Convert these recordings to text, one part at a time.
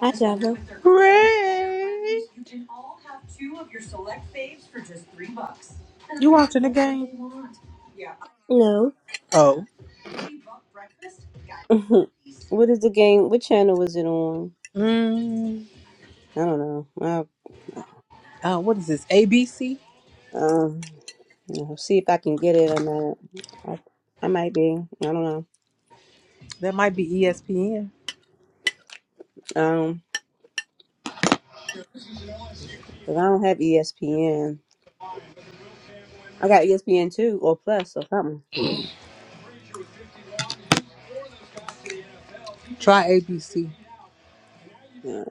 I never. Great. You watching the game? No. Oh. what is the game? What channel was it on? Mm, I don't know. I, uh, what is this? ABC? um, you know, see if I can get it or not. I, I might be. I don't know. That might be ESPN. Um, 'cause I don't have ESPN. I got ESPN too, or Plus, or something. Try ABC. Uh,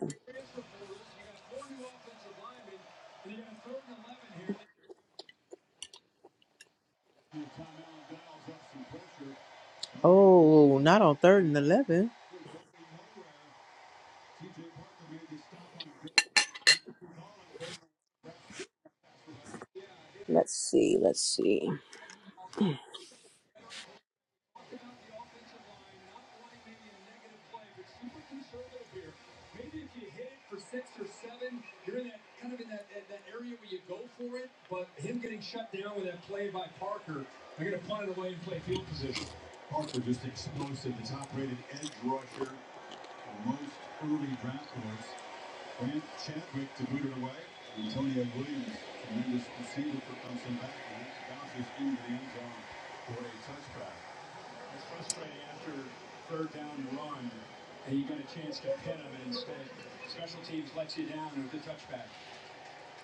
Oh, not on 3rd and 11. let's see. Let's see.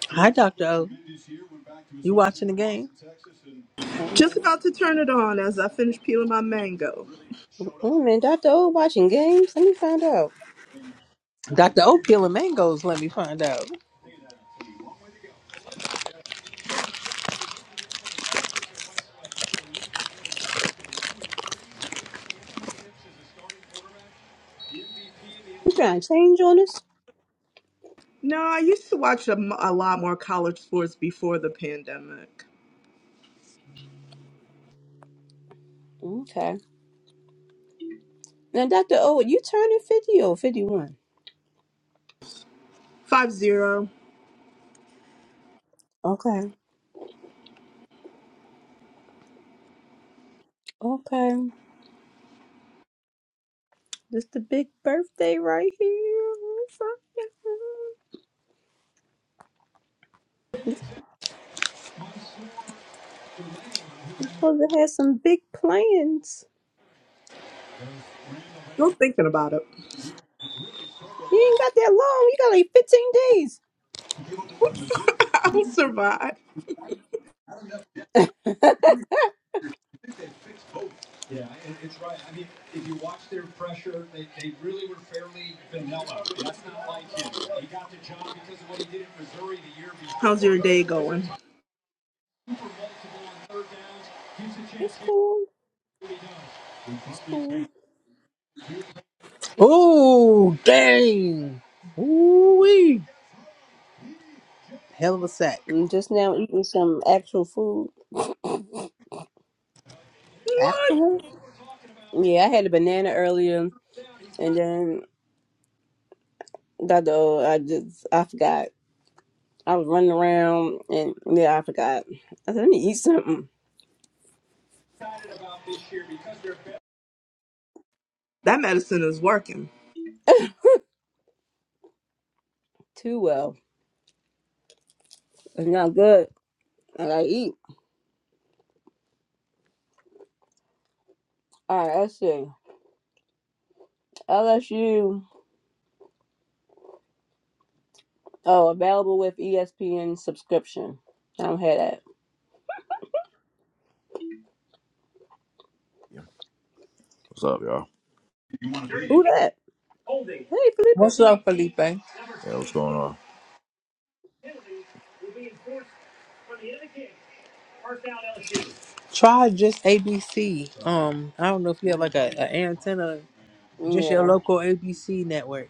Hi, Dr. O. You watching the game? Um, Just about to turn it on as I finish peeling my mango. Oh man, Doctor O watching games. Let me find out. Dr. O peeling mangoes, let me find out. You trying to change on us? No, I used to watch a, m- a lot more college sports before the pandemic. Okay. Now, Doctor O, you turning fifty or fifty-one? Five zero. Okay. Okay. This the big birthday right here. You're supposed to have some big plans. Still thinking about it. You ain't got that long. You got like 15 days. I'll survive. How's your day going? It's cool. It's cool. Oh, dang. Ooh, wee! hell of a sack. I'm just now eating some actual food. What? Actual? Yeah, I had a banana earlier, and then that though I just I forgot. I was running around, and yeah, I forgot. I said, let me eat something. That medicine is working. Too well, it's not good. I gotta eat. All right, let's see. LSU. Oh, available with ESPN subscription. I don't have that. Yeah. What's up, y'all? Who that? Hey, What's Felipe. up, Felipe? Yeah, what's going on? Try just ABC. Um, I don't know if you have like a, a antenna, just your Yeah. local ABC network.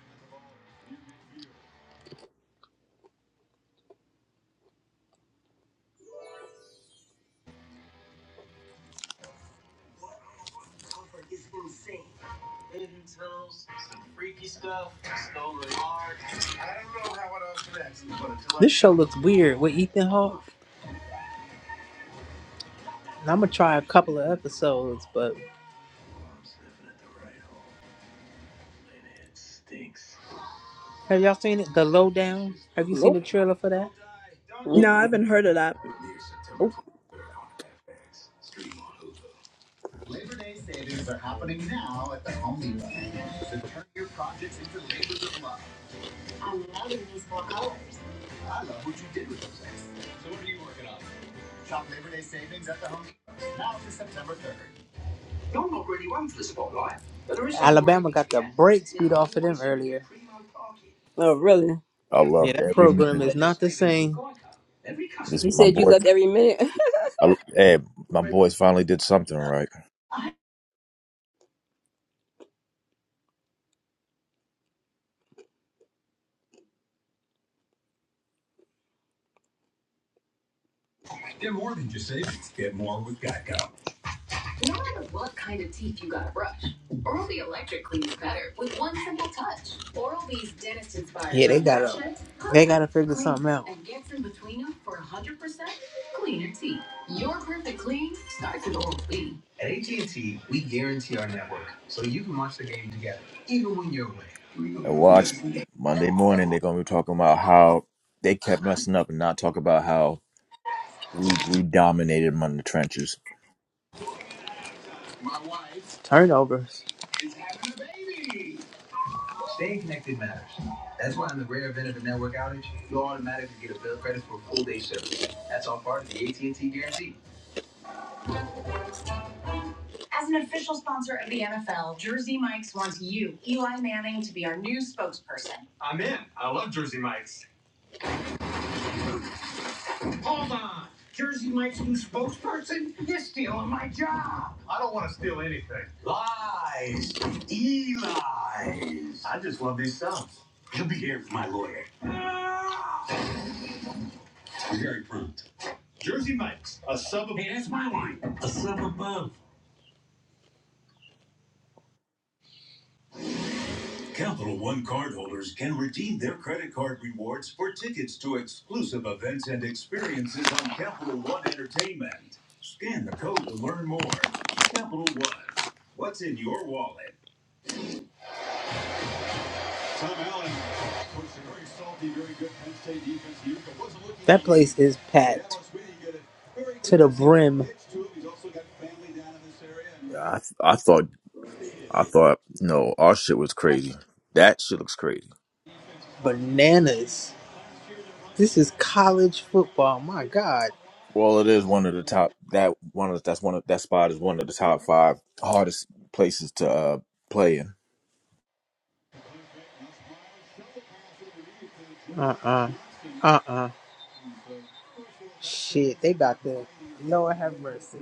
This show looks weird with Ethan Hawke. And I'm gonna try a couple of episodes, but have y'all seen it? The Lowdown. Have you seen Nope. the trailer for that? Mm, No, I haven't heard of that. Nope. Alabama got the brakes beat off of them earlier. Oh, really? I Yeah, loved that every program minute is of it. not the same. This You my said you boy. loved every minute. I, hey, my boys finally did something right. gotta figure And watch Monday morning. They're gonna be talking about how they kept messing up and not talk about how we we dominated them in the trenches. Turnovers. That place is packed to the brim. Yeah, I I thought I thought no, our shit was crazy. That shit looks crazy. Bananas. This is college football. My God. Well, it is one of the top. That one of that's one of that spot is one of the top five hardest places to uh, play in. Uh uh-uh. uh. Shit, they about to. Lord have mercy.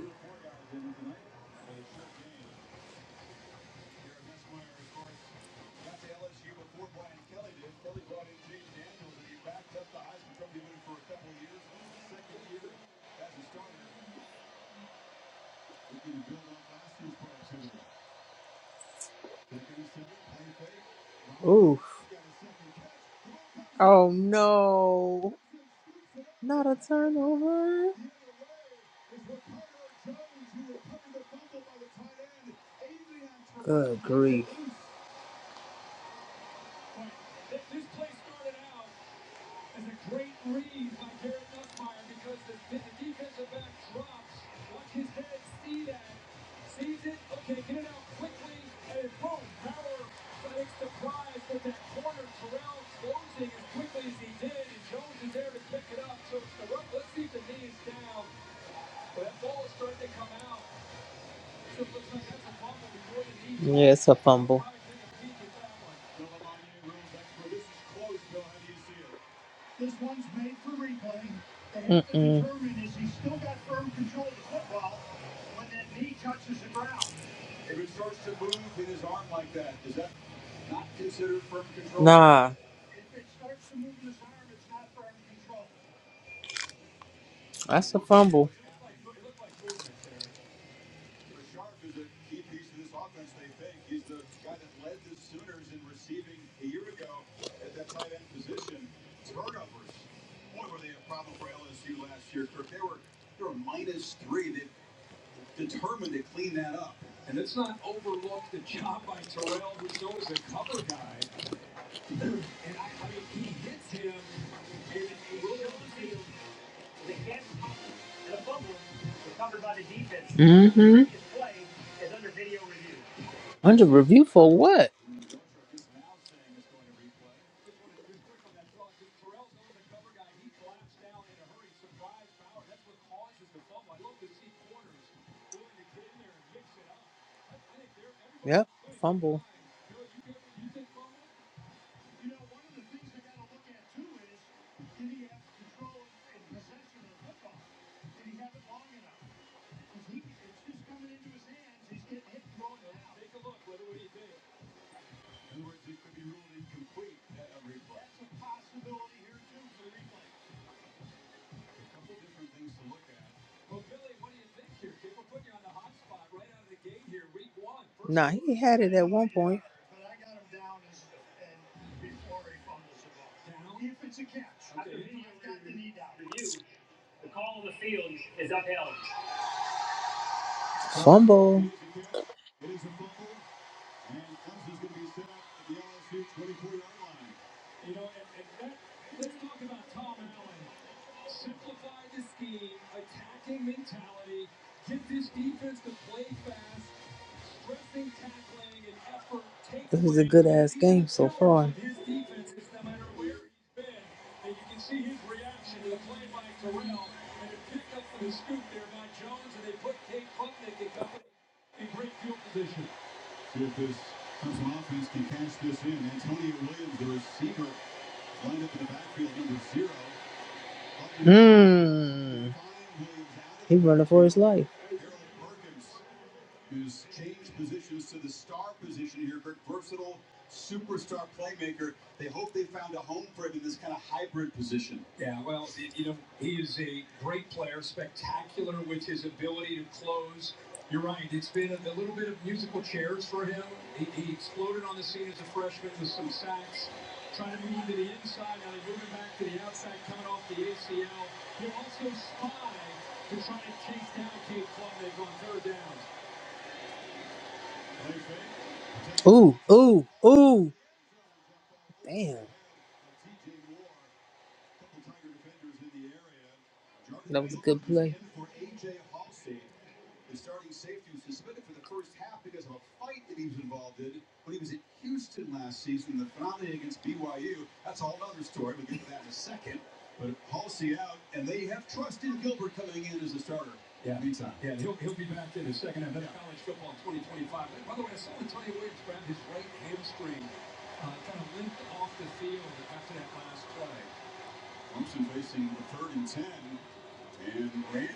Oof. Oh no. Not a turnover. Good grief. Yeah, it's a fumble. Nah, that's a fumble. Mm-hmm. Under review for what? Yep, fumble. Nah, he had it at one point. Fumble. Ooh, ooh, ooh. Damn. That was a good play.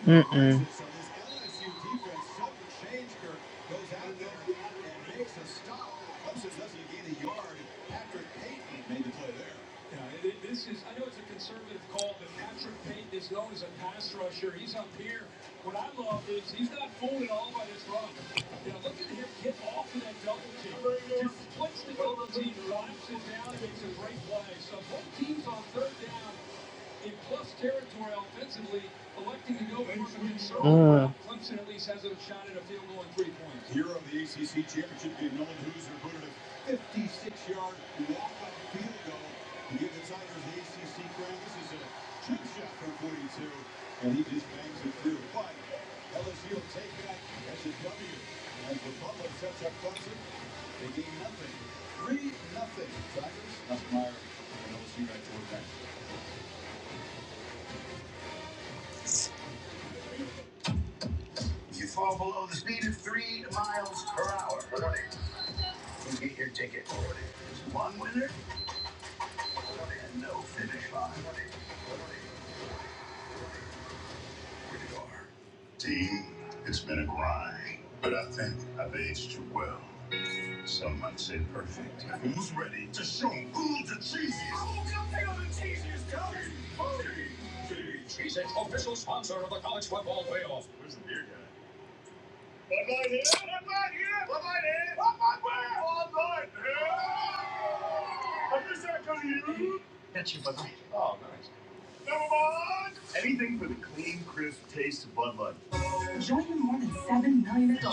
Mm-mm. Mm.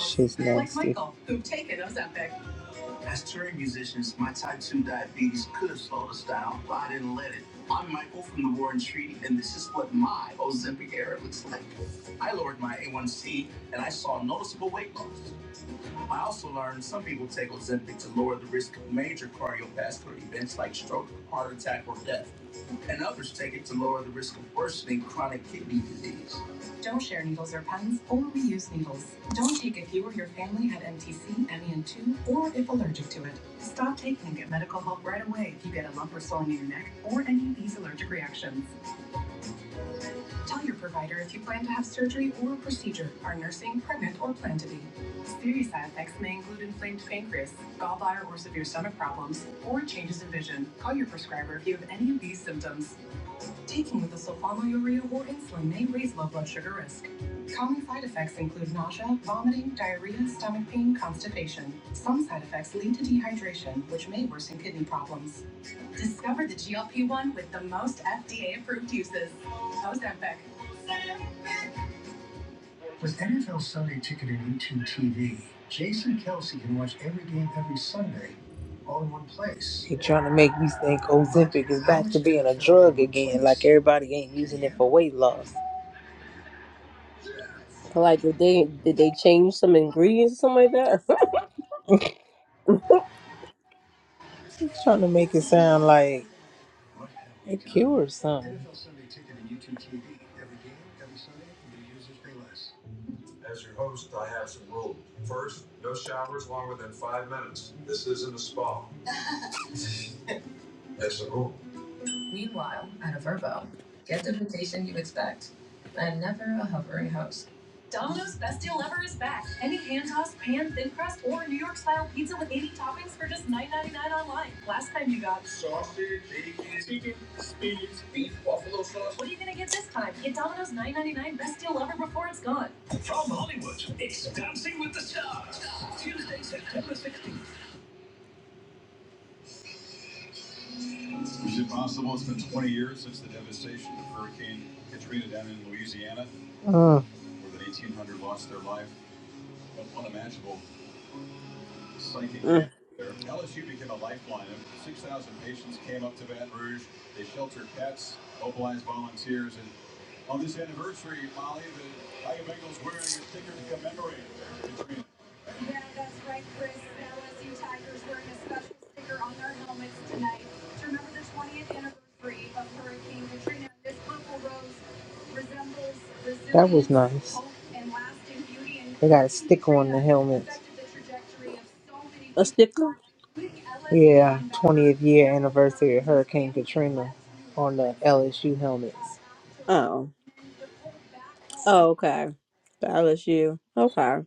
Shit's nasty. They trying to make me think Ozempic is back to being a drug again, like everybody ain't using it for weight loss. like, did they did they change some ingredients or something like that? It's trying to make it sound like it cures something. Mm. That was nice. They got a sticker on the helmets. A sticker? Yeah, 20th year anniversary of Hurricane Katrina on the LSU helmets. Oh. Oh, okay. The LSU. Okay.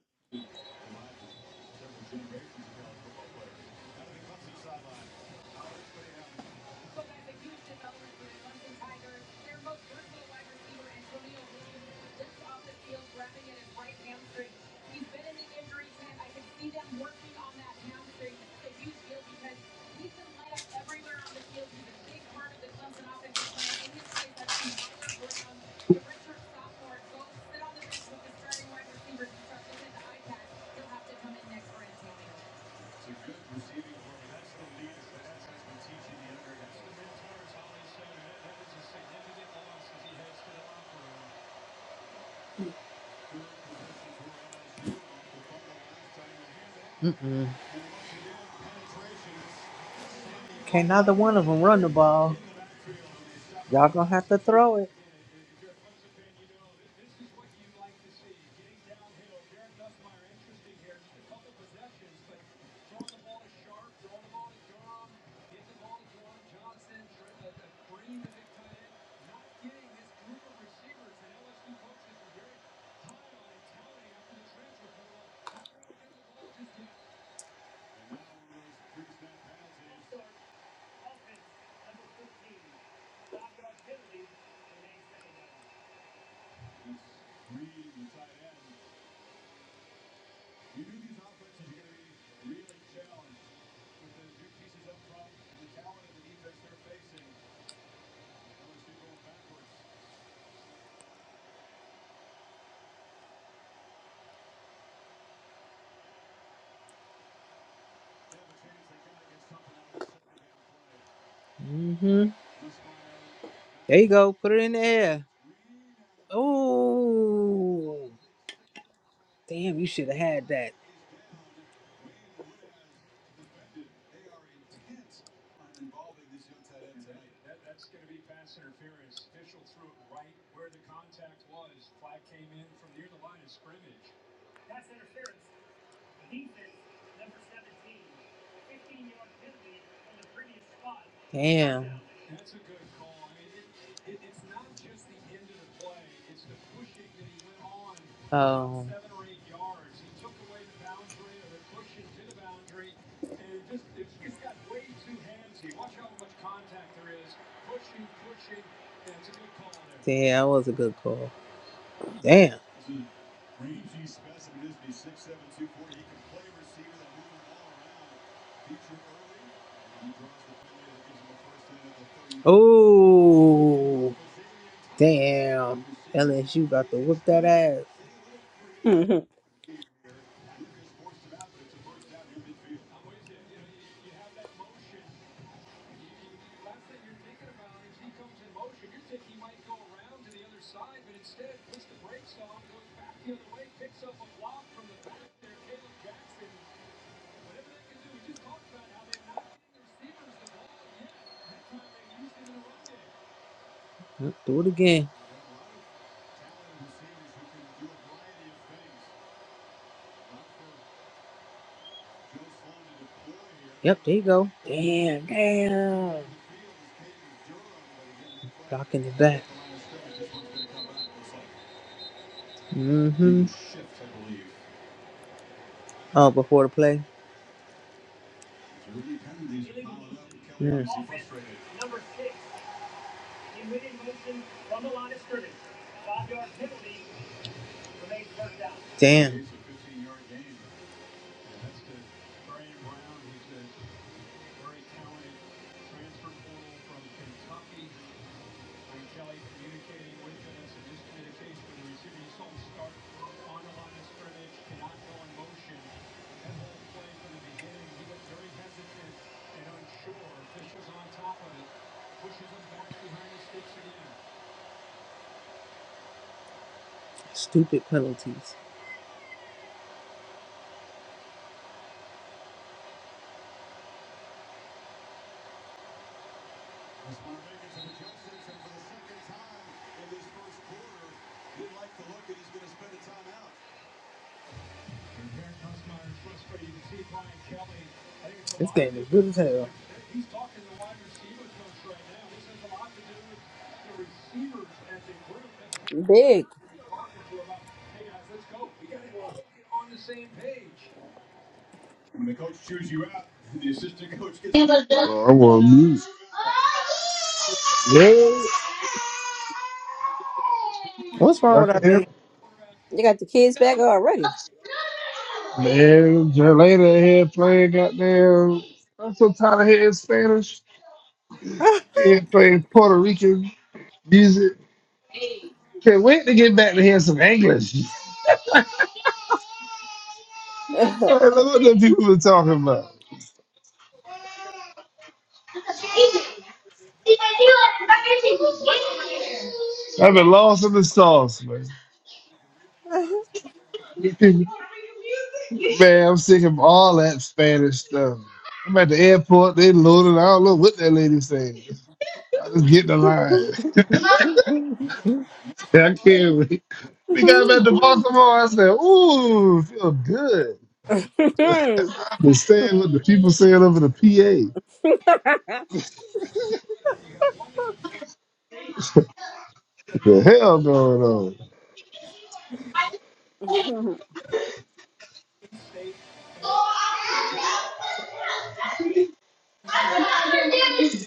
Can't neither one of them run the ball. Y'all gonna have to throw it. Mm-hmm. There you go. Put it in the air. Oh, damn! You should have had that. Damn. Oh. Damn, that was a good call. Damn. Oh, damn. LSU got to whip that ass. hmm Yep, do it again. Yep, there you go. Damn, damn. Block in the back. Mm-hmm. Oh, before the play. Mm. Damn. Stupid penalties. This game is good as hell. He's talking to wide receiver coach right now. This has a lot to do with the receivers as a group. Big. He's talking to about, hey guys, let's go. We got to all get on the same page. Oh, I want music. Yeah. What's wrong Y'all with can our hear baby? me? You got the kids back already. Man, Jelena here playing goddamn. I'm so tired of hearing Spanish. She here playing Puerto Rican music. Can't wait to get back to hear some English. Hey, look what the people are talking about. I've been lost in the sauce, man. Man, I'm sick of all that Spanish stuff. I'm at the airport, they loaded. I don't know what that lady said. I just get in the line. I can't wait. We got back to Baltimore. I said, ooh, feel good. I understand what the people saying over the PA. What the hell going on?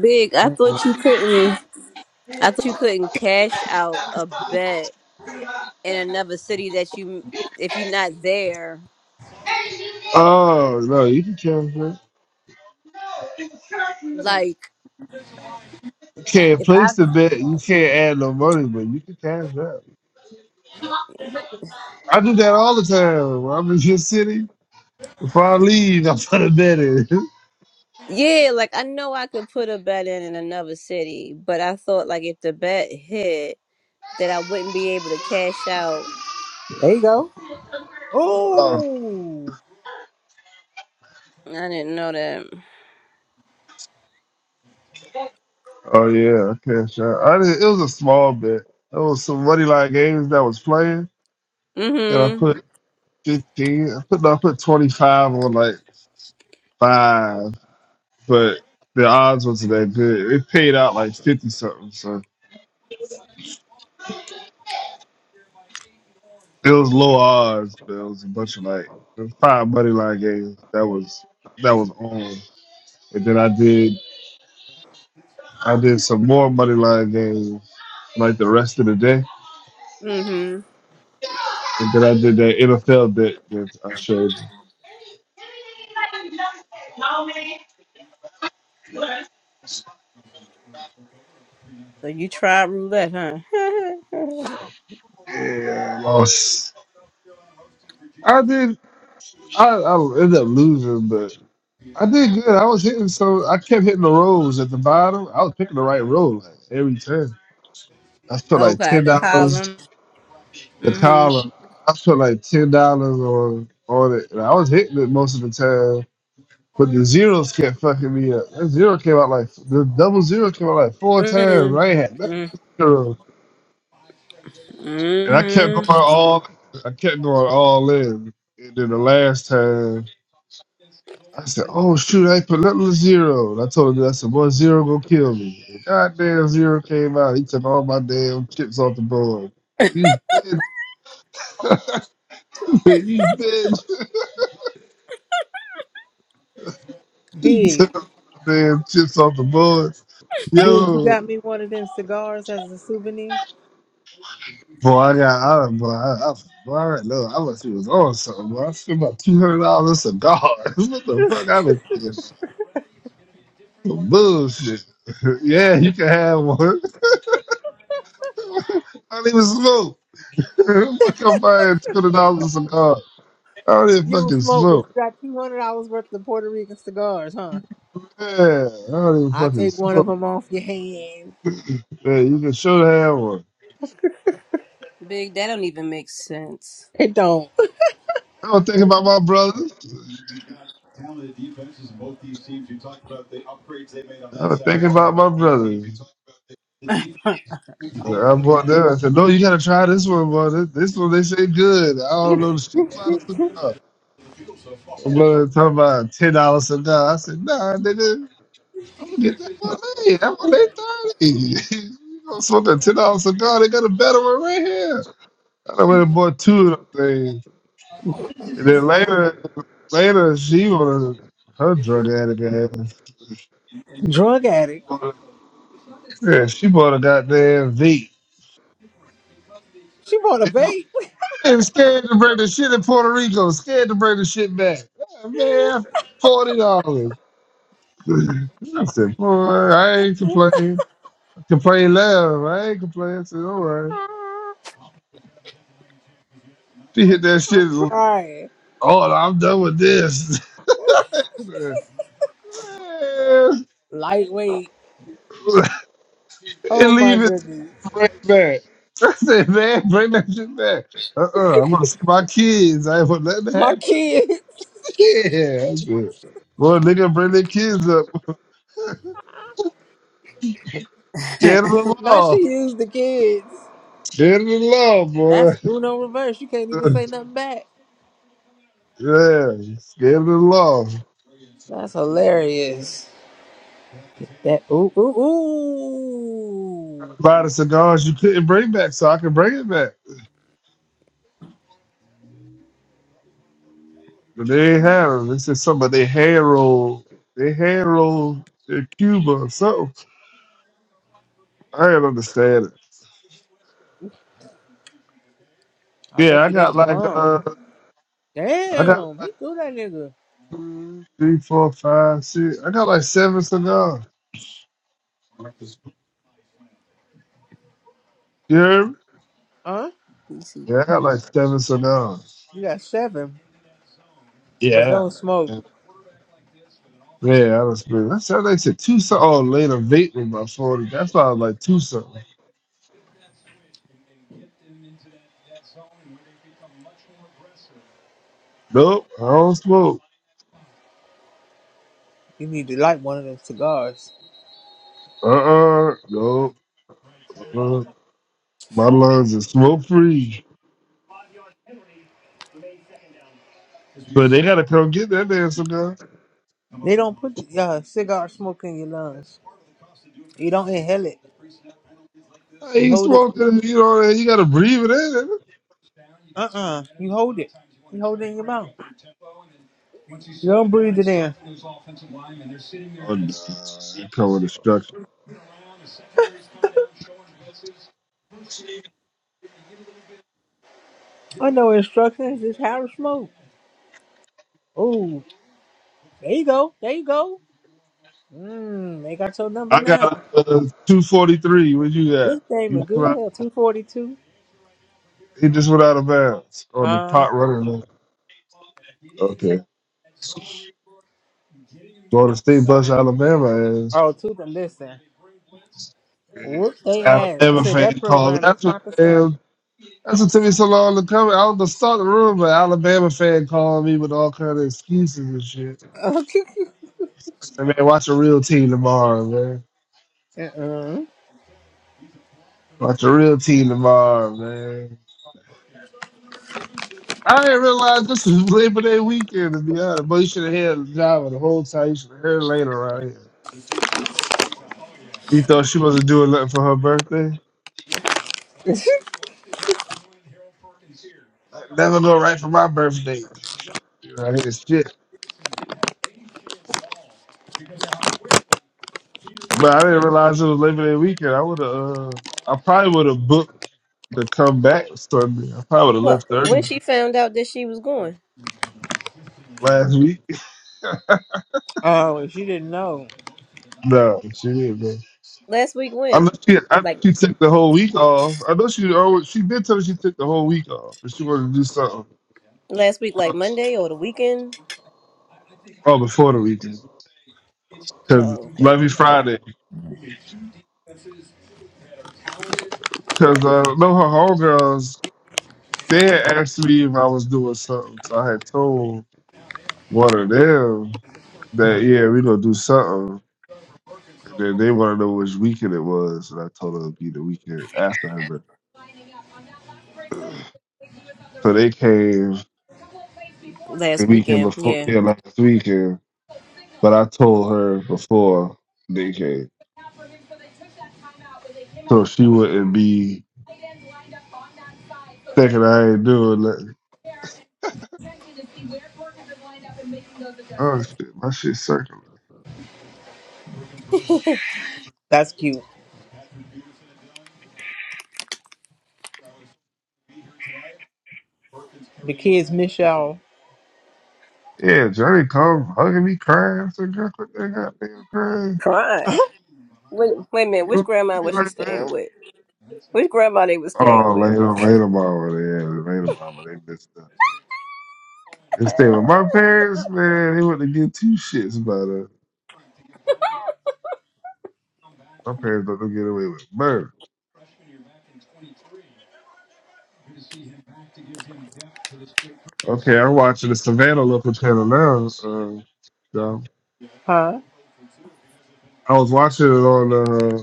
Big, I thought you couldn't. I thought you couldn't cash out a bet in another city that you, if you're not there. Oh no, you can cancel. it. Like, You can't if I, place the bet. You can't add no money, but you can cash out. I do that all the time. When I'm in your city. Before I leave, I put a bet in. yeah, like I know I could put a bet in in another city, but I thought like if the bet hit, that I wouldn't be able to cash out. There you go. oh, Oh, I didn't know that. oh yeah, I cash out. I did, it was a small bet. There was some money line games that was playing. And I Mm-hmm. put fifteen. I put no, I put twenty five on like five, but the odds wasn't that good. It paid out like fifty something, so it was low odds. But it was a bunch of like it was five money line games. That was that was on. And then I did I did some more money line games like the rest of the day. Mm-hmm. And then I did that NFL bet that I showed you. So you tried roulette, huh? Yeah, I lost. I did. I, I ended up losing, but I did good. I was hitting, so I kept hitting the rolls at the bottom. I was picking the right roll like, every time. I spent like okay, ten the dollars column. the Mm-hmm. column. I spent like ten dollars on on it, and I was hitting it most of the time. But the zeros kept fucking me up. That zero came out like the double zero came out like four times. I ain't had nothing. Mm-hmm. but zero, And I kept going Mm-hmm. all. I kept going all in, and then the last time. I said, "Oh shoot, I put little zero." And I told him, "I said, boy, zero gonna kill me." And goddamn, zero came out. He took all my damn chips off the board. You bitch! I said, you bitch! Big, took the damn chips off the board. big, you Yo, got me one of them cigars as a souvenir. boy, I got, I, boy, I, I, boy, I don't know. I wish he was on something. Boy. I spent about two hundred dollars on cigars. what the fuck? I've been thinking some bullshit. yeah, you can have one. I don't even smoke. I come buying two hundred dollars a cigar. I don't even You don't fucking smoke, but you smoke. got two hundred dollars worth of Puerto Rican cigars, huh? Yeah, I don't even I'll fucking take one of smoke. them off your hand. Yeah, you can sure have one. Big, that don't even make sense. It don't. I was thinking about my brothers. I was thinking about my brothers. I bought them. I said, no, you gotta try this one, boy. This, this one they say good. I don't know the shit about a cigar. My brother was talking about a ten dollar cigar. I said, nah, nigga, I'm gonna get that one eight. That one eight thirty. you gonna smoke a ten dollar cigar? They got a better one right here. I done went and bought two of them things. And Then later, later she was her drug addict ass. Drug addict. Yeah, she bought a goddamn V. She bought a vape. And scared to bring the shit in Puerto Rico. Scared to bring the shit back. Yeah, man, forty dollars. I said, boy, I ain't complaining. Complain loud. I ain't complaining. I said, all right. She hit that shit. I'm crying. Oh, I'm done with this. Lightweight. and Oh my leave it. goodness. Bring it back. I said, man, bring that shit back. Uh uh-uh, uh, i gonna see my kids. I ain't gonna let that My happen. kids. Yeah, that's good. Boy, nigga, bring their kids up. Scared of the Now she law. used the kids. Scared of the law, boy. That's Uno reverse. You can't even say nothing back. yeah, scared of the law. That's hilarious. That ooh ooh ooh. Buy the cigars you couldn't bring back, so I can bring it back. But they ain't have them. They said something about they hand roll. They hand roll in Cuba or something. I ain't understand it. I Yeah, bet I you they the got like bomb. uh, I got Damn, he threw that nigga. One, three, four, five, six. I got like seven cigars. You hear me? Huh? You see. Yeah, I got like seven cigars. You got seven, but Yeah. don't smoke. Yeah, I don't spend. That's how they said two something. Oh, later vape with my 40. That's why I was like two something. Nope, I don't smoke. You need to light one of them cigars. Uh uh Nope. Uh-uh. My lungs are smoke free. But they gotta come get that damn cigar. They don't put uh, cigar smoke in your lungs. You don't inhale it. I You ain't hold it. smoking, you know, you gotta breathe it in. Uh uh You hold it. You hold it in your mouth. You don't breathe it in. Oh, no. Nah. It come with a I know instructions. It's how to smoke. Oh, there you go. There you go. Mmm, they got your number I got now. uh, 243. Where you at? This game You is just good went as out, hell. 242. he just went out of bounds on the Uh, pot running list. Okay. Going State Bus, Alabama is. Oh, two. to listen. Whoop they ass. I Alabama said fan that called. program is That's what not the same. man, that's what took me so long to come. I was gonna start of the room, but Alabama fan called me with all kind of excuses and shit. I man, watch a real team tomorrow, man. uh-uh. Watch a real team tomorrow, man. I didn't realize this was Labor Day weekend, to be honest. But you should have had Java the whole time. You should have heard later, right? She thought she wasn't doing nothing for her birthday. Never go right for my birthday. I did shit. But I didn't realize it was Labor Day weekend. I would have. Uh, I probably would have booked to come back. Sunday. I probably would have Well, left when early she found out that she was going last week. oh, if you didn't know. No, she didn't. Man. last week, I know when she. I, know like she took the whole week off. I know she. Always, she did tell me she took the whole week off, but she wanted to do something. last week, like Monday or the weekend? Oh, before the weekend, because Oh, okay, Levy Friday. Because uh, I know her homegirls They had asked me if I was doing something, so I had told one of them that yeah, we gonna do something, and then they want to know which weekend it was, and I told them it'd be the weekend after her birthday. So they came last the weekend weekend, before, yeah. yeah, last weekend, but I told her before they came, so she wouldn't be thinking I ain't doing nothing. Oh shit, my shit circling. That's cute. The kids miss y'all. Yeah, Johnny come hugging me, crying. I said, girl, quit that goddamn crying. Crying. Wait, wait a minute. Which Don't do grandma me was she like that. staying with? Which grandma they was staying Oh, with? later, later, mama, yeah, later, mama, they missed up. Instead of my parents, man, they wouldn't give two shits about it. My parents don't get away with murder. Okay, I'm watching the Savannah local channel now. Um, so Huh? I was watching it on uh,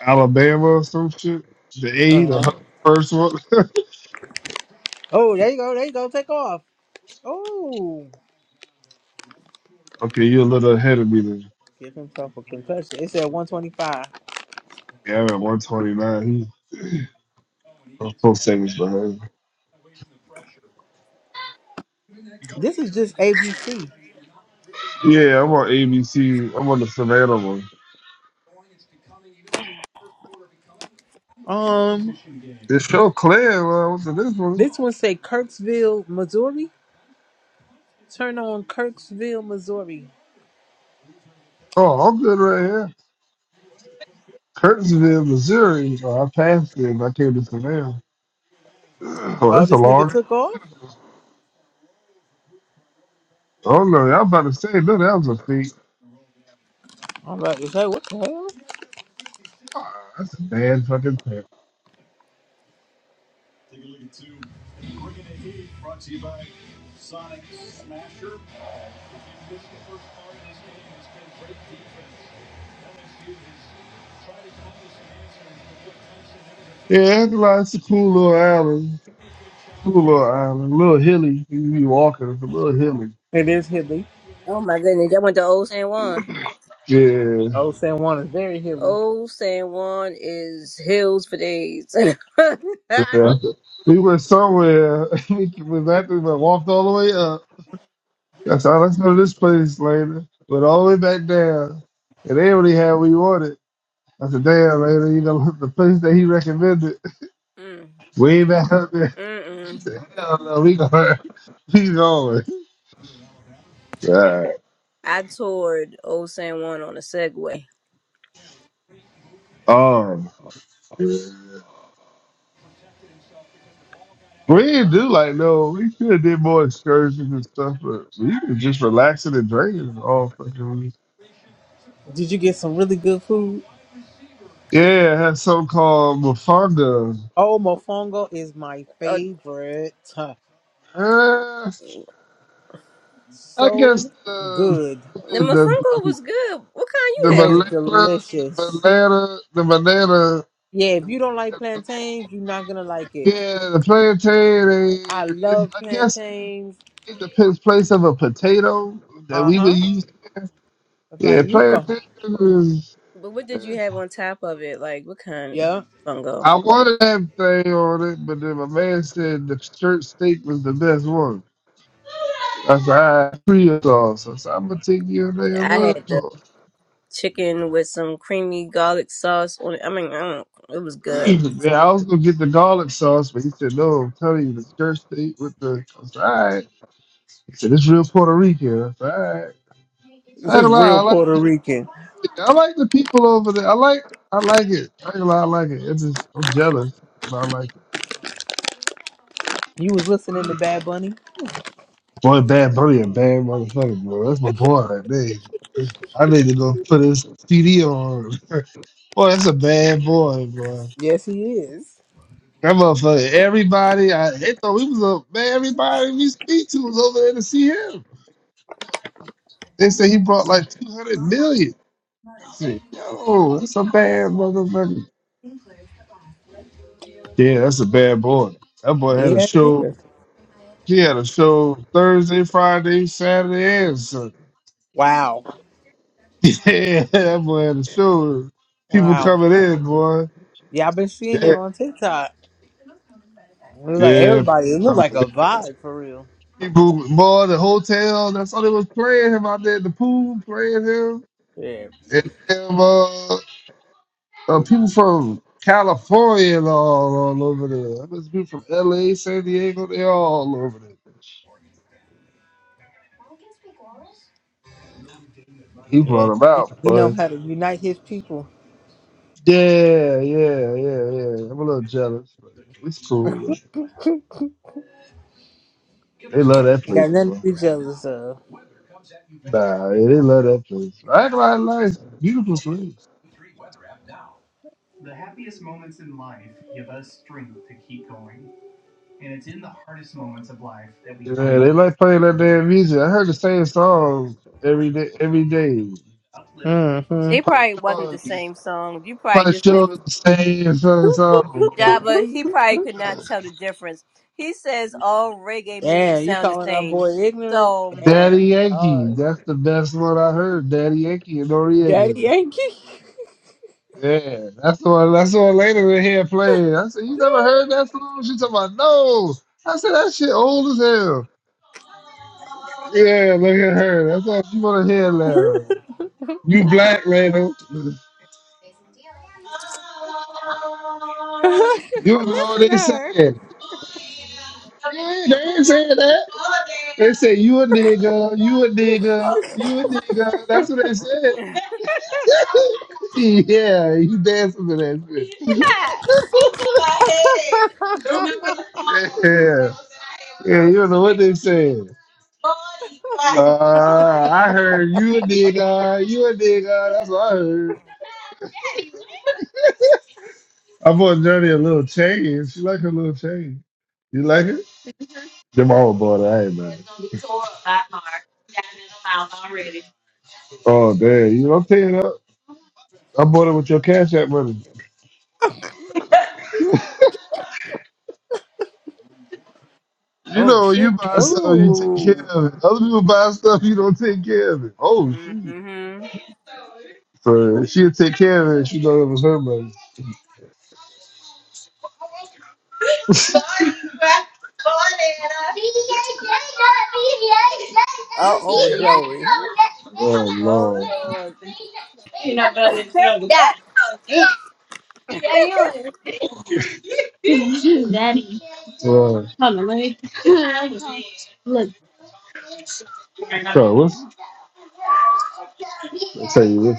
Alabama or some shit. The A, the Uh-huh. hu- first one. Oh, there you go. There you go. Take off. Oh. okay, you're a little ahead of me then. Give himself a concussion. It said 125. Yeah, I'm at 129. He- I'm four seconds behind. This is just ABC. Yeah, I'm on ABC. I'm on the Savannah one. Um, This show clear. Well, what's in this one? this one say Kirksville, Missouri. Turn on Kirksville, Missouri. Oh, I'm good right here. Curtisville, Missouri. Oh, I passed it and I came to Savannah. Oh, Oh, that's a this nigga long. took off. Oh, no, I was about to say, look, that was a feat. I'm about to say, what the hell? Ah, that's a bad fucking thing. Yeah, it's like- it's a cool little island. Cool little island. A little hilly. You be walking, it's a little hilly. It is hilly. Oh my goodness, y'all went to Old San Juan. Yeah. Oh, San Juan is very hilly. Old San Juan is hills for days. yeah. We went somewhere. we went back we walked all the way up. That's all. Let's go to this place later. Went all the way back down. And they already had what we wanted. I said, damn, man, you know, the place that he recommended, Mm, we ain't back up there. She Mm-mm. said, hell no, we going. He's going. Right. I toured Old San Juan on a Segway. Um, we didn't do like, no, we should have did more excursions and stuff, but we were just relaxing and drinking all fucking week. Did you get some really good food? Yeah, it had something called Mufanga. Oh, mofongo is my favorite. Huh. Uh, I guess So the, good. The the, mofongo the, was good. What kind the It you was had? banana, the delicious. banana, the banana Yeah, if you don't like plantains, you're not gonna like it. yeah, the plantain. I and It's, love I guess plantains. Take the pin- place of a potato that Uh we would huh. use. It's Yeah, like playing Yuka. is. But what did eh, you have on top of it? Like what kind of Yeah. fungo? I wanted that thing on it, but then my man said the church steak was the best one. I said, I free of sauce. I said, I'm gonna take your damn I word had the for chicken with some creamy garlic sauce on it. I mean, I don't, it was good. it. Man, I was gonna get the garlic sauce, but he said, No, I'm telling you, the church steak with the. I said, All right. He said, It's real Puerto Rican. I said, All right. I This ain't is gonna lie, real I like, Puerto Rican. I like the people over there. I like, I like it. I ain't gonna lie, I like it. It's just, I'm jealous. but I like it. You was listening to Bad Bunny? Boy, Bad Bunny, a bad motherfucker, bro. That's my boy right there. I need to go put his CD on. boy, that's a bad boy, boy. Yes, he is. That motherfucker, everybody, I they thought he was a man. Everybody we speak to was over there to see him. They said he brought like 200 million. I said, yo, that's a bad motherfucker. Yeah, that's a bad boy. That boy had a Yeah, he show. is. He had a show Thursday, Friday, Saturday, and Sunday. Wow. Yeah, that boy had a show people Wow. coming in, boy. Yeah, I've been seeing Yeah, it on TikTok. It was like yeah. everybody. It looked like a vibe for real. People, boy, the hotel. That's all they was playing him out there at the pool, playing him, Yeah. and them, uh, uh, people from California and all all over there. I guess people from L.A., San Diego, they all over there. He Yeah. brought him out, He know but how to unite his people. Yeah, yeah, yeah, yeah. I'm a little jealous, but it's cool. Though. They love that Ain't place, got nothing to bro. be jealous of. Nah, yeah, they love that place. I ain't gonna lie, it's a nice, beautiful place. Yeah, they like playing that damn music. I heard the same song every day. Every day, hmm They Pop probably wasn't the Shores, same song. You probably Pop just Shores, didn't. same song. song, man. Java, he probably could not tell the difference. He says all reggae music Damn, you sound the calling our same. boy ignorant? So. Damn, Daddy Yankee, hard. that's the best one I heard. Daddy Yankee and Daddy Noriega. Yankee. Yeah, that's the one. That's the one later in here playing. I said, you never heard that song? She talking about no. I said that shit old as hell. Yeah, look at her. That's all she want to hear now. You black, Randall. You know what Listen to they said? her. Yeah, they ain't saying that. They said you a nigga, you a nigga, you a nigga. That's what they said. yeah, you dancing to that shit. yeah. Yeah, you don't know what they said. Uh, I heard you a nigga, you a nigga. That's what I heard. I bought Johnny a little chain. She like her little chain. You like it? Your mama bought it. I ain't mad. Oh damn! You know, I'm paying up. I bought it with your cash app money. You Oh know, when you shit. buy stuff, you take care Oh, of it. Other people buy stuff, you don't take care of it. Oh Mm shoot! hmm So she'll take care of it. She know it was her money. listen Oh, to OMG. Joey. Oh Oh, Lord. Lord. Lord. Bro, what's I'll tell you what.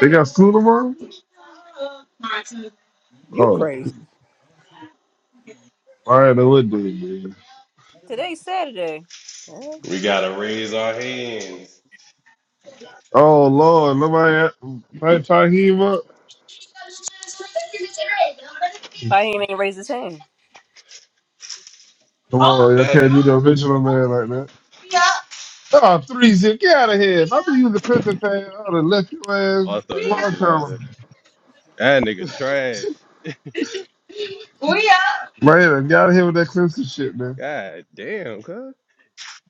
They got school tomorrow? You Oh, crazy. all right, then what do it, man? Today's Saturday. We gotta raise our hands. Oh Lord, nobody nobody try to heave up. Why he ain't raise his hand? Come on, y'all That can't do the original man like that. Ah, three zip, get out of here. If I be using the pistol fan, I would have left your ass oh, I thought a that was long it. That, time. was a- ago. That nigga trash. Man, get out of here with that Clemson shit, man. God damn, cuz.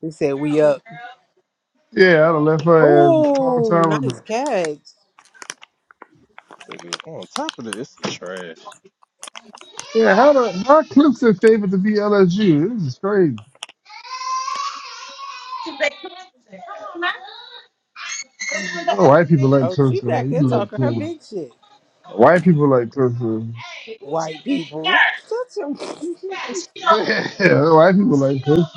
He said we up. Yeah, I'd have left her ass a long Oh, time nice ago. catch. Niggas on top of this, it's trash. Yeah, how the how Clemson favored to be LSU? This is crazy. Oh, white people like Oh, she Clemson, man. back there You love talking her Clemson. big shit. White people like pussy. White people. Shut your Yeah, white people like pussy.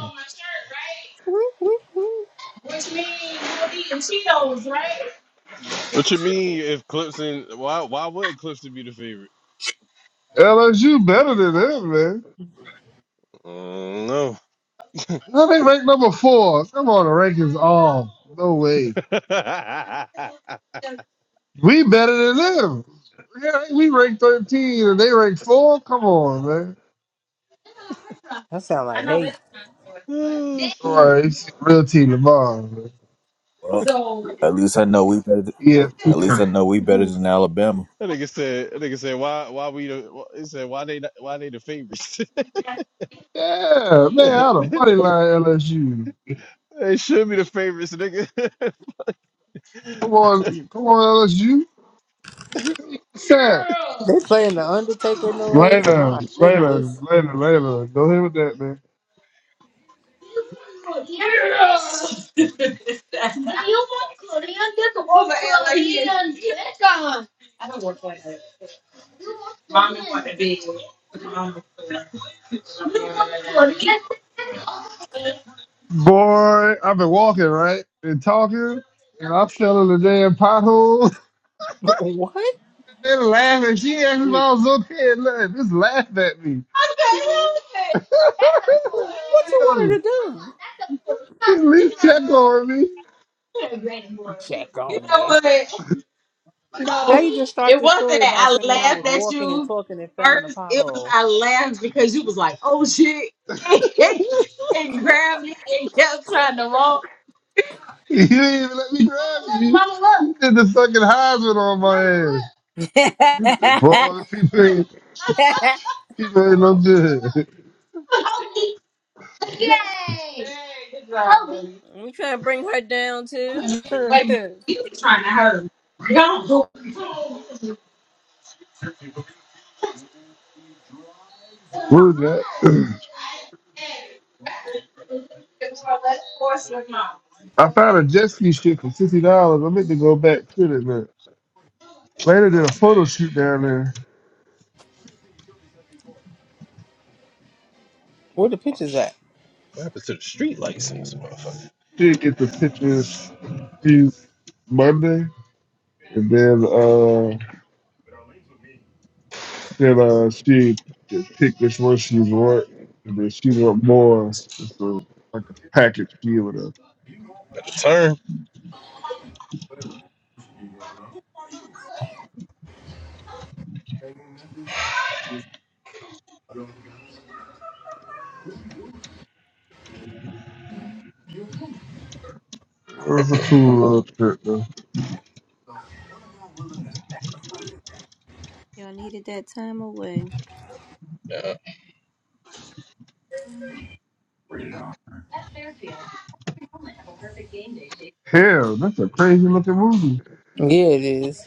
What you mean if Clemson why why would Clemson be the favorite? LSU better than them, man. Mm, no. No, they rank number four. Come on, the rankings off. No way. We better than them. Yeah, we rank 13 and they rank four. Come on, man. That sound like hate. oh All shit. right, it's real team LeBron. Well, at man. least I know we better. yeah. At least yeah. I know we better than Alabama. That nigga said that nigga said why why we the wh- he said why they not- why they the favorites? Yeah, man, I had a they buddy line LSU. should be the favorites, nigga. Come on, come on, LSU. Sam. They playing the Undertaker noise. Later, My later, goodness. later, later. Don't hit with that, man. Boy, I've been walking, right? And talking, and I fell in the damn pothole. What? What They laughing. She asked if Mm. I was up here. Look, just laugh at me. Okay, you wanted Okay. to do? At least check on me. You Check on know me. what? How No, you just start it this wasn't story by that I saying I was laughed at walking and you talking and fell in a first. It was pothole? I laughed because you was like, oh shit. and grabbed me and kept trying to walk. You didn't even let me grab you. You did the fucking Heisman on my ass. For all the people ain't, people ain't no good. What was We trying to bring her down too. that? I found a jet ski shit for fifty dollars. I meant to go back to it. Man. Later did a photo shoot down there. Where the pictures Gosh. at? What happened to the street lights in this motherfucker? She get the pictures used Monday, and then uh Then uh, she picked which one she want, and then she want more. It's a, like a package deal with her. Better turn. It was a cool little trip though. Y'all needed that time away. Yeah, Hell, that's a crazy looking movie. Yeah, it is.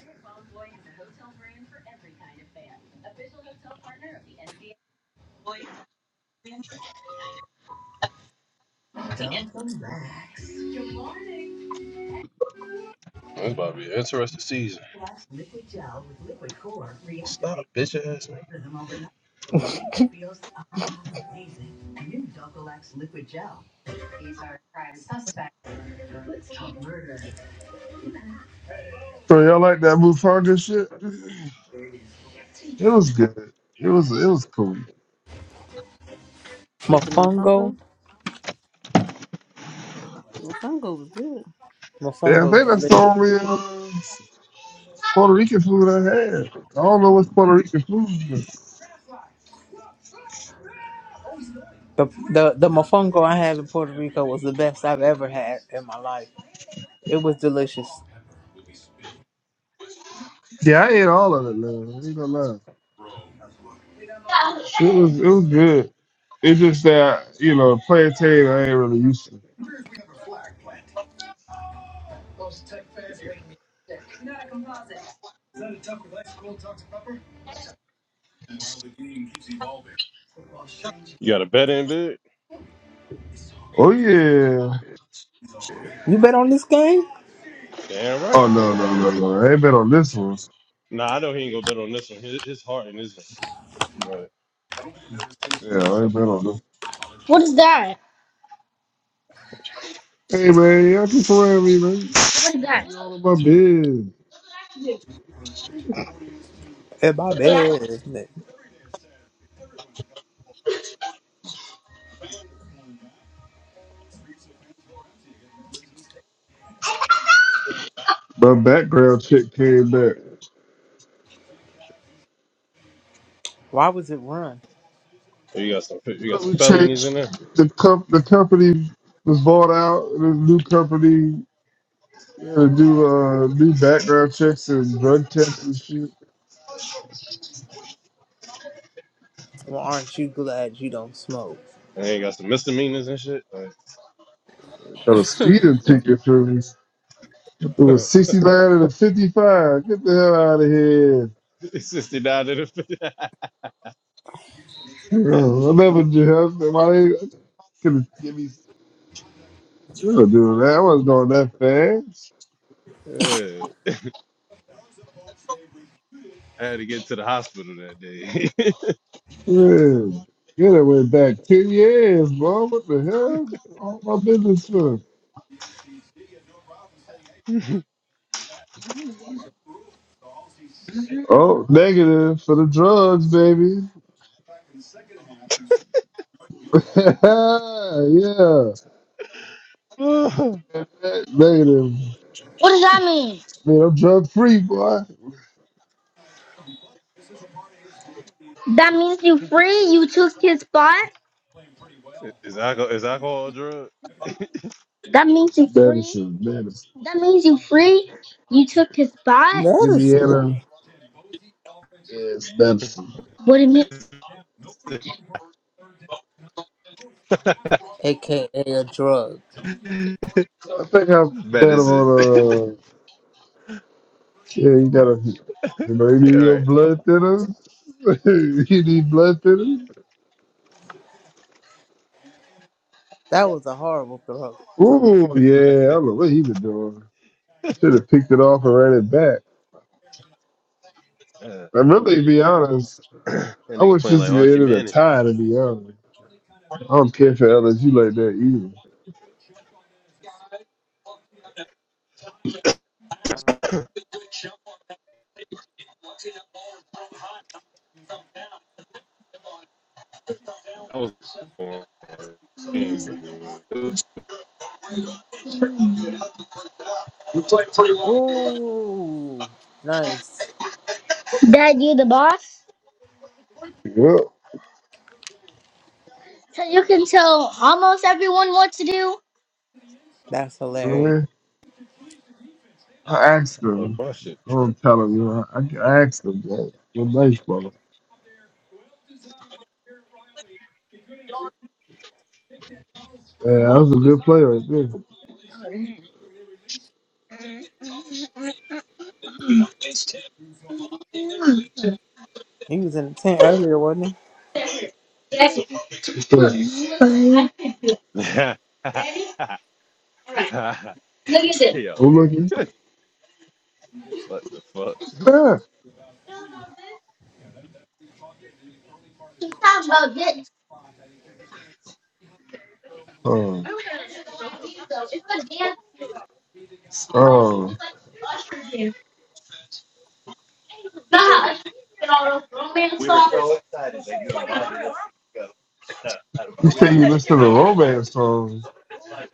it's about to be an interesting season. Stop, bitch ass nigga. So y'all like that Mufasa shit? It was good. It was it was cool. But the Mofongo. mofongo, the mofongo was good. Yeah, I Mofongo's think that's the delicious. only uh, Puerto Rican food I had. I don't know what's Puerto Rican food. But The, the the mofongo I had in Puerto Rico was the best I've ever had in my life. It was delicious. yeah, I ate all of it, man. I ain't gonna lie. It was it was good. It's just that you know plantain I ain't really used to. You got a bet in, big? Oh yeah. You bet on this game? Damn right. Oh no no no no. I ain't been on this one. Nah, I know he ain't gonna bet on this one. His, his heart in his Right. Yeah, I ain't been on this. What is that? Hey man, y'all keep around me, man. That. all in my At my bed. business. My background check came back. Why was it run? You got some you got some We felonies in changed there. the comp- the company was bought out. and a new company had to do uh, new background checks and drug tests and shit. Well, aren't you glad you don't smoke? And then got some misdemeanors and shit. Got a speeding ticket for me. It was Like, 69 and a 55. Get the hell out of here. it's 69 to the Oh, i never do that. Could have Jimmy Stewart do that. I wasn't going that fast. Yeah, I had to get to the hospital that day. Man, yeah, that went back 10 years, bro. What the hell? All my business for. Oh, negative for the drugs, baby. yeah, negative. What does that mean? Man, I'm drug free, boy. That means you free. You took his spot. is alcohol is alcohol a drug? That means you free. Medicine, medicine. That means you free. You took his spot. Medicine, Indiana is medicine. What do you mean? aka a drug. I think I that Medicine. on uh yeah, you gotta you know, you All need your right. blood thinner. you need blood thinner. That was a horrible drug. Ooh, yeah, I don't know what he been doing. Should have picked it off and ran it back. Uh, I'm really to be honest, that I nigga wish playing this like could Archie ended a Manning. tie to be honest. I don't care for LSU like that either. I was born. Ooh, nice. Dad, you the boss? Well, So you can tell almost everyone what to do? That's hilarious. man, I asked Oh, them. my shit. I true. don't tell them, you know, I, I asked them that. You're nice, brother. Yeah, that was a good play right there. He was in the tent earlier, wasn't he? Good play. Oh, Yo, look at what the fuck? that. Oh. Oh. And what side to go? Uh, I don't You say you listen to romance songs. like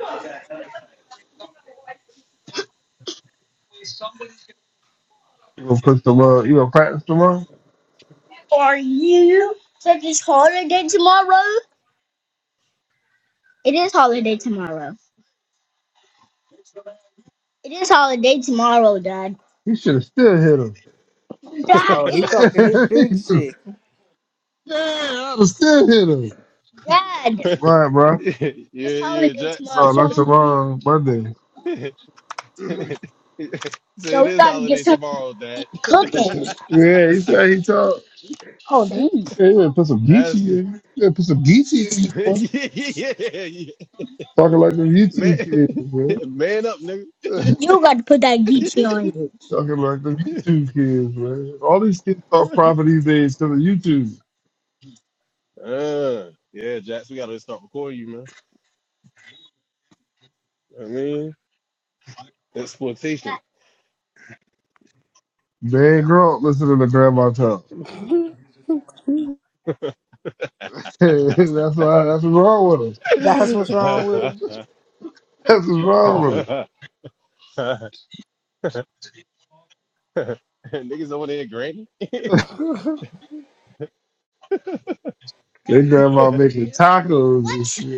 You gonna put them on? You gonna practice them on? Are you? Since it's holiday tomorrow. It is holiday tomorrow. It is holiday tomorrow, Dad. You should have still hit him. that. Dad, Oh, he talking his it big is. shit. Yeah, I'd have still hit him. Dad, Right, bro. yeah, it's yeah, holiday Jets. tomorrow, so No, so not I'm hungry. tomorrow, Monday. So it we is gotta get holiday some tomorrow, Dad. cooking. Yeah, he said he talked. Oh, dang. Yeah, you better put some Geechee That's in. You better put some Geechee in you, yeah, bro. yeah, yeah. Talking like them Man, YouTube kids, man. man up, You gotta put that Geechee on nigga. you. Talking like them YouTube kids, man. All these kids talk proper these days to the YouTube. Uh, yeah, Jax, we gotta start recording you, man. You know what I mean, exploitation. They ain't grown up listening to grandma talk. that's why. That's what's wrong with them. That's what's wrong with That's what's wrong with them. Niggas over there, granny. him. Your grandma making tacos and shit.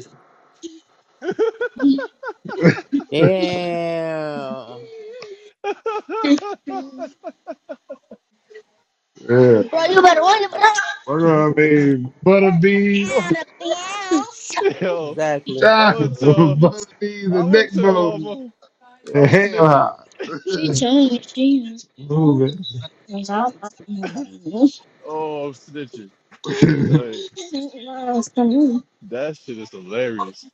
Damn. Yeah. Bro, you better order, bro. My grandma made butter beans. Yo, Exactly. I'm gonna tell, Tacos, butter beans I'm and gonna neck tell bones mama, and I'm ham snitching. hocks. She changed. She is. Moving. Oh, I'm snitching. Like, Oh, come on. that shit is hilarious.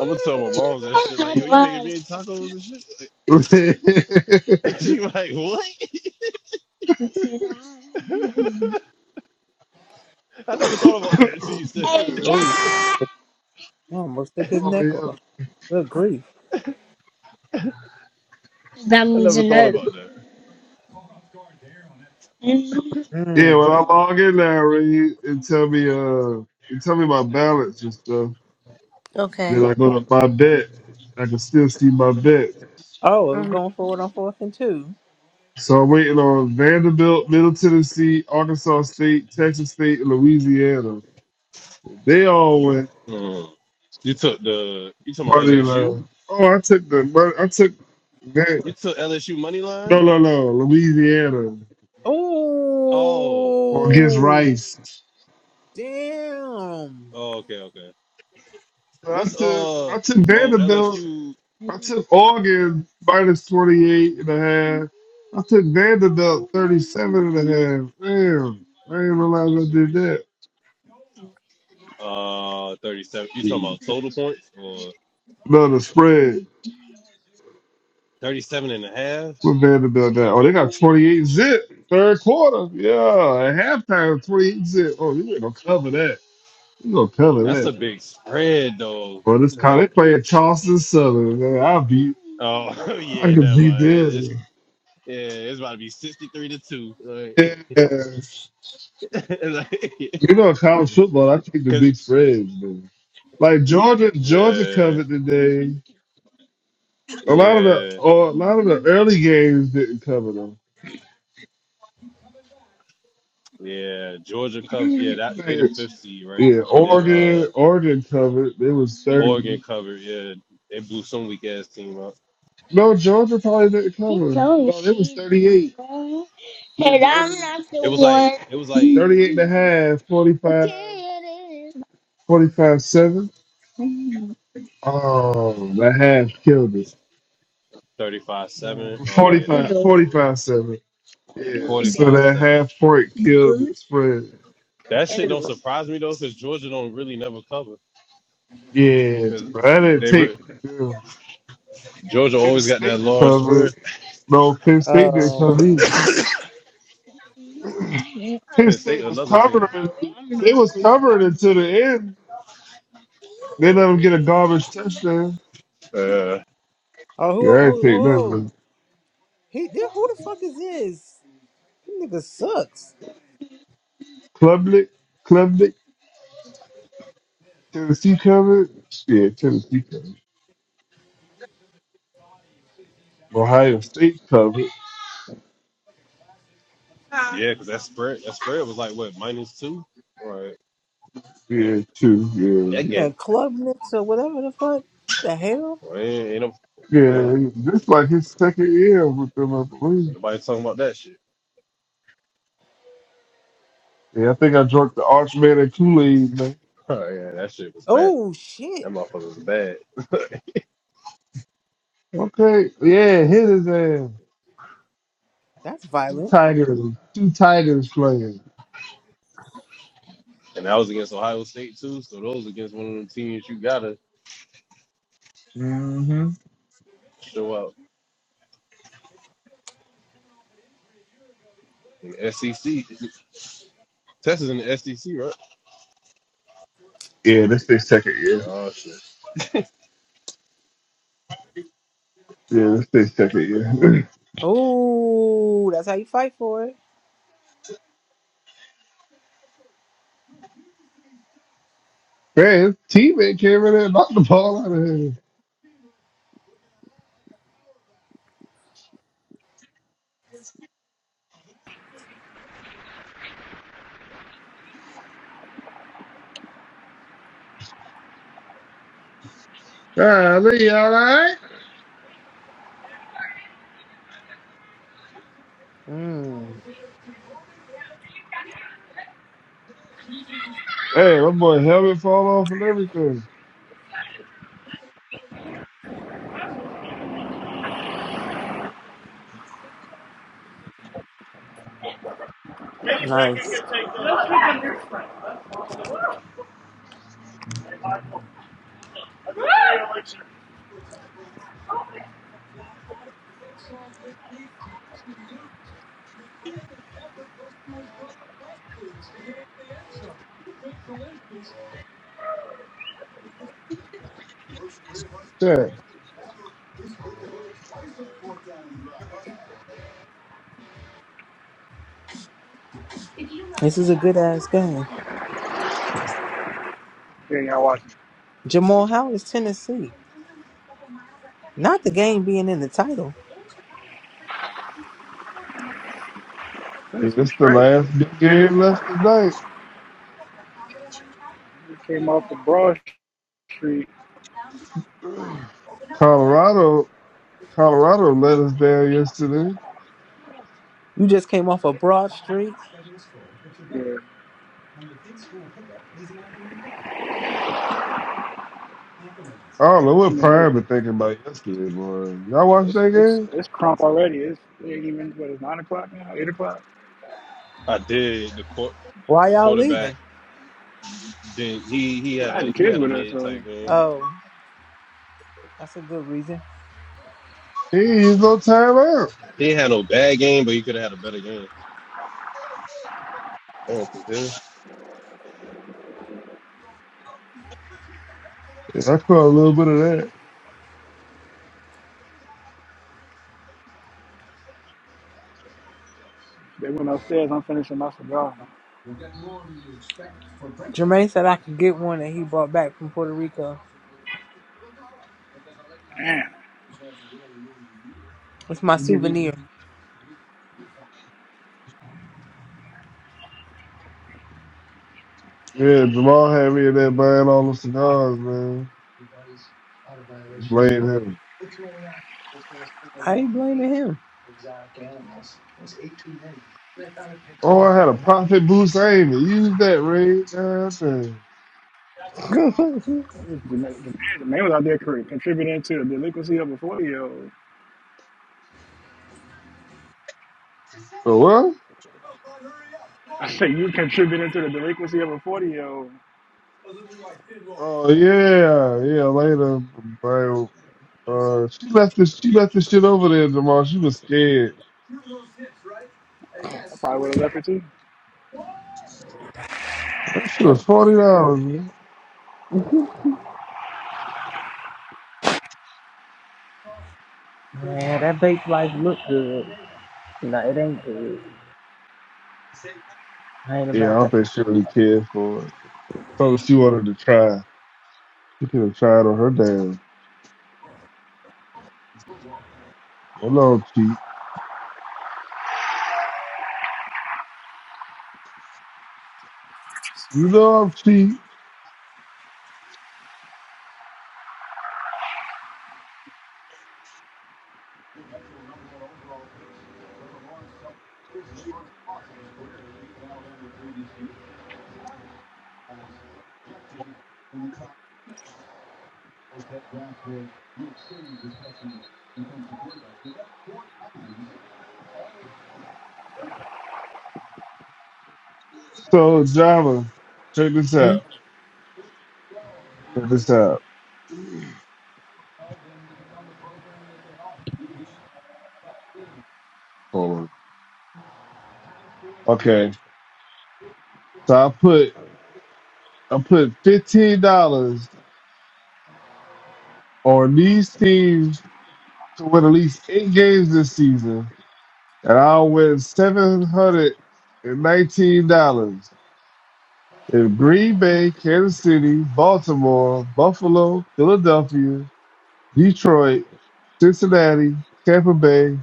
I'm gonna tell my moms that shit. Like, Hot yo, you making me was. tacos and shit. hey, Like, She like, what? I never thought about that until you said that. Ooh, Jack. I almost took his Oh, neck yeah. off. Good grief. That I means never a thought no. about that. Yeah, Mm. when I log in there, Reed, it tell me uh, it tell me my balance and stuff. okay. Then I go to my bet. I can still see my bet. Oh, we're Mhm. going forward on fourth and two. So I'm waiting on Vanderbilt, Middle Tennessee, Arkansas State, Texas State, and Louisiana. They all went Hmm. You took the you talking about money LSU? line. Oh, I took the mon- I took You that. took LSU money No, line? no, no. Louisiana Oh. or against Ooh. Rice. Damn. Oh, okay, okay. I What's took uh oh I took Vanderbilt. LSU I took Oregon minus minus 28 and a half. I took Vanderbilt 37 and a half. Damn, I didn't realize I did that. uh 37. You talking about total points or No, the spread 37 and a half? with Vanderbilt now. Oh, they got 28 zip third quarter. Yeah, at halftime, 28 zip. Oh, you ain't gonna cover that. You gonna cover That's a that. big spread though. Well, this kind Like they playing Charleston Southern. Man. I'll beat. oh I yeah, can never beat mind. It- It's them. yeah, it's about to be 63 to 2. Like, Yes. like You know, college football, I take the 'cause- big spreads, man. Like Georgia, Georgia yeah, covered today. A lot of the, yeah. or a lot of the early games didn't cover them. Yeah, Georgia covered. Yeah, that they the fifth seed, right? Yeah, And then uh Oregon, Oregon covered. It was 30. Oregon covered. Yeah, they blew some weak ass team up. No, Georgia probably didn't cover. No, it was 38. And I'm not the It was like one. it was like 38 and a half, forty-five, Okay, forty-five 7. Oh, that half killed it. thirty five Mm. seven. Oh yeah, they Forty-five, ain't forty-five covered 7. Yeah, forty so five that seven. half point killed the spread. That shit don't surprise me though, because Georgia don't really never cover. Yeah, Because but I didn't they take re- yeah. Georgia Penn always got that State large spread. covered. No, Penn State didn't Oh. cover either. Penn Penn State State was another team. covering. They was covering until the end. They let him get a garbage touchdown. Uh, Oh, Yeah, who, I ain't who, take who? nothing. He, th- who the fuck is this? This nigga sucks. Klubnik, Klubnik, Tennessee covered. Yeah, Tennessee covered. Ohio State covered. yeah, because that spread that spread was like what minus two. Right, Yeah, too. Yeah. that Yeah, game. Club Nicks or whatever the fuck. What the hell? Well, Ain't ain't Yeah. Yeah, this like his second year with them, I believe. Nobody's talking about that shit. Yeah, I think I drunk the Archman and Kool-Aid, man. Oh yeah, that shit was bad. Oh, shit. That motherfucker was bad. Okay, yeah, hit his ass. That's Two violent. Tigers, two Tigers playing. And that was against Ohio State too, so those against one of them teams you gotta hmm show out. In the SEC. Texas in the SEC, right? Yeah, this their second year. Oh shit. Yeah, this their second year. Oh, that's how you fight for it. man, his teammate came in there and knocked the ball out of him. Golly, all right? Mm. Hey, my boy helmet fall off and everything. Nice. Check. This is a good ass game. Yeah, y'all watching. Jamal, how is Tennessee? Not the game being in the title. That's me It's the straight. last big game left tonight. We came off the Broad Street. Colorado Colorado let us down yesterday. You just came off a broad street. Yeah, I don't know I what mean, it's Prime been thinking about yesterday, boy. Y'all watch it's that it's, game? it's crump already. It's it ain't even what it's nine o'clock now, eight o'clock. I did the court Why the y'all quarterback leaving? didn't he he I had had a the he kids had a with us, mid so type uh, game. Oh, that's a good reason. He ain't used no timeout. He didn't no bad game, but he could have had a better game. Damn, for real. Yeah, I caught a little bit of that. they went upstairs. I'm finishing my cigar. Jermaine said I could get one that he brought back from Puerto Rico. Man, It's my I give you. souvenir. Yeah, Jamal had me in there buying all the cigars, man. Blame him. I ain't blaming him. Oh, I had a profit boost. I ain't even used that, Ray. God damn. it was The man the man was out there cr- contributing to the delinquency of a 40 year old. So what? I say you contributing to the delinquency of a 40 year old. Oh yeah, yeah. Later, bro. Uh, she left this. She left this shit over there, Jamal. She was scared. I probably would have left it too. That shit was forty dollars. man. Yeah, that baked life look good. No, it ain't good. I ain't Yeah, I about that. don't think she really cared for it. So she wanted to try. She could have tried on her damn. I know I'm cheap. You know I'm cheap. So Java, check this out. Hmm? Check this out. Hold on. Okay. So I put I put fifteen dollars on these teams to win at least eight games this season and I win seven hundred and nineteen dollars. If Green Bay, Kansas City, Baltimore, Buffalo, Philadelphia, Detroit, Cincinnati, Tampa Bay,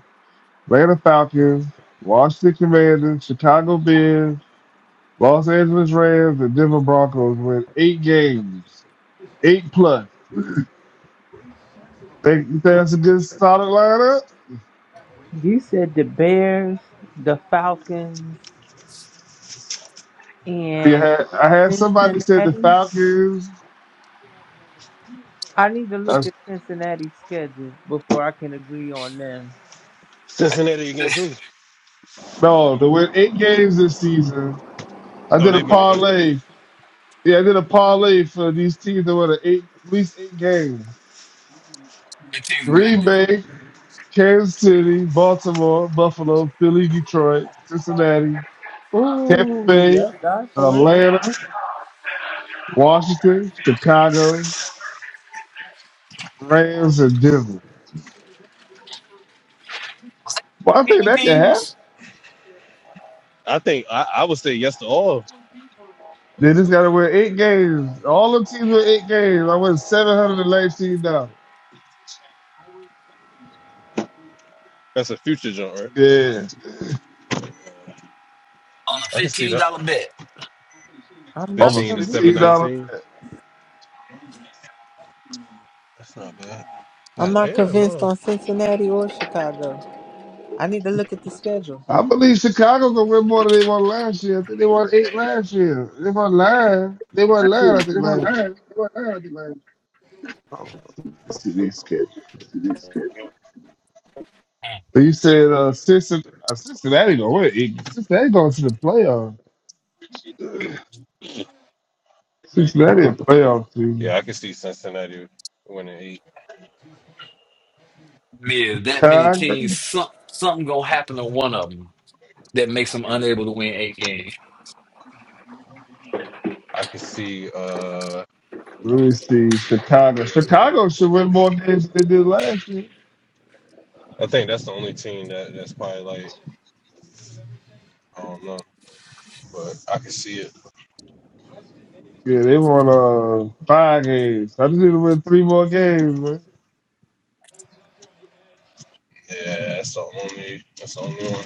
Atlanta Falcons, Washington Commanders, Chicago Bears, Los Angeles Rams, and Denver Broncos win eight games, eight plus. Think you think that's a good solid lineup? You said the Bears, the Falcons, You and had, I had somebody said the Cincinnati. Falcons. I need to look I, at Cincinnati's schedule before I can agree on them. Cincinnati against who? no, they win eight games this season. I Oh, did a they win the eight games. parlay. Yeah, I did a parlay for these teams that won eight, at least eight games. It takes that Green big. Bay, Kansas City, Baltimore, Buffalo, Philly, Detroit, Cincinnati, Tampa Ooh, Bay, yeah, God for it. Atlanta, Washington, Chicago, Rams, and Denver. Was that Well, I think 13 that can happen. teams I think I, I would say yes to all. They just got to win eight games. All the teams win eight games. I won seven hundred and nineteen dollars. That's a future jump, right? Yeah, Uh, on a I can see $15 that. bet? I'm not over fifteen to convinced. seven fifteen dollars. nineteen. That's not bad. I'm God not damn, convinced no. on Cincinnati or Chicago. I need to look at the schedule. I believe Chicago gonna win more than they won last year. I think they won eight last year. They won nine. They won nine. I think last. Oh, let's see these kids. Mm. But you said uh, Cincinnati, uh, Cincinnati gonna win. eight. Cincinnati going to the playoff. Cincinnati a playoff team. Yeah, I can see Cincinnati winning eight. Yeah, that many Chicago. teams, some, something going to happen to one of them that makes them unable to win eight games. I can see. Uh, Let me see. Chicago. Chicago should win more games than they did last year. I think that's the only team that that's probably like I don't know, but I can see it. Yeah, they won uh five games. I just need to win three more games, man. Yeah, that's the only. That's the only one.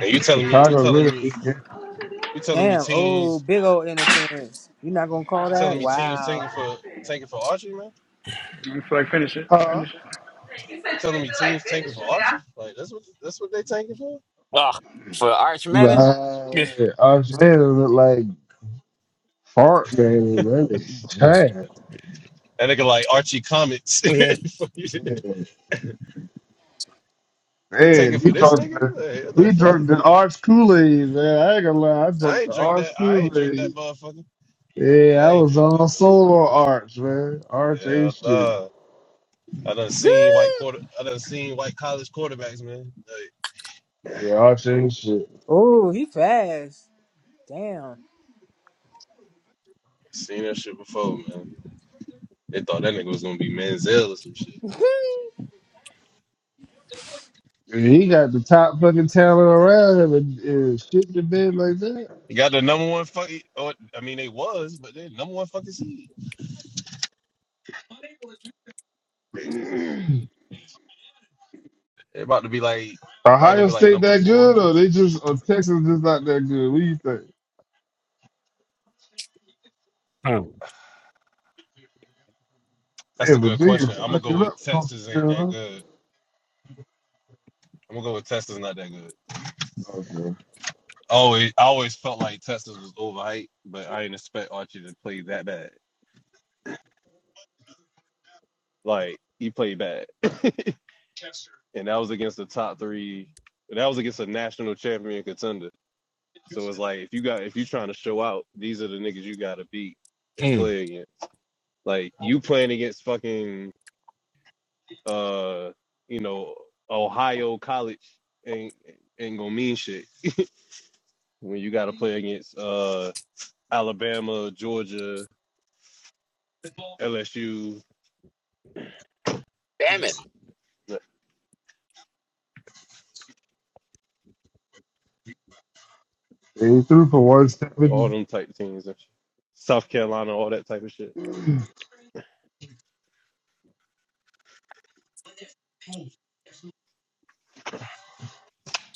And you telling me? You Chicago telling win me? eight games. You telling me Damn, oh, teams? big old interference. You're not gonna call You telling that? me teams Wow. tanking for tanking for Archie, man? I feel like finish it. Huh? Finish it. You telling me teams tanking for Archie? Like that's what that's what they tanking for? Ah, for Arch Manning? Yeah. Right. Our fans look like Fart man, really. Mm. Chad. That nigga like Archie comments. they Yeah. Man, tanking man, for you this drunk nigga? the Like, what the we fuck? drunk the arch Kool-Aid, man. I ain't gonna lie, I I drunk ain't the drink that. arch I ain't drink that Kool-Aid. motherfucker. Yeah, I I ain't was drink that all bitch. solo on arch, man. Arch Hell ain't shit. no. I done seen white quarter. I done seen white college quarterbacks, man. Like, Yeah, arch ain't shit. Oh, he fast. Damn. seen that shit before, man. They thought that nigga was gonna be Manziel or some shit. And he got the top fucking talent around him and, and shit the bed like He got the number one fucking. Or I mean, they was, but they number one fucking seed. They, that. they about to be like. They probably gonna Ohio be like State number that four. good or they just or Texas just not that good? What do you think? Mm. Hey, That's a good question. Virginia's I'm gonna fucking go up, with Texas Coastal ain't that Carolina. good. I'm gonna go with Texas not that good. Okay. Always, I always felt like Texas was overhyped, but I didn't expect Archie to play that bad. Like he played bad, and that was against the top three. That was against a national champion contender. So it's like if you got if you trying to show out, these are the niggas you got to beat and Mm. play against. Like you playing against fucking uh you know Ohio College ain't ain't gonna mean shit when you got to play against uh Alabama, Georgia, LSU, Damn it. They threw for 170. all them type of teams and shit. South Carolina, all that type of shit. Like,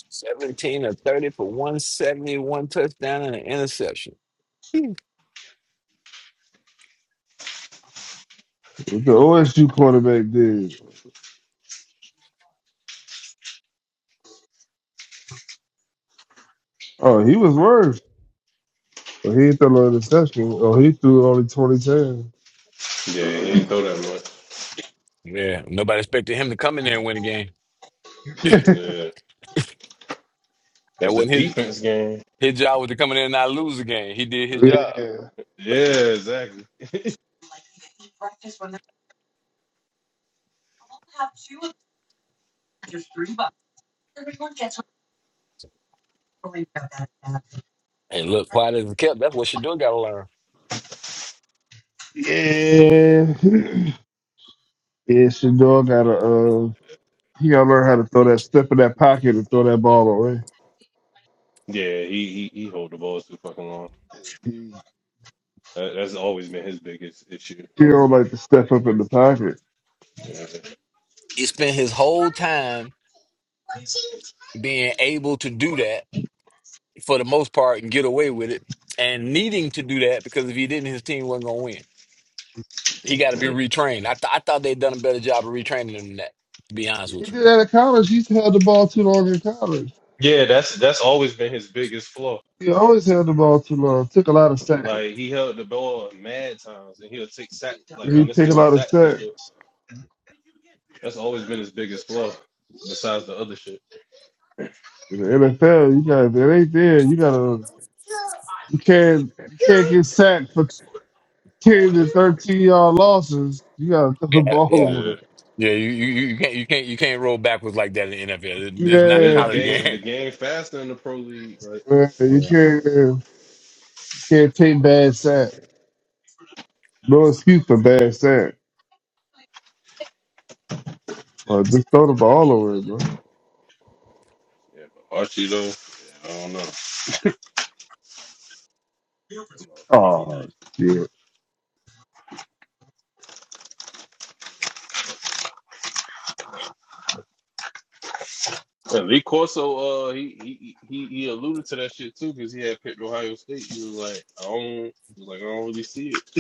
17 or 30 for one seventy-one touchdown and an interception. Mm. What the OSU quarterback did? Oh, he was worse. But he threw no interception. Oh, he threw only twenty ten. yeah, he ain't throw that much. Yeah, nobody expected him to come in there and win a game. times. Yeah. It That was the wasn't his defense game. his job was to come in there and not lose a game. He did his job. yeah. Yeah, exactly. And look, quiet as it kept, that's what Shador got to learn. Yeah. Yeah, Shador got to, uh, he got to learn how to throw that step in that pocket and throw that ball away. Yeah, he he, he hold the balls too fucking long. He That, that's always been his biggest issue. he don't like to step up in the pocket. Yeah. He spent his whole time being able to do that for the most part and get away with it and needing to do that because if he didn't, his team wasn't going to win. He got to be Mhm. retrained. I, th- I thought they'd done a better job of retraining him than that, to be He honest did with you. that in college. He held the ball too long in college. Yeah, that's that's always been his biggest flaw. He always held the ball too long. Took a lot of sacks. Like he held the ball mad times, and he'll take sacks, like He took a unnecessary lot of sacks and sacks. shit. That's always been his biggest flaw. Besides the other shit, In the NFL, you got if it ain't there. You gotta You can't you can't get sacked for ten to thirteen yard losses. You gotta throw the Yeah, yeah. ball Yeah. away. Yeah, you, you, you can't you can't you can't roll backwards like that in the NFL. This is not the yeah, the Yeah, college game the game. game faster in the pro league. Like, man, you Yeah. can't you can't take bad sack. No excuse for bad sack. Uh, just throw the ball away, bro. yeah, but Archie though, yeah, I don't know. Oh shit. And Lee Corso, uh, he, he he he alluded to that shit too because he had picked Ohio State. He was like, I don't, he was like, I don't really see it.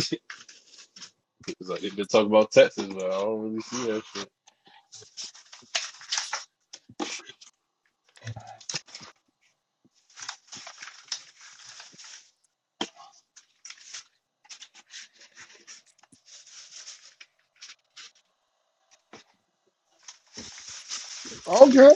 He's like, they've been talking about Texas, but I don't really see that shit. Okay.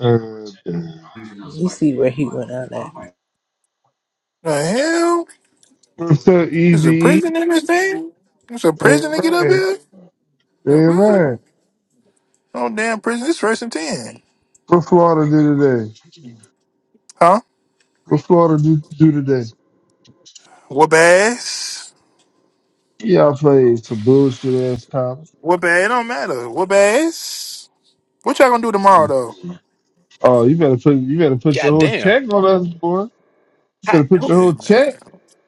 Uh, You see where he went out at. The hell? what's up, Is Easy a E? prison in this thing? There's a prison And to get up Ryan. here? The And fuck? Ryan. No damn prison. It's first and ten. What Florida do today? Huh? What Florida do, do today? Whoop ass. Y'all played some bullshit ass time. Whoop ass. It don't matter. Whoop ass. What y'all gonna do tomorrow though? Oh, you better put you better put your God whole damn. check on us, boy. You How, better put who- your Yeah, whole man. check.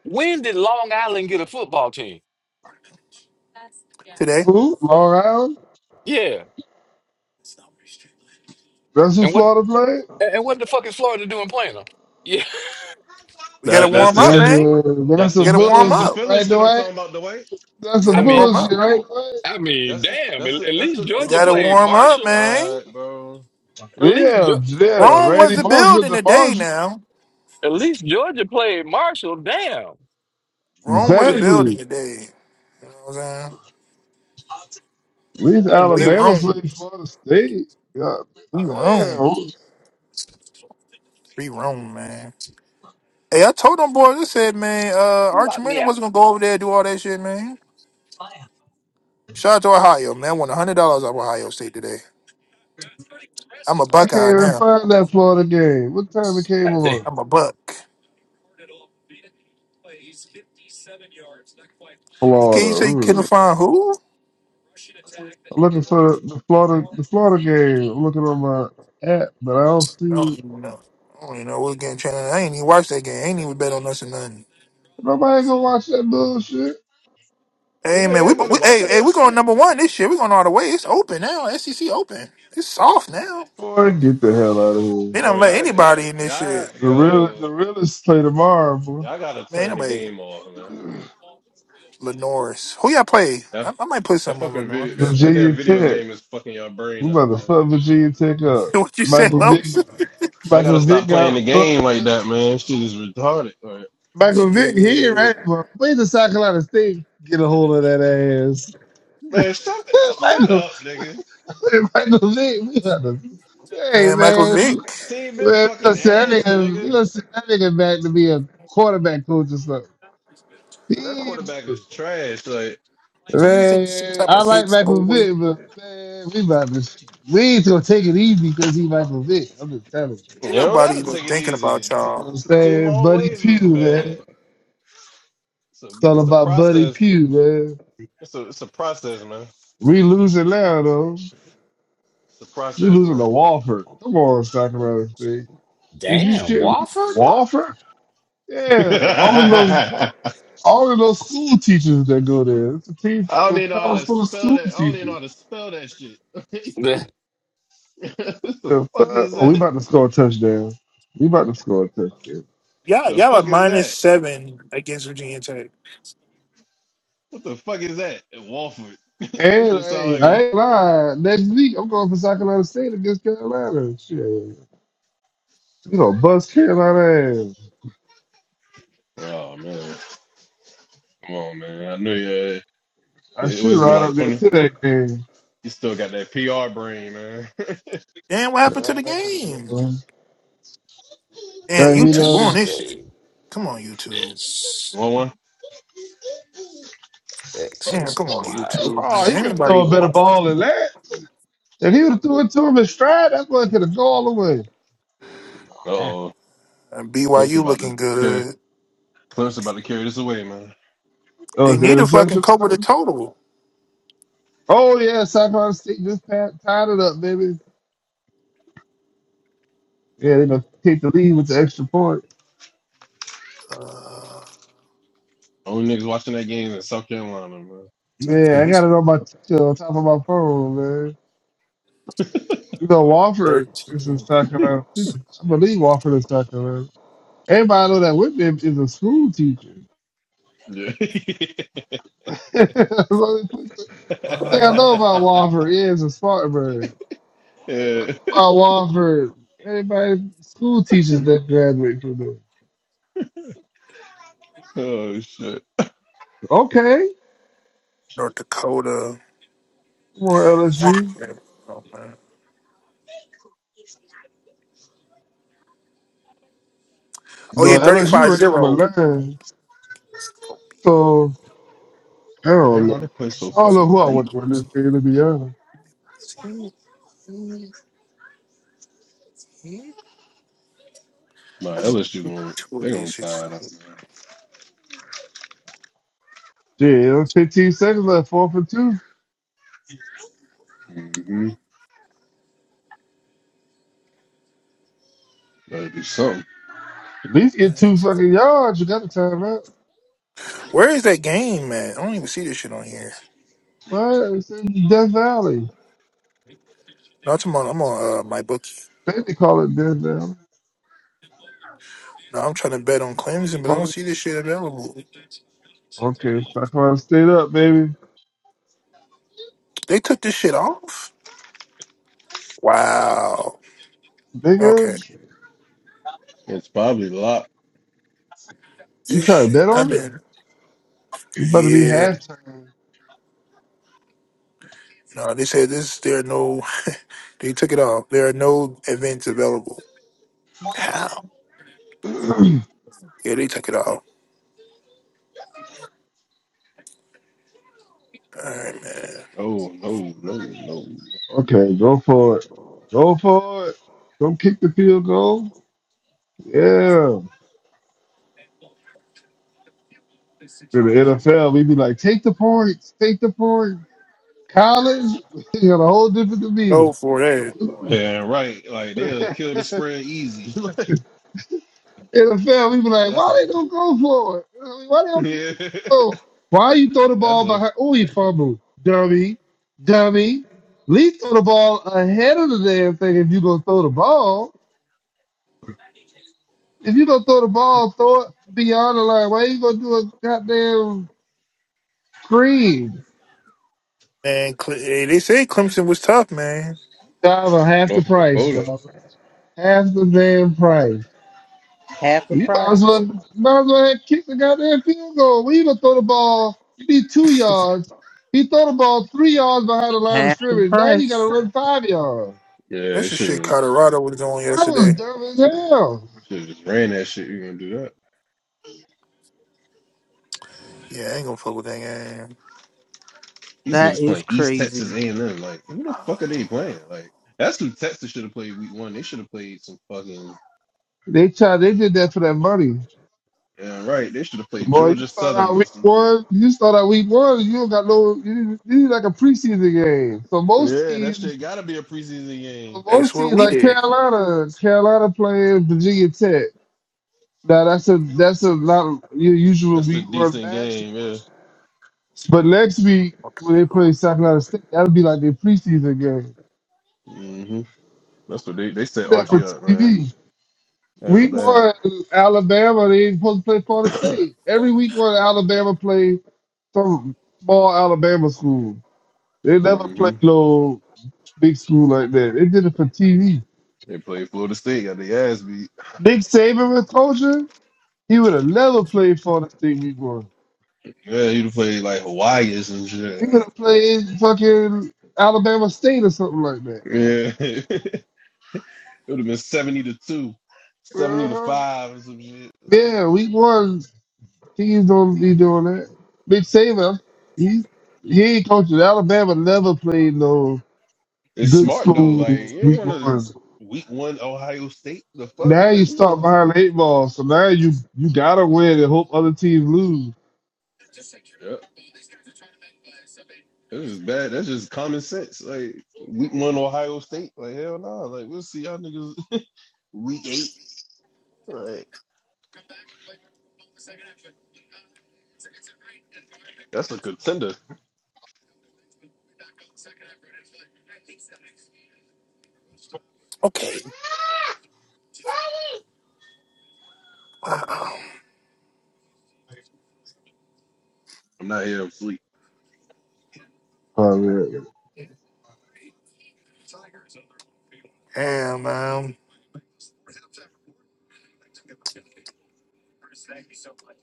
when did Long Island get a football team? Today. Who? Long Island? Yeah. That's who And what Florida played. and what the fuck is Florida doing playing them? Yeah. We gotta That that's warm the up, That's shit. man. a That's that's a We the gotta warm that's the bullshit, up. Philly right, shit I'm Dwight? talking about. The way We That's a I gotta mean, warm bullshit, up. right, Dwight? I mean, that's the damn. At, that's the at that's least the We Georgia gotta oh played warm my up, Marshall. man. god, bro. At least, Geo- Yeah, at, yeah. Rome was Randy the Moss with building the today Marshall. now. at least Georgia played Marshall. Damn. Rome was the I Exactly. building today. You know what I'm saying? At least didn't know We they was Alabama Rome. played Florida State. God, We man, Rome. Be wrong, man. Hey, I told them boys, I said, man, uh, you Arch locked me Manning out. wasn't gonna go over there and do all that shit, man. Shout out to Ohio, man. I won hundred dollars off Ohio State today. I'm a I can't Buckeye even now. find that Florida game. What time it came I said, on? I'm a Buck. Can you say can Florida. I find who? I'm looking for the Florida the Florida game. I'm looking on my app, but I don't I see don't even know. I don't even know what game channel. I ain't even watched that game. I ain't even bet on us or nothing. nobody gonna watch that bullshit. Yeah, Hey man, we, everybody we hey watching hey that we going shit, number one this shit. We going all the way. It's open now. SEC open. It's soft now. Boy, get the hell out of They here. bro. don't let Y'all, y'all, anybody in this y'all, shit. The real yo, the realists play tomorrow, boy. y'all gotta Man, turn the nobody. game off, man. Lenore's. Who y'all play? That I, I might put That something on fucking video, Lenore's. that, that damn Virginia video Tech. game is fucking your We brain up, about to man. fuck Virginia Tech up. what you said, Michael Vick Los? Y'all gotta Michael stop Vick playing the got game fucked like up. that, man. Shit is retarded. Like, Michael Vick here, Shit, right? Well, wait till South Carolina State get a hold of that ass. man, stop it. Shut Michael up, nigga. Michael Vick, we got to hey man, Michael man. Vick. Team been Man, fucking listen, that ass, nigga, nigga. listen, that nigga back to be a quarterback coach or something. That Yeah, quarterback is trash. Like, He's like the same Man, type I of like Hicks Michael boy. Vick, but man, we about to we ain't gonna take it easy because he Michael Vick. I'm just telling you. you Ain't don't nobody gotta even take it thinking about easy. T- You know what y'all. I'm team saying? Buddy always was Pugh, bad. man. So It's all it's a about Buddy process. Pugh, man. It's a, it's a process, man. We losing now though. It's a You process, losing man. to Walford. Come on, Sacramento State. Did you Damn, shit Wofford. Walford? Yeah. Only those I All of those school teachers that go there. It's a team, don't a even know how to college full of spell school that. I don't even know how teachers. to spell that shit. The what the The fuck fuck? is Oh, we that? about to score a touchdown. We about to score a touchdown. Y'all, The y'all are fuck is minus that? seven against Virginia Tech. What the fuck is that? At Walford. this And shit I sound like ain't, a, I ain't lying. Next week, I'm going for South Carolina State against Carolina. Shit. You know, bust Carolina ass. Oh man. Come on, man. I knew you I it should was been ride like up there twenty. to that game. You still got that PR brain, man. Damn, what happened to the game? Damn, Yeah, we Georgia YouTube on know. this shit. State, Come on, YouTube. this one one. Damn, Texas, come on, Ohio YouTube. Oh, Man, he ain't could have nobody thrown State. a better watching. ball than that. If he would have threw it to him in stride, that boy could have gone all the way. Uh Ah, oh. Uh, Clemson BYU about to looking carry good. Clemson about to carry this away, man. Oh, They it's the need to fucking cover the interception. total. Oh yeah, Saffron State just pa- tied it up, baby. Yeah, they gonna take the lead with the extra point. Uh, Only niggas watching that game in South Carolina, man. Man, I got He's it on my t- on top of my phone, man. You know, Wofford is in thirteen. South Carolina. I believe Wofford is South Carolina. Everybody know that Whitman is a school teacher. Yeah. That's the only thing I Uh, know about Wofford. Yeah, it's a Spartanburg. yeah. About Wofford, everybody school teachers that graduate from there. Oh shit. Okay, North Dakota. more LSU. Oh No I'm yeah, about to put LSU one thirty-five in. ranked here. zero. number nine. So I Damn, don't why know. they play so I don't know fucking who I late? want to win this game, to be honest. Nah, I just LSU took going two they of these gonna shits. tie it up, man. Yeah, 15 seconds left, four for two. Mm-hmm. Better do something. At least get two fucking yards. You got the time out. Where is that game at? I don't even see this shit on here. What? It's in Death Valley. No, I'm on I'm on uh, my bookie. They, they call it Death Valley. No, I'm trying to bet on Clemson, but I don't Call it- see this shit available. Okay, so I can't stayed up, baby. They took this shit off? Wow. Okay. Nigga, It's probably locked. you This trying to shit, bet I've on it? been You better be yeah. halftime. No, they said this there are no they took it off. There are no events available. How? Yeah, they took it off. All right, man. Oh no, no, no. Okay, go for it. Go for it. Don't kick the field goal. Yeah. In the NFL, we be like, take the points, take the points. College, you got a whole different Go demeanor. for that, Yeah, right. Like they'll kill the spread easy. in the film, we be like, that's a why they don't go for it? You know what I mean? Why they don't keep yeah. it? Oh, why you throw the That's ball a behind? Oh, he fumbled. Dummy. Dummy. At least throw the ball ahead of the damn thing if you going to throw the ball. If you going to throw the ball, throw it beyond the line. Why you going to do a goddamn screen? man. Cle- Hey, they say Clemson was tough, man. Dive half the North price, Dakota. y'all. Half the damn price. Half the You might as price. well might as well have kicked the goddamn field goal. We even throw the ball. You need two yards. He throw the ball three yards behind the line of Half the scrimmage. Now you gotta price. run five yards. Yeah, they That's the shit should Colorado was doing That was yesterday. dumb as hell. should just ran that shit. You're gonna do that. Yeah, I ain't gonna fuck with that game. These That niggas is playing East Texas crazy. A and M. Like who the fuck are they playing? Like that's who Texas should have played week one. They should have played some fucking They tried they did that for that money. Yeah, right. They should have played Boy, you Georgia start out Southern or week some shit. one, you start out week one, you don't got no you you need like a preseason game. So most Yeah, that teams shit gotta be a preseason game. That's most what teams we like did. Carolina, Carolina playing Virginia Tech. Now that's a that's a not your usual That's a week one decent match. game, yeah. But next week Okay. when they play cool. South Carolina State, that'll be like their preseason game. hmm That's what they they Do set that for Archie up, man. TV. That's Week bad. one, Alabama, they ain't supposed to play Florida State. Every week one, Alabama play some small Alabama school. They never hmm play no big school like that. They did it for TV. They played Florida State, got their ass beat. Nick Saban was coaching. He would have never played Florida State week one. Yeah, he'd have played like Hawaii or some shit. He would Right? have played fucking Alabama State or something like that. Yeah. it would have been seventy to two, seventy to Uh-huh. five or some shit. Yeah, week one. He's gonna be doing that. Nick Saban, he he ain't coaching. Alabama never played no It's good smart though. Like school you don't week wanna one. week one Ohio State. The fuck? Now Like you we gonna start behind the eight ball, so now you you gotta win and hope other teams lose. yeah. It was bad. That's just common sense. Like week one, Ohio State. Like hell no. Nah. Like we'll see y'all niggas week eight. Like that's a contender. Okay. Wow. I'm not here. I'm sleep. All right, Damn, man.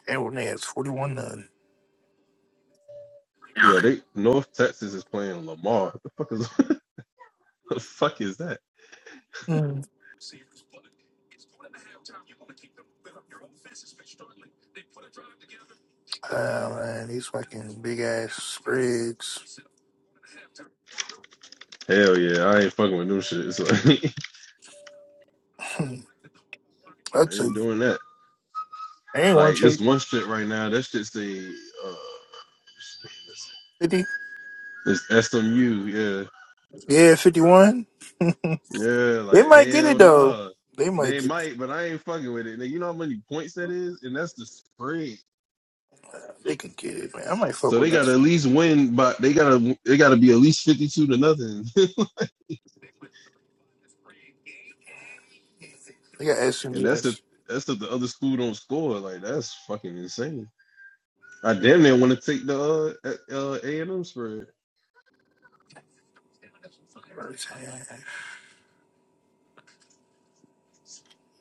Everyone has 41 none. Yo, they North Texas is playing Lamar. What the fuck is what the fuck is that? Mm. Wow, man. These fucking big ass spreads. Hell yeah, I ain't fucking with no shit. It's like Hmm. I That's a. I ain't doing that. ain't Like want to it's take one shit right now. That shit say uh, 50. this SMU. Yeah, Yeah, 51. yeah. They Like might get it, hell though. nah. They might They get might, but I ain't fucking with it. Nigga, you know how many points that is, and that's the spread. They can get it, man. I might fuck So they with got to us. at least win, but they got to they got to be at least fifty two to nothing, They got and that's SMG. if that's if the other school don't score. Like that's fucking insane. I damn near want to take the uh uh, A uh, and M spread.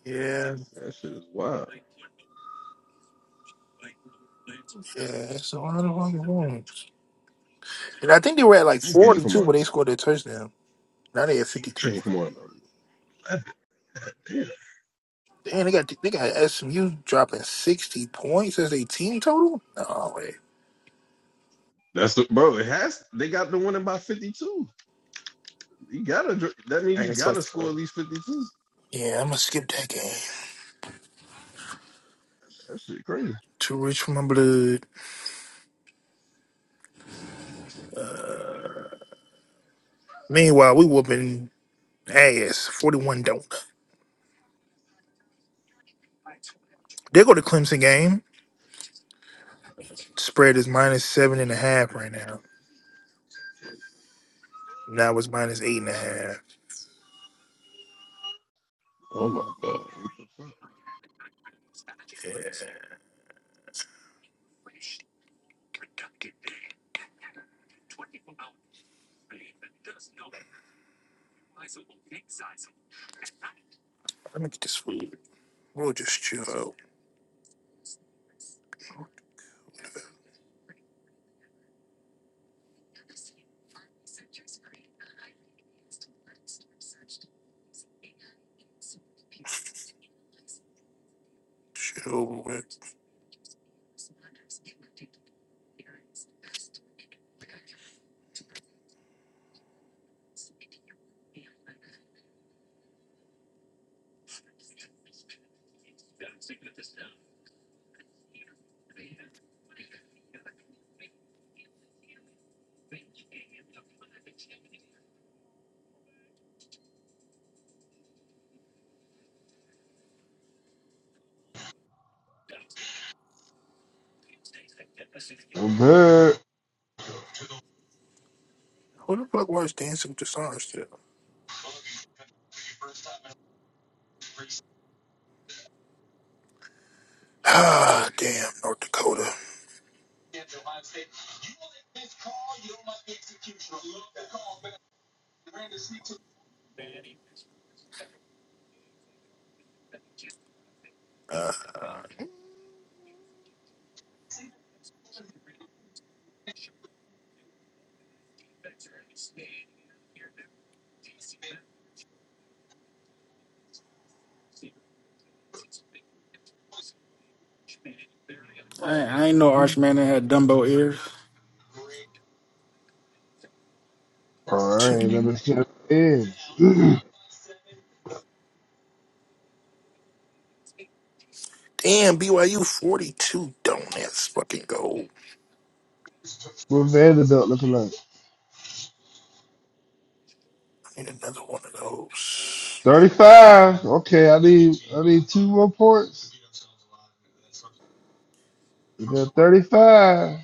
Yeah, yeah. That shit is wild. So I don't fucking know. And I think they were at like That game, forty come two on, when they scored their touchdown. Now they at fifty that two. game, come on. man. Damn. Damn, they got they got SMU dropping sixty points as a team total. Oh wait. That's the bro. It has. They got the winning by fifty two. You gotta. That means you gotta score at least fifty two. Yeah, I'm gonna skip that game. That shit crazy. Too rich for my blood. Meanwhile, we whooping ass. Forty one don't. They go to Clemson game. Spread is minus seven and a half right now. Now it's minus eight and a half. Oh my god. Yeah. Let me get this food. We'll just chill out. Chill with. I'm good. Who the fuck was Dancing with the Stars today? Ah, damn, North Dakota. Uh, I, I ain't know Arch Manning had Dumbo ears. All right, let t- me check in. damn, BYU 42 donuts. Fucking gold. what Vanderbilt looking like? I need another one of those. Thirty-five. Okay, I need I need two more points. We got thirty-five.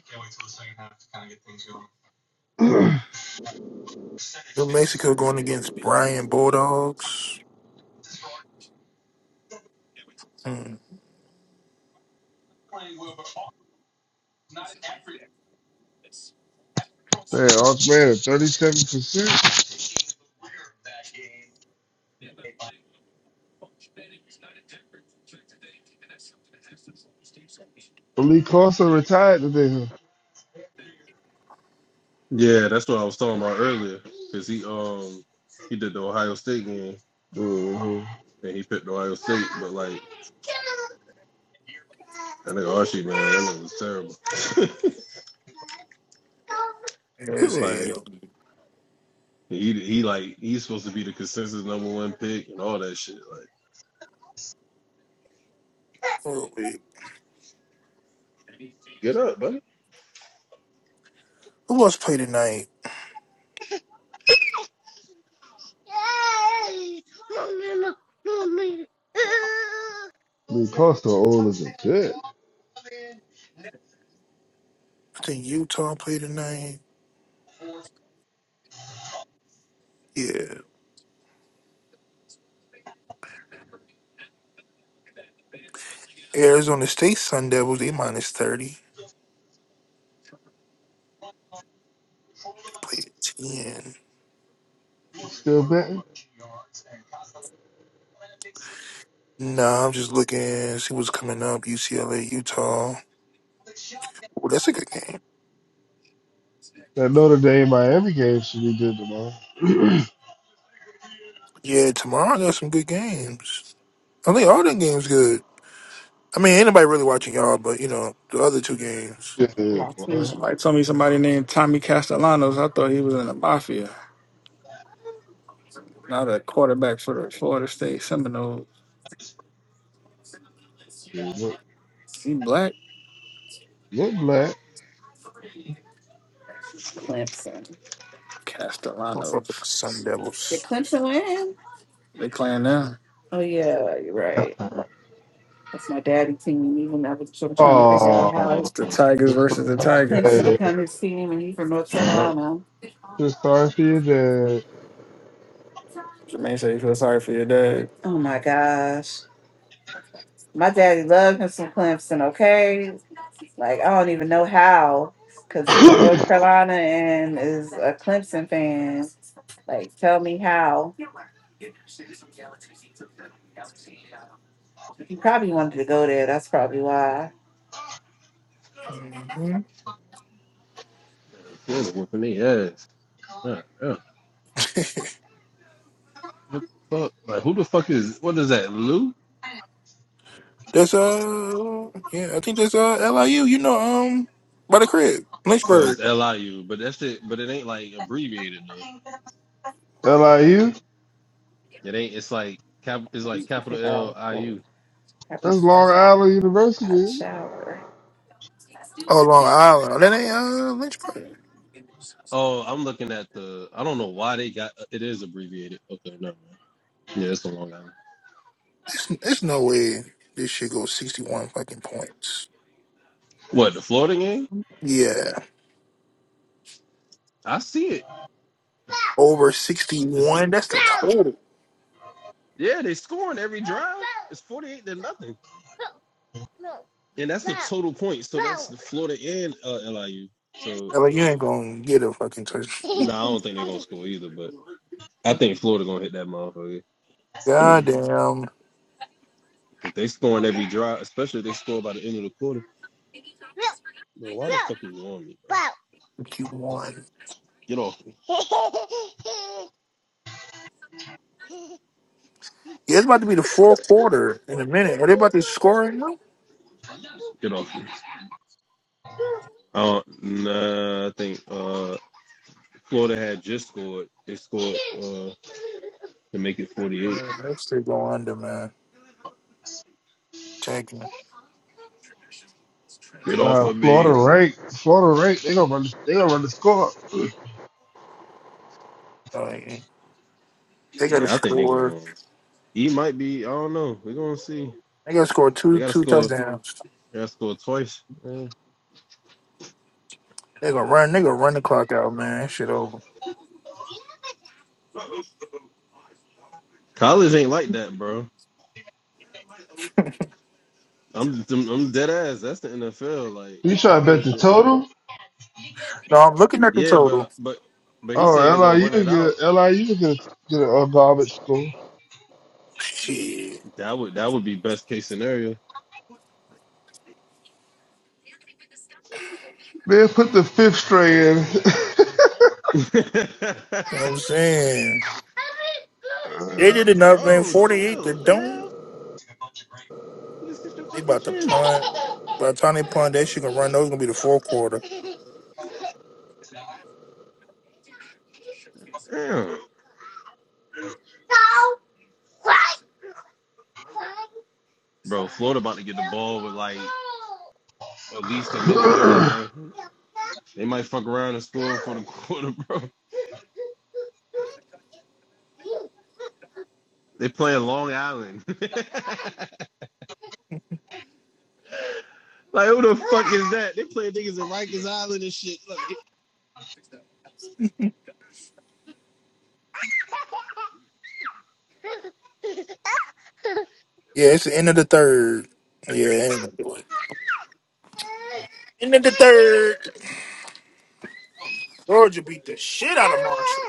New Mexico going against Brian Bulldogs. Hmm. Man, Arch man, thirty-seven percent. Lee Carson retired today. huh? Yeah, that's what I was talking about earlier. Cause he um he did the Ohio State game. Mhm. and he picked Ohio State, but like that nigga Archie, man, that nigga was terrible. As like hell. he he like he's supposed to be the consensus number one pick and all that shit. Like Oh, wait. get up, buddy. Who else play tonight? Lee Carson old as a shit. I think Utah play tonight. Yeah. Arizona State Sun Devils, they minus 30. They played at 10. Still betting. Nah, I'm just looking. See what's coming up. UCLA, Utah. Well, that's a good game. That Notre Dame Miami game should be good tomorrow. Yeah, tomorrow there's some good games. I think all the games good. I mean, anybody really watching y'all, but you know the other two games. Shit, boy. Somebody told me somebody named Tommy Castellanos. I thought he was in the mafia. not a quarterback for the Florida State Seminoles. Look, He black? look black. Clemson. What's up with the Castellanos. Sun Did Devils? Clemson win? They playing now. Oh yeah, you're right. That's my daddy team. Even I was sort of trying to figure out how it's Oh, the Tigers versus the Tigers. Clemson dad. become his team, and he's from North Carolina. Just sorry for your dad. Jermaine said you feel sorry for your dad. Oh my gosh. My daddy loved him some Clemson, okay? Like I don't even know how, cause he from North Carolina and is a Clemson fan. Like tell me how. He probably wanted to go there. That's probably why. whooping their ass. Nah, yeah. What the fuck? Like who the fuck is what is that? Lou? That's uh, yeah, I think that's uh LIU. You know, um, by the crib, Oh, Lynchburg. it's L I U. But that's it. But it ain't like abbreviated. Though. LIU? It ain't. It's like cap. It's Let like me capital Take L out I the U. having That's to take Long out Island a hot University. shower. Oh, Long Island. That ain't uh Lynchburg. Oh, I'm looking at the. I don't know why they got. It is abbreviated. Okay, never mind. Yeah, it's the Long Island. There's, there's no way this shit goes 61 fucking points. What the Florida game? Yeah, I see it. over It's, 61. That's the total. yeah, they scoring every drive. It's forty-eight to nothing, and that's the total points. So that's the Florida and uh, LIU. So Yeah, Like you ain't gonna get a fucking touchdown. no, nah, I don't think they're gonna score either. But I think Florida gonna hit that motherfucker. Goddamn, If they scoring every drive, especially if they score by the end of the quarter. Bro, why the fuck are you on me? Bro? you won. Get off! me. Yeah, it's about to be the fourth quarter in a minute. Are they about to score right now? Get off! me. Uh, nah, I think uh, Florida had just scored. They scored uh, to make it forty-eight. Uh, They still go under, man. Taking it. Get off Uh, of Florida me! rank. Florida rank. They gonna run. The, they gonna run the score. Like, they gotta Yeah, I think they're score. going. to He might be. I don't know. We're gonna see. They gotta score They two gotta two score. touchdowns. They gotta score twice. Yeah. They gonna run. They gonna run the clock out, man. That Shit over. College ain't like that, bro. I'm I'm dead ass. That's the NFL. Like You try to bet college. the total? No, I'm looking at the Yeah, but total. but but he's Oh, saying they're gonna LIU run it out. get LIU get a, get a, a garbage score. Shit, That would that would be best case scenario. Man, put the fifth string bro, you know what I'm saying in. they did enough, man. Forty eight chill. to What the don't. hell? You just hit your They fucking about to chin. punt. By the time they punt, that shit gonna run. Those gonna be the fourth quarter. Damn. Bro, Florida about to get the ball with like at least a minute thirty, bro. They might fuck around and score for the quarter, bro. They play in Long Island. like who the fuck is that? They play niggas in Rikers Island and shit. Like, Yeah, it's the end of the third. Yeah, they ain't gonna do it. End of the third. Georgia beat the shit out of Marshall.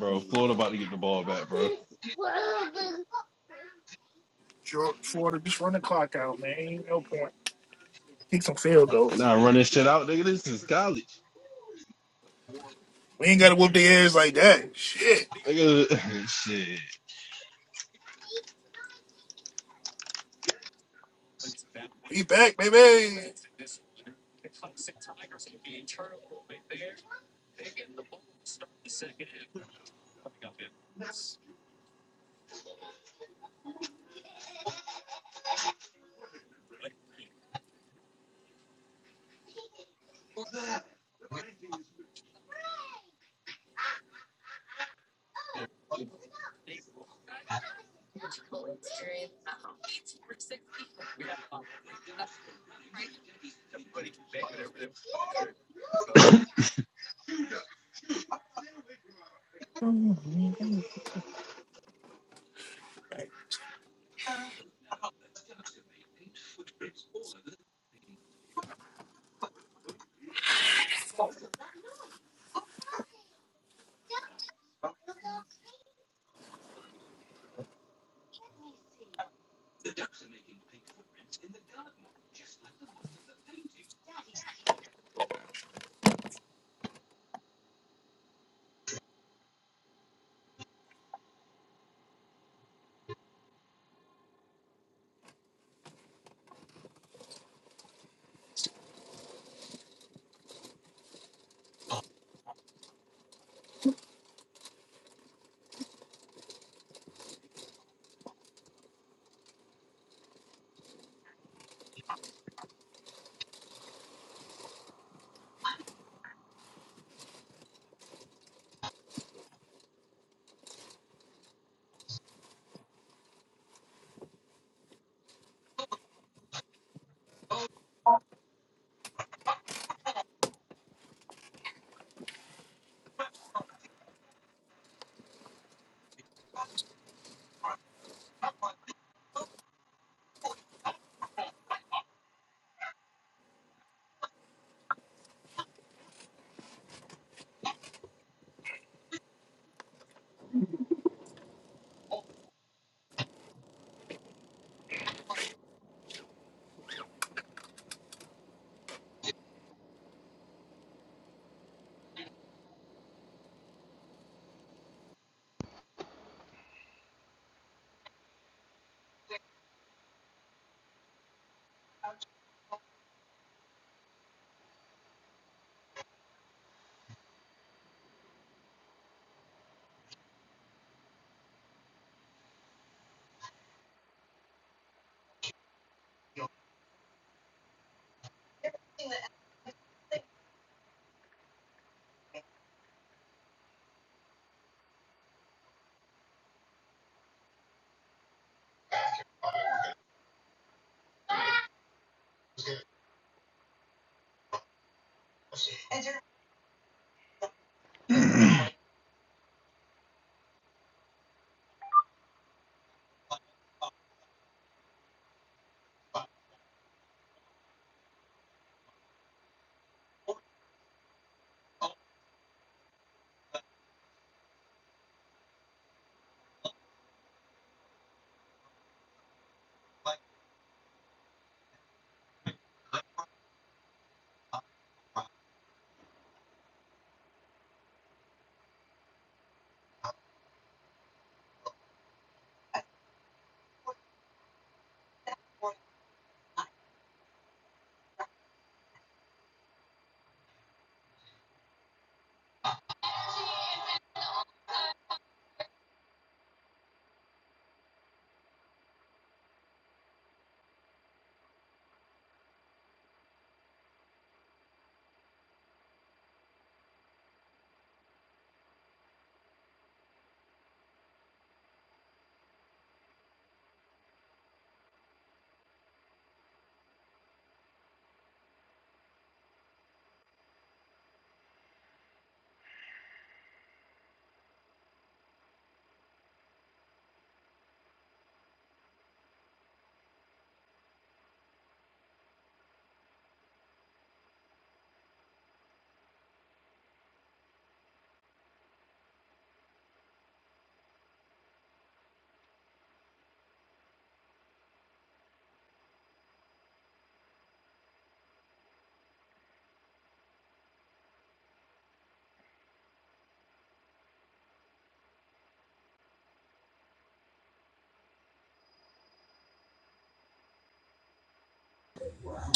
bro, Florida about to get the ball back, bro. Georgia, Florida, just run the clock out, man. Ain't no point. Take some field And goals. I run this shit out, nigga. This is college. We ain't gotta whoop their ass like that. Shit, Nigga shit. be back, baby.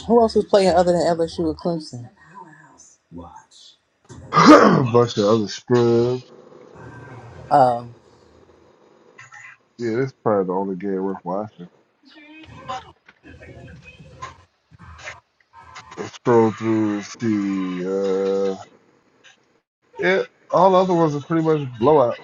Who else was playing other than LSU or Clemson? A Bunch of other scrubs. Um, Yeah, that's probably the only game worth watching. Scroll through and see. Uh, yeah, all the other ones are pretty much blowout.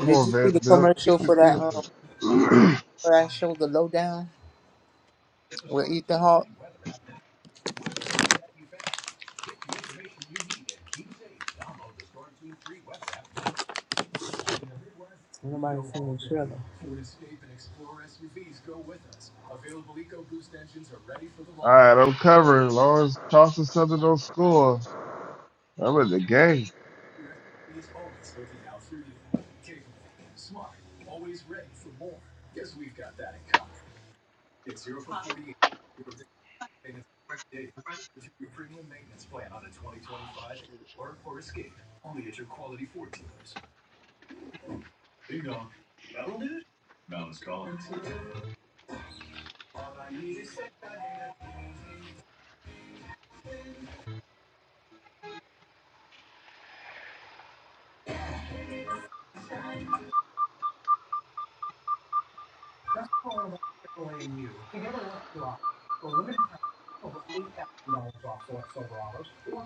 Come did on, you see the Vanderbilt. Keep commercial the for that deal. um for that show, The Lowdown, with Ethan Hawke? Nobody seen the trailer. All right, I'm covering. Lawrence Charleston Southern don't score. I'm in the game.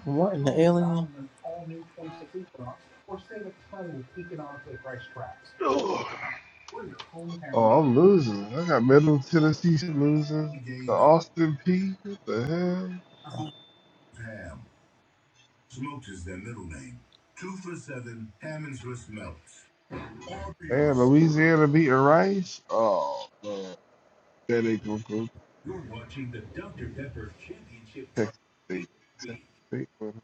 What in the alien? Ugh, Oh, I'm losing. I got Middle Tennessee losing. The Austin P. What the hell? And Louisiana beating Rice. Oh, man. That they gonna go Texas State. Texas State winning.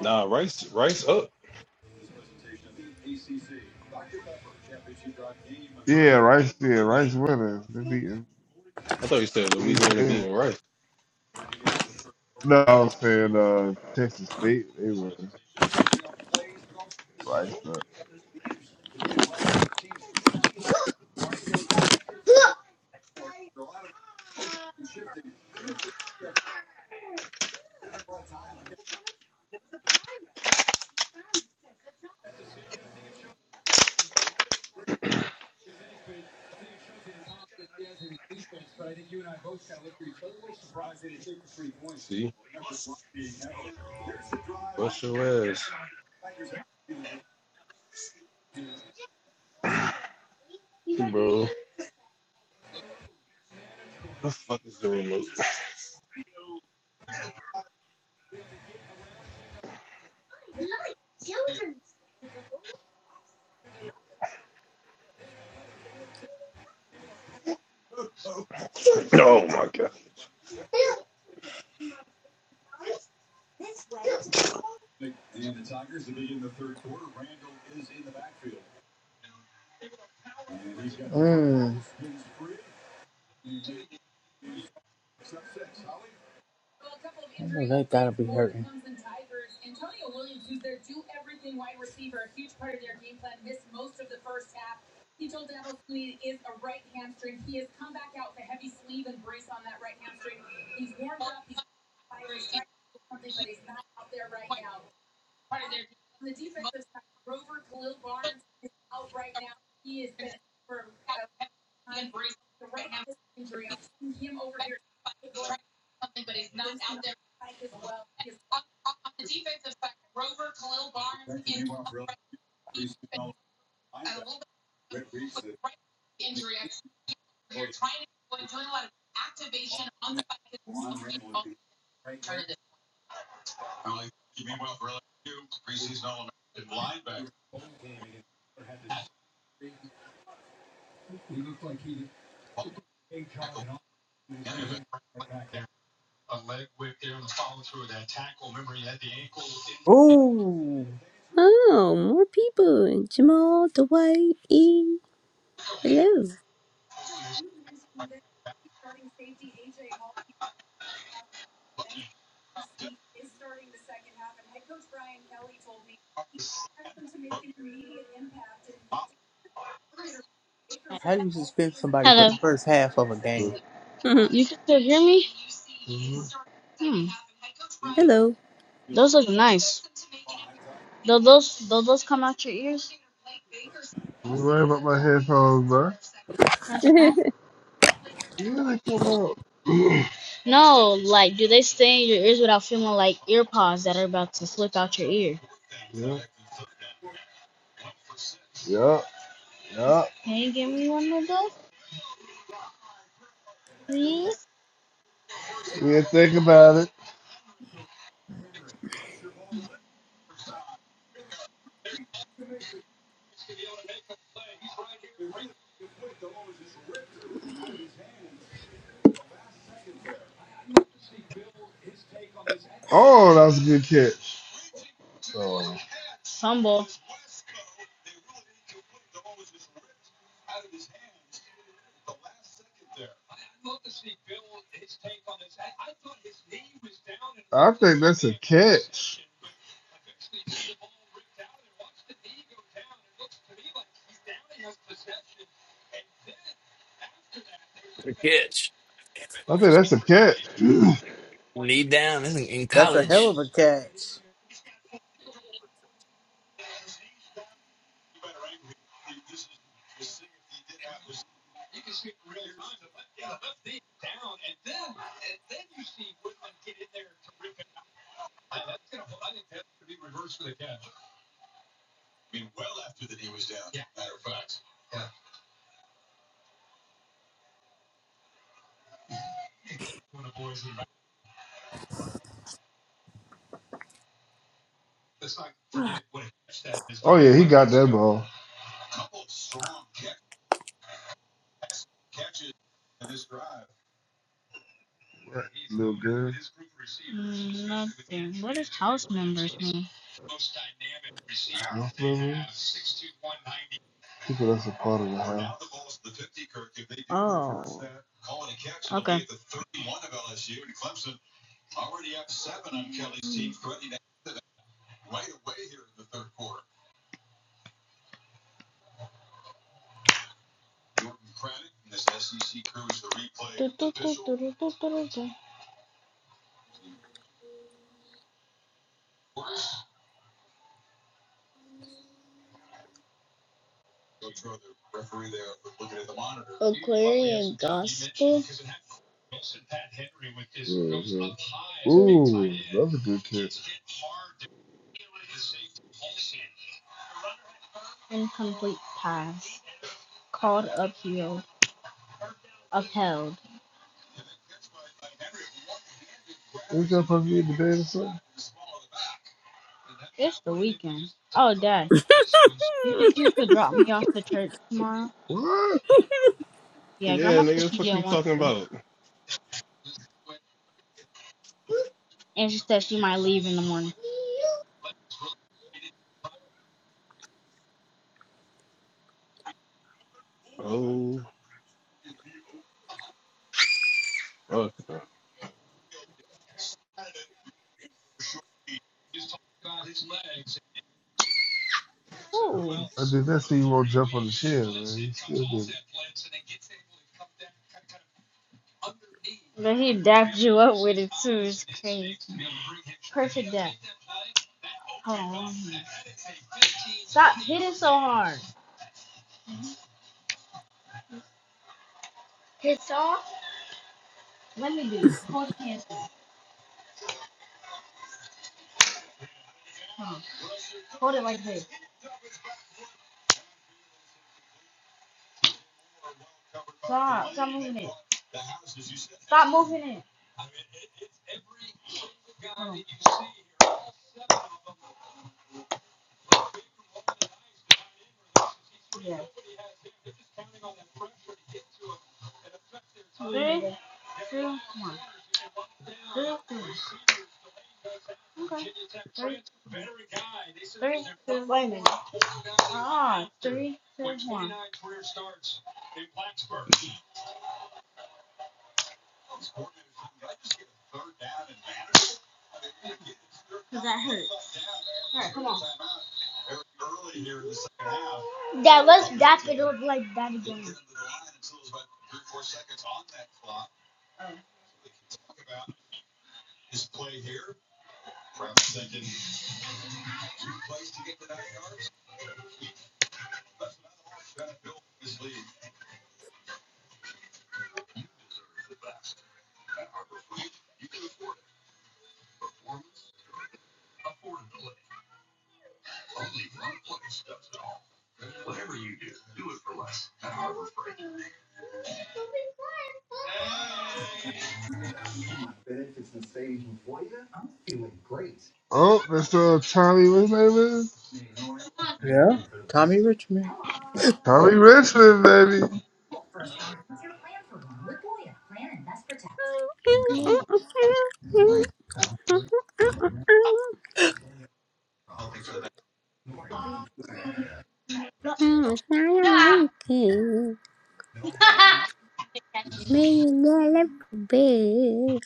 Nah, Rice Rice up. Yeah, Rice did. Rice winning. They beating. I thought you said Louisiana Yeah. beating Rice. No, I'm saying uh, Texas State. They winning. Rice not. See? Bust your ass. Bro. What The fuck is the remote? Oh my god. Mmm. I know They gotta be hurting. Ooh. Oh, more people. Jamal, Dwight, E. Hello. How do you suspend somebody for the first half of a game? So, Mhm. hmm Hello. Don't worry about my headphones, bro. Yeah, they come out. yeah, yeah, yeah. We didn't think about it. Oh, that was a good catch. So, uh, I think that's a catch. a catch. I think that's a catch. Knee down in, in That's a hell of college. a catch. Let's not forget what a catch that is. Oh yeah, he got that ball. Right. Little good. His group receiver, most dynamic receiver. six two, one ninety People that's a part of the half. Mhm. Ooh, that's a good catch. Ain't that supposed to be the or something? What? Yeah, nigga, What the fuck you talking about? Oh fuck. I did that see you won't jump on the chair, man. You still did it. Yeah, let's look like that again. Oh, that's uh Tommy, what's his name is? Tommy Richmond. Tommy Richmond, baby. It's not a monkey. Maybe not a bear.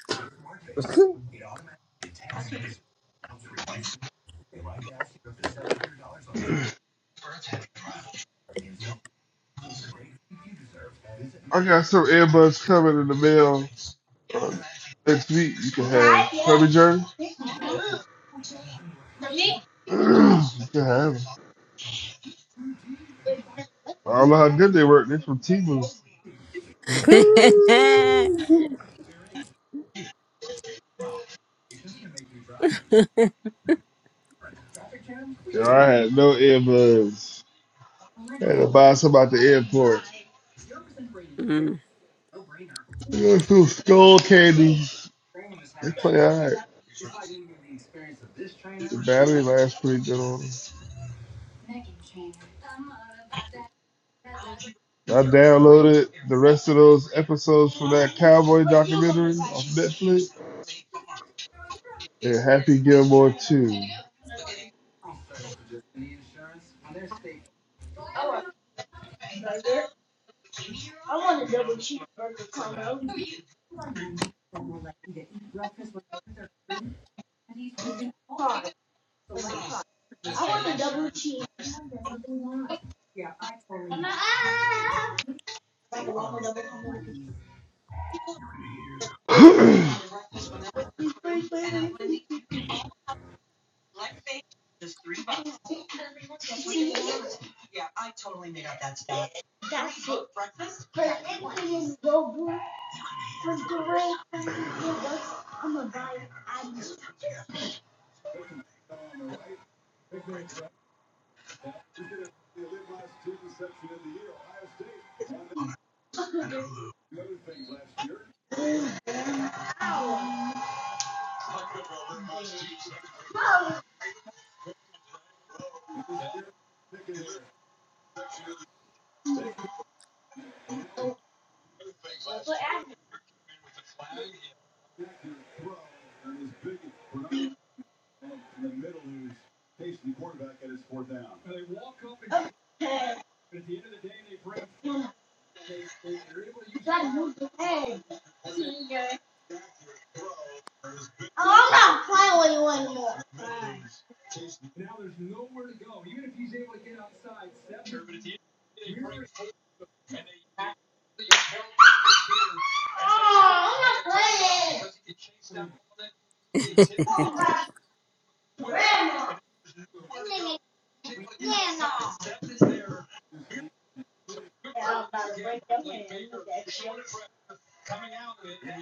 I got some earbuds coming in the mail next week. You can have them. Tommy Journey. you can have them. I don't know how good they work. They're from t Timu. Yeah, I had no earbuds. I had to buy some at the airport. Mhm. Look at Some skull candy. They play all right. The battery lasts pretty good on them. I downloaded the rest of those episodes from that cowboy documentary on Netflix. And Happy Gilmore 2.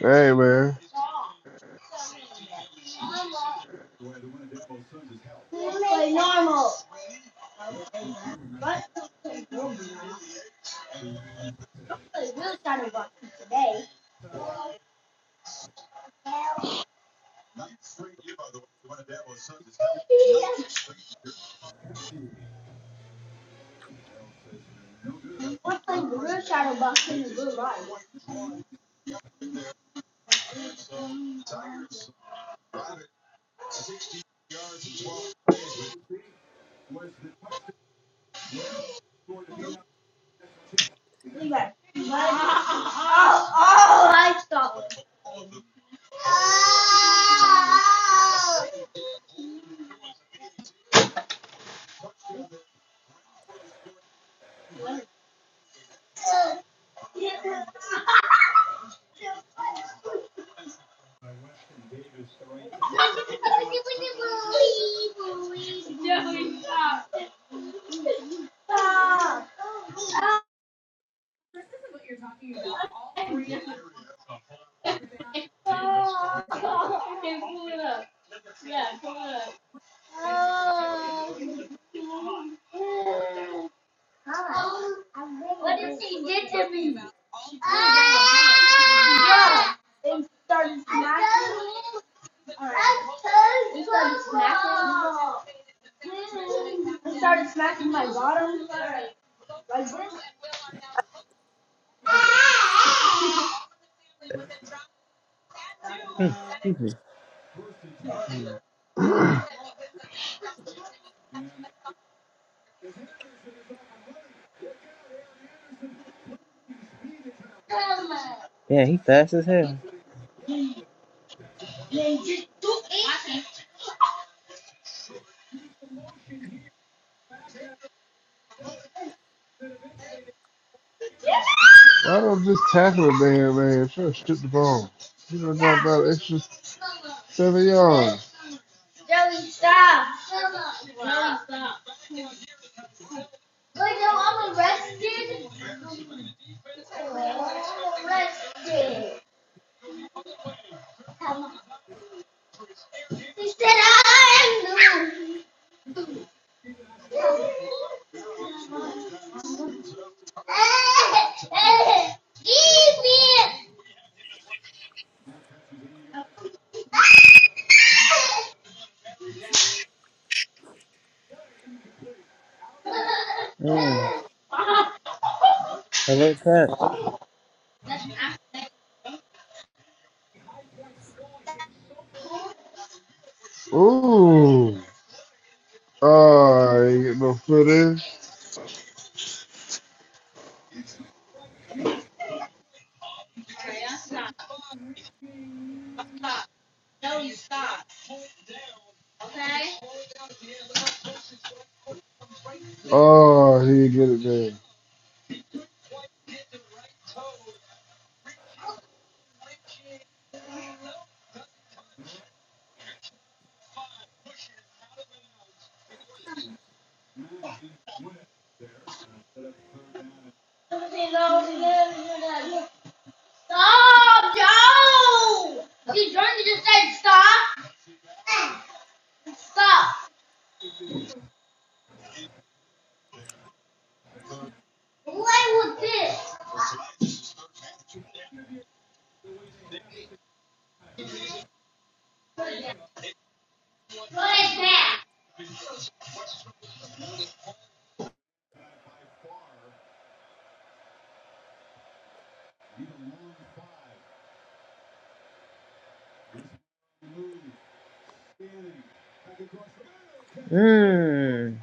Hey, man. What did she do to me? smacking. my water. Yeah, he fast as hell. Why don't just tackle the man, man? Try to strip the ball. You know, drop about an extra seven yards. Joey, stop. Joey, stop. Wait, no, I'm arrested. I'm arrested. He said I am the Mm. Hello, catch. Ooh. Oh, I ain't get no footage. Oh, he get it there. Stop, Joe! He's trying to just say stop. Stop. Play with this. Mm.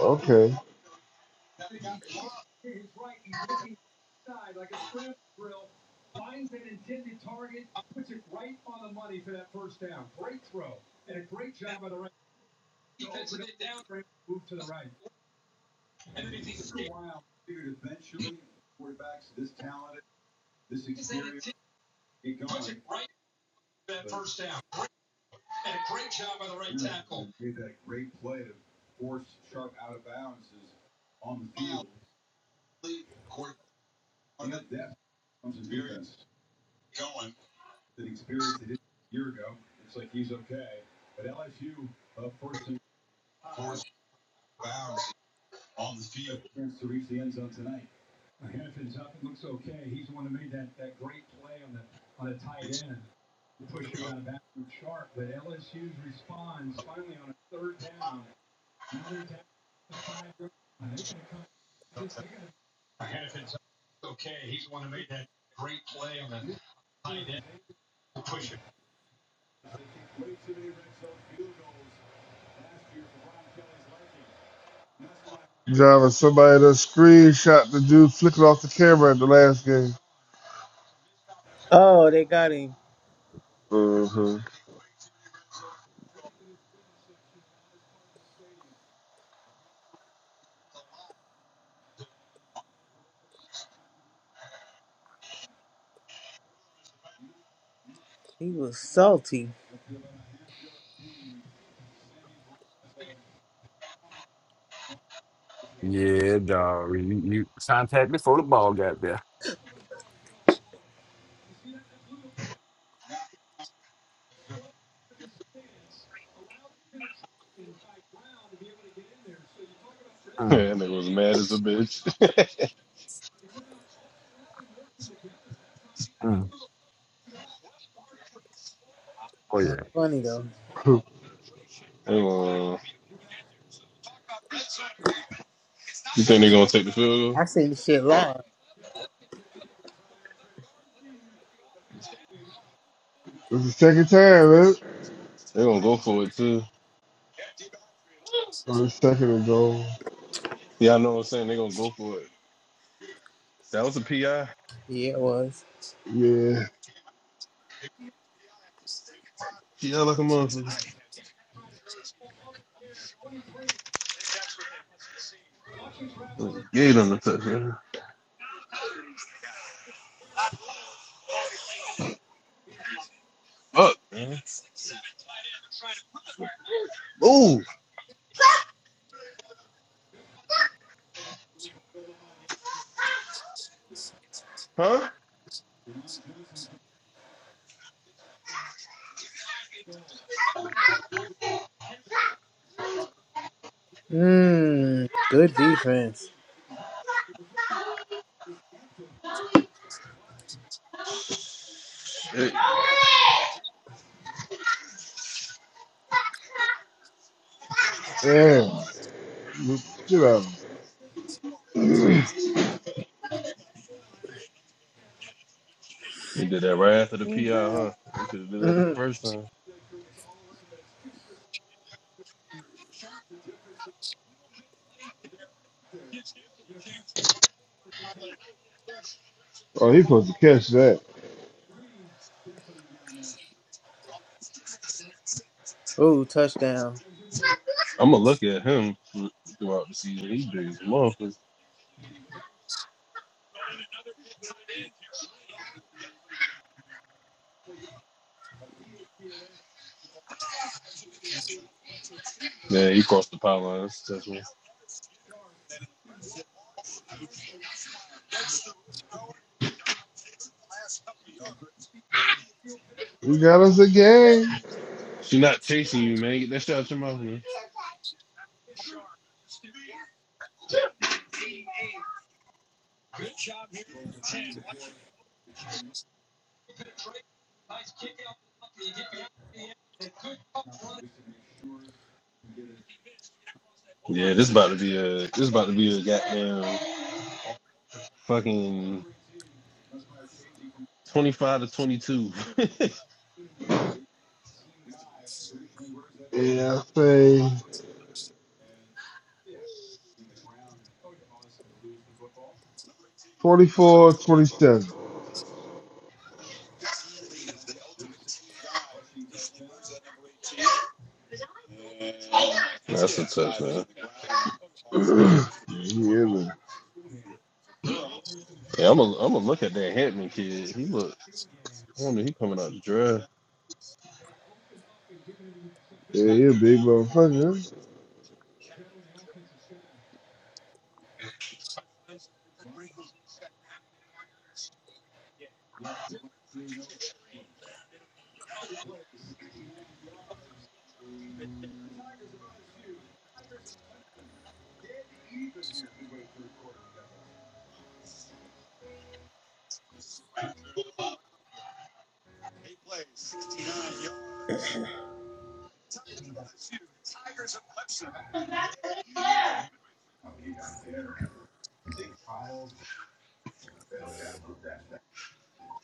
Okay. Driving somebody that screenshot the dude flicking off the camera at the last game. Oh, they got him. Mm-hmm. He was salty. Yeah, dog. You, you contact before the ball got there. Mm, Yeah, that nigga was mad as a bitch. mm. That's funny though. Hey, well, Uh, you think they're gonna take the field goal? I seen the shit live. it's the second time, man. They're gonna go for it too. Or the second ago. Yeah, I know what I'm saying. They're gonna go for it. That was a PI. Yeah, it was. Yeah. PI like a motherfucker. Gave them the touchdown. Fuck, man. Move, huh? Mmm. Good defense. Shit. Damn. Look- Shit out of him. They did that right after the PI, Mhm. huh? They could have did that the Mm. first time. oh, he supposed to catch that. Ooh, touchdown. I'm gonna look at him throughout the season. He's big as a motherfucker. Yeah, you crossed the power line. That's, that's what- We got us a game. She not chasing you, man. Get that shit out your mouth, man. Yeah, this about to be a this about to be a goddamn fucking twenty five to twenty two. Yeah, I say. Twenty four, twenty seven. That's a touchdown. yeah, man. Yeah, I'm a am a look at that Hetman kid. He look. I wonder he coming out the draft. Yeah, he a big motherfucker.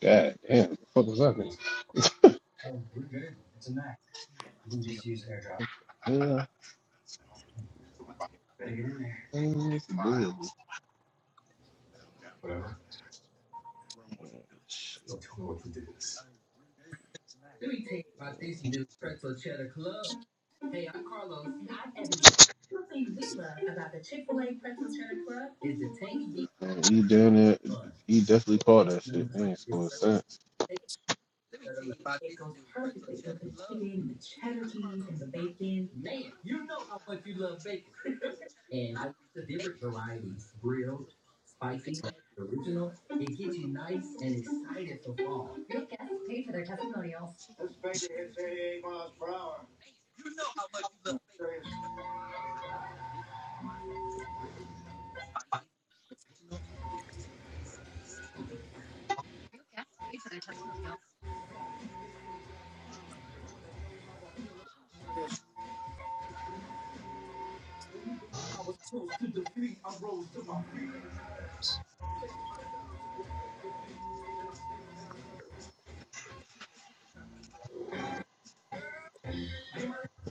God damn, what the fuck was that? Yeah, I don't know Man, he down there. He definitely caught that shit. They ain't scored a cent.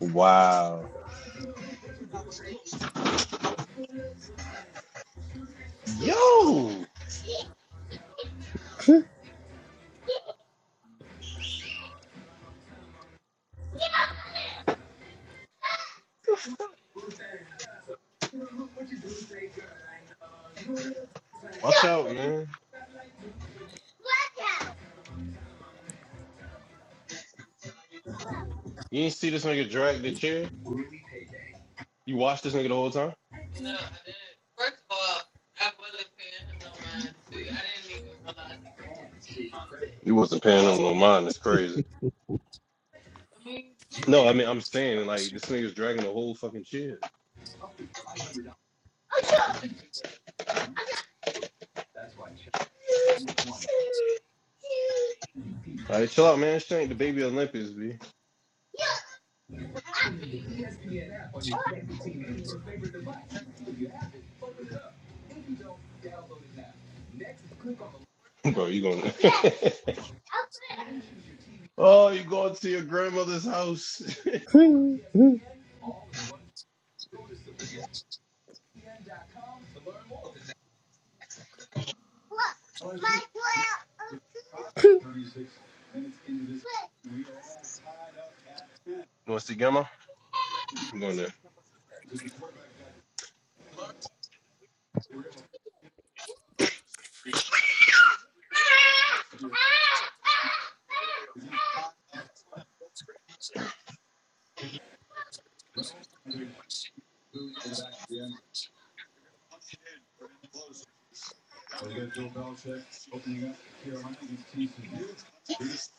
Wow. Yo, watch out, man. You ain't see this nigga drag the chair? You watched this nigga the whole time? You wasn't paying him no mind. It's crazy. No, I mean, I'm saying, like, this nigga's dragging the whole fucking chair. All right, chill out, man. She ain't the baby Olympics, B. Bro, you going to. oh, you going to your grandmother's house. You Mm, mm, want to see Grandma? I'm going there.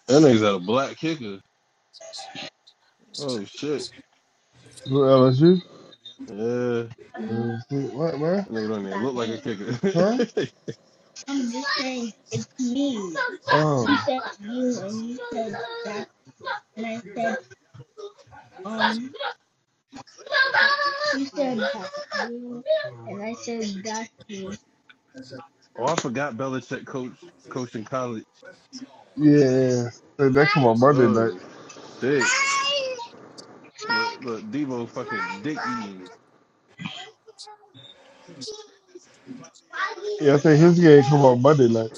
That nigga's got a black kicker. Oh shit. Who LSU? Yeah. That LSU. What, man? nigga don't even look like a Huh? kicker. Oh. said said said you and you said I said that. oh, I forgot Belichick coach coaching college. Yeah. yeah. that come on Monday night. Oh, sick. Look, look Devo fucking dick eating. Yeah, I think his game come on Monday night.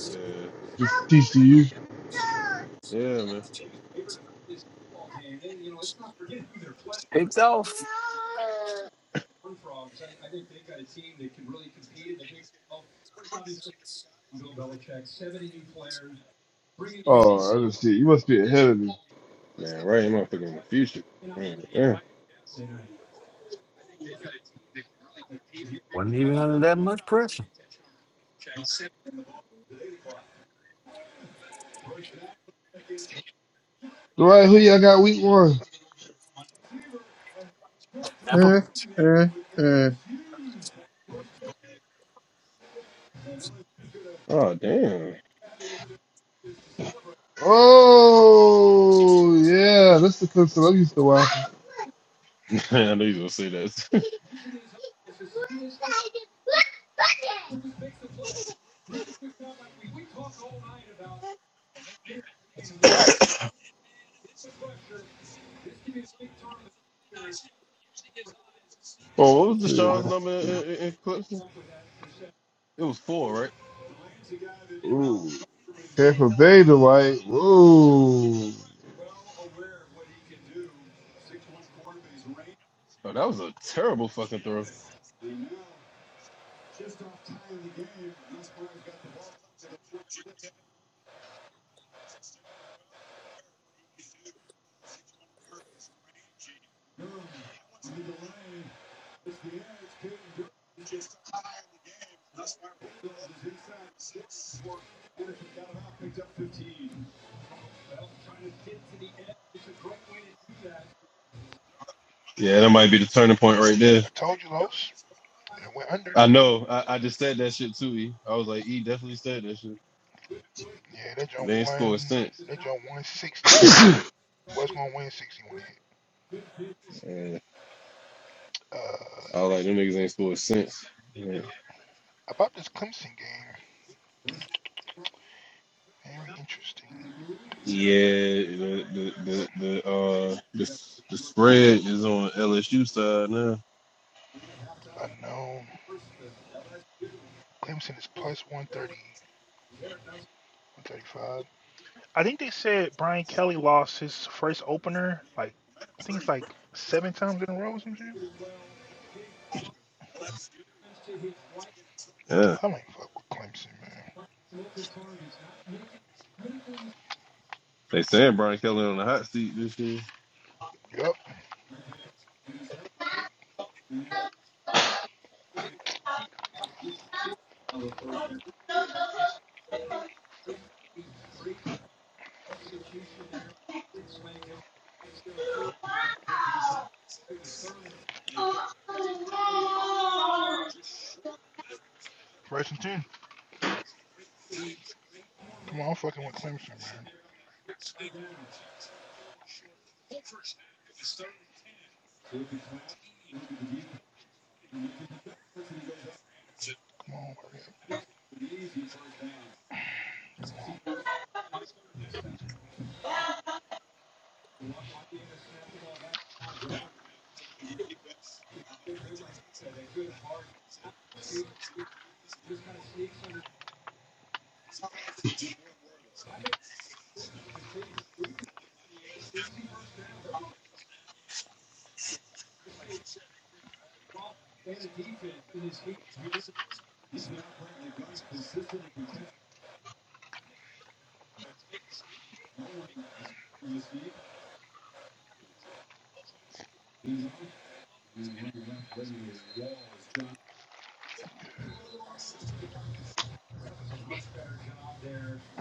Uh, It's TCU. yeah, man. Picked off. Oh, I just see. You must be ahead of me. Man, right, motherfucker in the future. Man, yeah. Wasn't even under that much pressure. All right, who y'all got week one? Tampa. mm, mm, mm. Oh, damn. Oh, yeah. That's the Clemson I'm used to watching. I knew you was going to say that. oh, what was Yeah, Deshaun's man. number in, in, in Clemson? It was four, right? Ooh. Tampa Bay, Dwight. Ooh. Oh, that was a terrible fucking throw. Yeah, that might be the turning point right there. you lost. It went under. I know. I, I just said that shit too. E. I was like, E definitely said that shit. Yeah, that joint They ain't scored won. since. That joint won 60. Was gonna win 60 when it hit. And Uh, I was like, them niggas ain't scored since. Yeah, about this Clemson game. Very interesting. the the the, the uh the, the spread is on LSU side now. Unknown. Clemson is plus plus one thirty, one thirty five. I think they said Brian Kelly lost his first opener, like, I think it's like seven times in a row or some shit. Yeah, I don't fuck with Clemson, man. they saying Brian Kelly on the hot seat this year. Yup. First and 10. Come on, I'm fucking with Clemson, man. Come on, hurry up.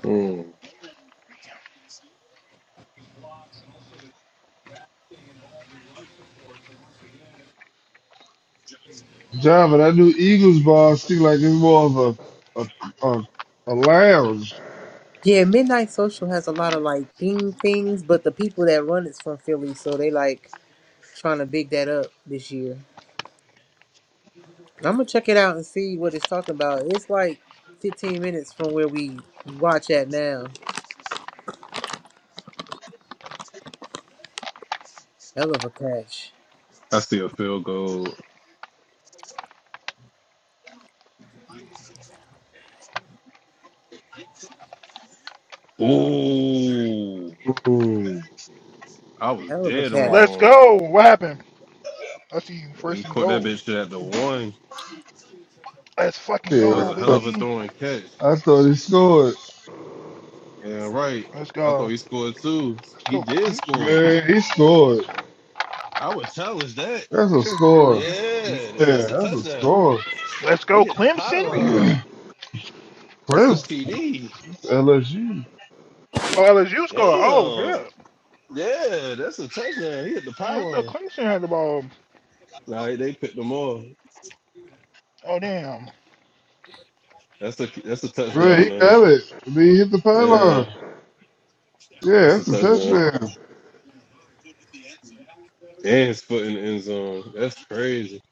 Mm. John, but that new Eagles bar seems like it's more of a a a, a lounge. Yeah, Midnight Social has a lot of like theme things, but the people that run it's from Philly, so they like trying to big that up this year. I'm gonna check it out and see what it's talking about. It's like 15 minutes from where we watch at now. Hell of a catch. I see a field goal. Ooh, Ooh, I was Hell of a dead catch. Let's wrong. go. What happened? I see you He first and caught that goal. bitch at the one. Let's fucking yeah, That was I go, a hell of thought, a baby. throw and catch. I thought he scored. Yeah, right. Let's I thought go. he scored too. Let's He go, did Clemson. score. Man, he scored. I would challenge that. That's It a says video score. review. Yeah, Yeah, that's a that's a touchdown. score. Let's He go, hit the Clemson. pylon. That's a Clemson, TD. LSU. Oh, LSU score. Oh, yeah. Damn. Yeah, that's a touchdown. He hit the Damn, I thought pylon. Clemson had the ball. Nah, they picked him off. Oh, damn. That's a that's a Man, touchdown, he man. got it. I mean, he hit the Yeah, pylon. Yeah, that's a that's a touchdown. touchdown. And his foot in the end zone. That's crazy.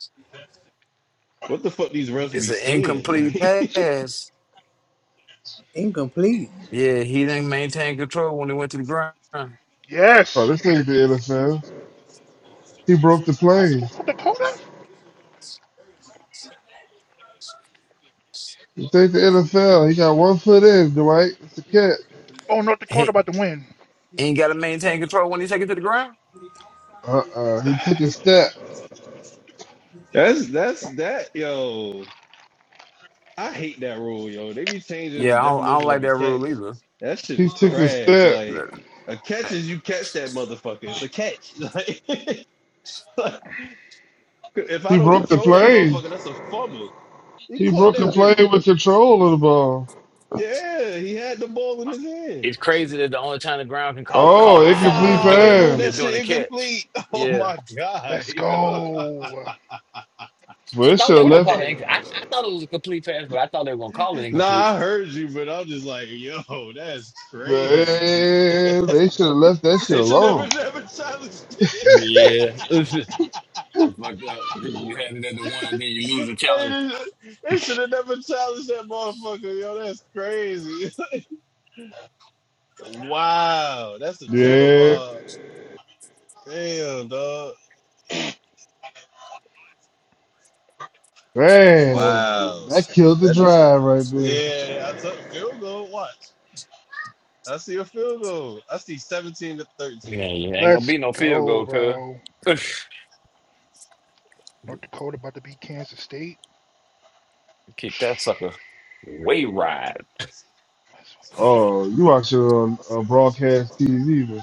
What the fuck these refs It's be an seeing? incomplete Like pass. Incomplete. Yeah, he didn't maintain control when he went to the ground. Oh, Yes. this ain't the NFL. He broke the I was going planes. North Dakota? This ain't the NFL. He got one foot in, Dwight. It's a catch. Oh, North Dakota He about to win. ain't got to maintain control when he take it to the ground. Uh-uh. He took a step. that's that's that yo. I hate that rule, yo. They be changing Yeah, the I don't, I don't definition like of a that catch. rule either. That shit He is took a trash. step. Like That- a catch is you catch that motherfucker. It's a catch. Like, like, if I He don't broke the control that play. motherfucker, that's a fumble. He He caught broke the that play bitch. with control of the ball. Yeah, he had the ball in his hand. It's crazy that the only time the ground can call a Oh, cause a fumble incomplete is Wow, doing they a ruled is that pass. doing a shit catch. incomplete. Oh Yeah, my god. Let's go. Well, I they thought should they have were What a gonna left. call it. day, inc- I, man. I thought it was a complete pass, but I thought they were gonna call it Nah, incomplete. I heard you, but I'm just like, yo, that's crazy. Man, they should have left that shit They should never, alone. never challenge it. Yeah, It's fucked up. You had it at the one, and then you lose Hey, the challenge. this, they should have never challenged that motherfucker, yo. That's crazy. wow, that's a cheddar Yeah, bar. Damn, dog. man, Wow, that killed the that is. drive right there. Yeah, I took field goal. Watch, I see a field goal. I see seventeen to Yeah, thirteen. you ain't gonna Let's be no field go, goal, cuz. bro. North Dakota about to beat Kansas State. Kick that sucker. Way ride. Let's fucking go. Oh, you watch it on uh, broadcast TV, man.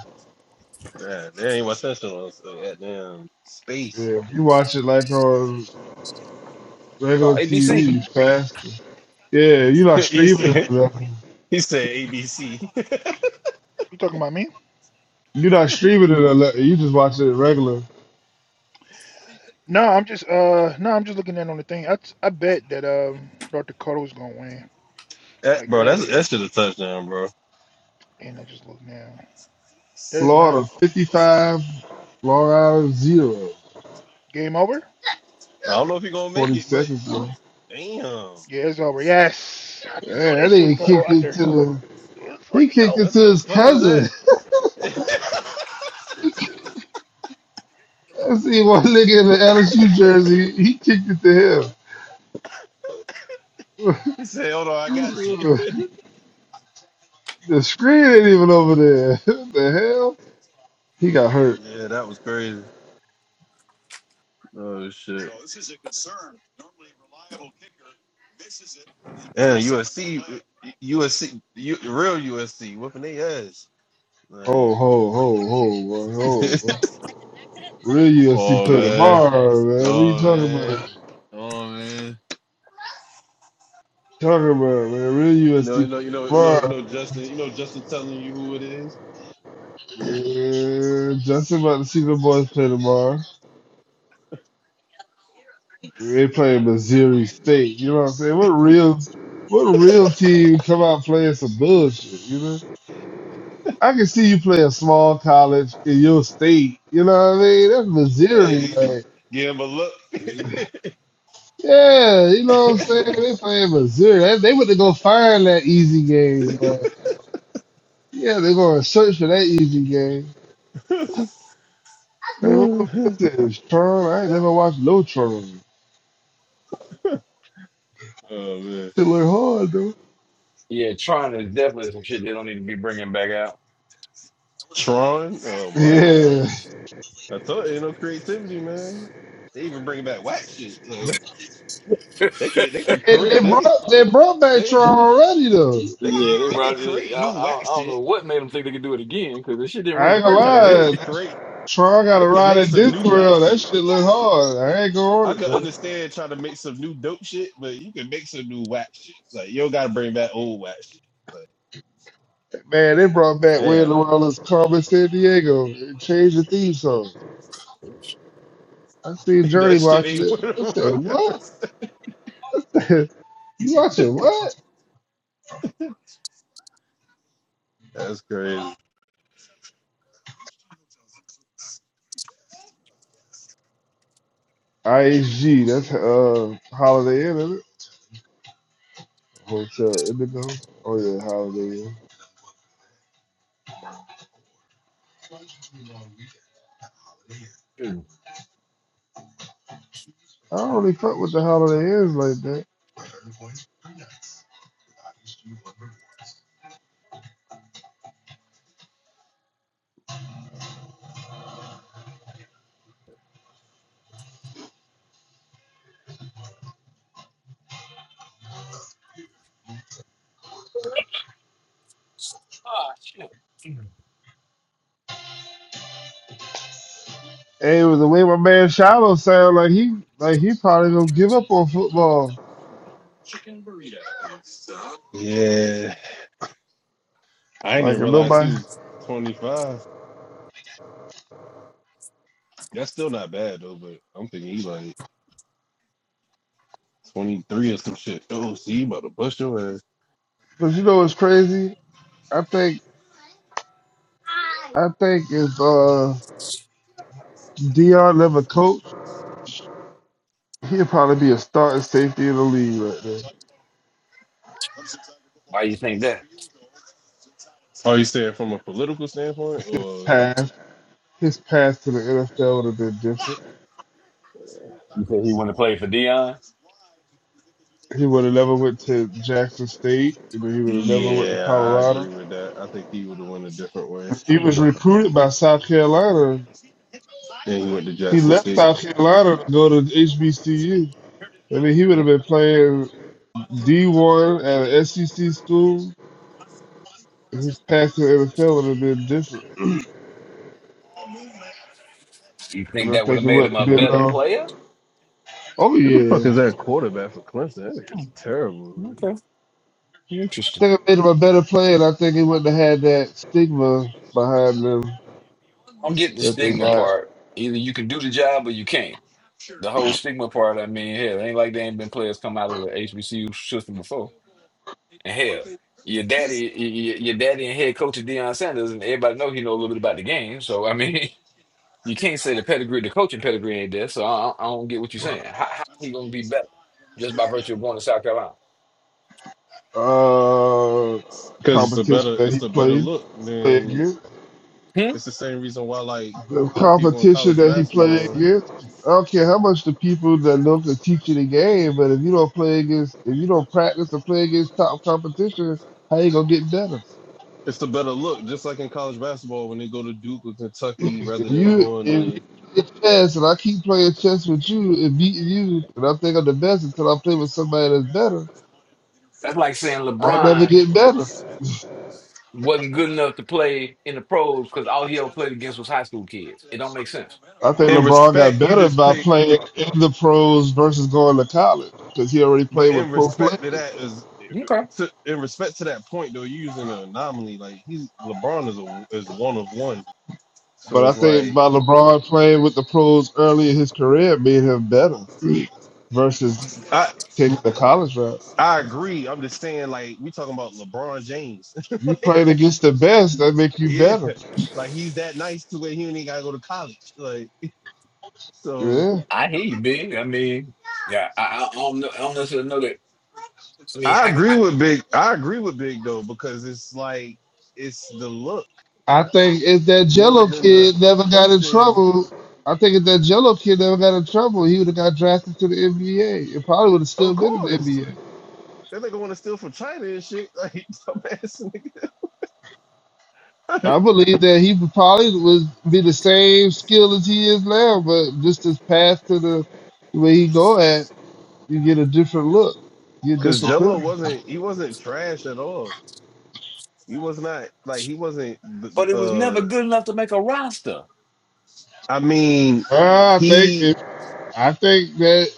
Yeah, there ain't my special. So yeah, damn space. Yeah, you watch it like on Oh, regular ABC. TV, it's faster. Yeah, you're not he streaming said it. he said ABC. You talking about me? You're not streaming it. or nothing. You just watch it regular. No, I'm just uh no, I'm just looking at on the thing. I, t- I bet that um North Dakota was gonna win That, like bro, that's earlier, that should have touchdown, bro. and I just look now. That is not Florida 55, Florida 0. game over. I don't know if he gonna make 40 it, but seconds ago. damn, Yeah, it's over. Yes, I Yeah, knew that that shit was nigga gonna what go kicked it under. to the, Let's he fucking kicked go. it what to the his fuck was that? cousin. I see one nigga in the LSU jersey. He kicked it to he said, "Hold on, I him. got you." the screen ain't even over there. what the hell? He got hurt. yeah, that was crazy. Oh shit. Yeah, USC, USC, U, S C, U, real USC, whooping their ass. Like, Ho, ho, ho, ho, boy, ho. boy. Real USC oh play man, tomorrow, man. What you oh talking man, about? oh man. Talking about, man. Real You know, you USC know, play you know, you know, you tomorrow. know, Justin, you know, Justin telling you who it is. Yeah, Justin about to see the boys play tomorrow. They play Missouri State. You know what I'm saying? What real, what real team come out playing some bullshit? You know, I can see you play a small college in your state. You know what I mean? That's Missouri, Hey, man. Give him a look. Yeah, you know what I'm saying? They playing Missouri. They, they went to go find that easy game. but yeah, they're going to search for that easy game. Man, what was oh this? Tron? I ain't never watched no Tron. man. It look hard, though. Yeah, trying is definitely some shit they don't need to be bringing back out. Tron? Oh my god. Yeah. I told you ain't no creativity, man. They even bring back whack shit. Like they could they could They, create they they brought could they brought back they Tron already though. they yeah, could they they could brought it. I, create new I, I whack don't shit. know what made them think they could do it again, because the shit didn't work I the ain't gonna first time, Yeah, did they lie. can it? That's- create Tron got they a can ride make at some Disney new whack World. That shit. shit look hard. I ain't gonna I order it could though. understand trying to make some new dope shit, but you can make some new whack shit. It's Like you don't gotta bring back old whack shit. Like, Man, they brought back Where in damn the man. World is Carmen San Diego and changed the theme song. I seen that Journey shit watching ain't it. what it I was. said, What? you watching what? That's crazy. IHG, that's uh Holiday Inn, isn't it? Hotel Indigo. Oh yeah, Holiday Inn. Mm. I don't really fuck with the Holiday Inns like that. Ah shit. Mm. Hey, with the way my man Shiloh sound like he like he probably gonna give up on football. Yeah. I didn't Like even if realize nobody he was 25. That's still not bad though, but I'm thinking he's like 23 or some shit. Oh, see, you about to bust your ass. but you know what's crazy? I think I think if uh Dion never coached, he'd probably be a starting safety in the league right there. Why you think that? Are you saying from a political standpoint, or Path. His path to the NFL would have been different. You said he wouldn't have played for Dion? He would have never went to Jackson State, and then he would have never went to yeah, I agree Colorado. with that. I think he would have went a different way. He was You recruited by South Carolina. Then he went to He Jackson left State. South Carolina to go to HBCU. I mean, he would have been playing. D1 at an SEC school, his path to NFL would have been different. And think I that would have think it made would him have a been, better uh, player? oh Who the fuck yeah. is that quarterback for Clemson? That is Mm, terrible. Okay. I Interesting. think it made him a better player, and I think he wouldn't have had that stigma behind them I'm getting the that they stigma got. part. Either you can do the job or you can't. The whole stigma part, I mean, hell, ain't like there ain't been players come out of the HBCU system before. And hell, your daddy, y- y- your daddy and head coach is Deion Sanders, and everybody know he know a little bit about the game. So I mean, you can't say the pedigree, the coaching pedigree ain't there. So I, I don't get what you're saying. How, how he gonna be better just by virtue of going to South Carolina? Uh, Because it's a competition better, that he it's a better played, look played than against. Hmm? it's the same reason why like The people in competition college that he played basketball against. I don't care how much the people that love to teach you the game, but if you don't play against, if you don't practice to play against top competition, how you gonna get better? It's a better look, just like in college basketball when they go to Duke or Kentucky rather If than you going if you to. play chess and I keep playing chess with you and beating you, and I think I'm the best until I play with somebody that's better, That's like saying I never LeBron get better. wasn't good enough to play in the pros because all he ever played against was high school kids. It don't make sense. I think In LeBron got respect, you better just by pick, playing in the pros versus going to college because he already but played in with pro respect to players. that is, Okay. to, in respect to that point though, you're using an anomaly. Like he's LeBron is a is one of one, so But I it's think like by LeBron playing with the pros early in his career made him better versus I taking the college route. I agree. I'm just saying like we talking about LeBron James, You like playing against the best, that make you yeah, better. like he's that nice to where he ain't gotta go to college, like so. Yeah. I hear you, big. I mean, yeah, I, I don't know. I don't necessarily know that. I mean, I I, agree I with Big. I agree with Big though because it's like it's the look I think if that more Jello than the kid never got in coaching. trouble, I think if that Jello kid never got in trouble, he would have got drafted to the NBA. It probably would have still Of been in the course, NBA. that nigga want to steal from China and shit. Like dumbass nigga. I believe that he would probably would be the same skill as he is now, but just his path to the way he go at, you get a different look, you get Because so- different Jello privilege. wasn't. He wasn't trash at all. He was not like he wasn't. but it was never Uh, good enough to make a roster. I mean, Uh, I think he. if I think that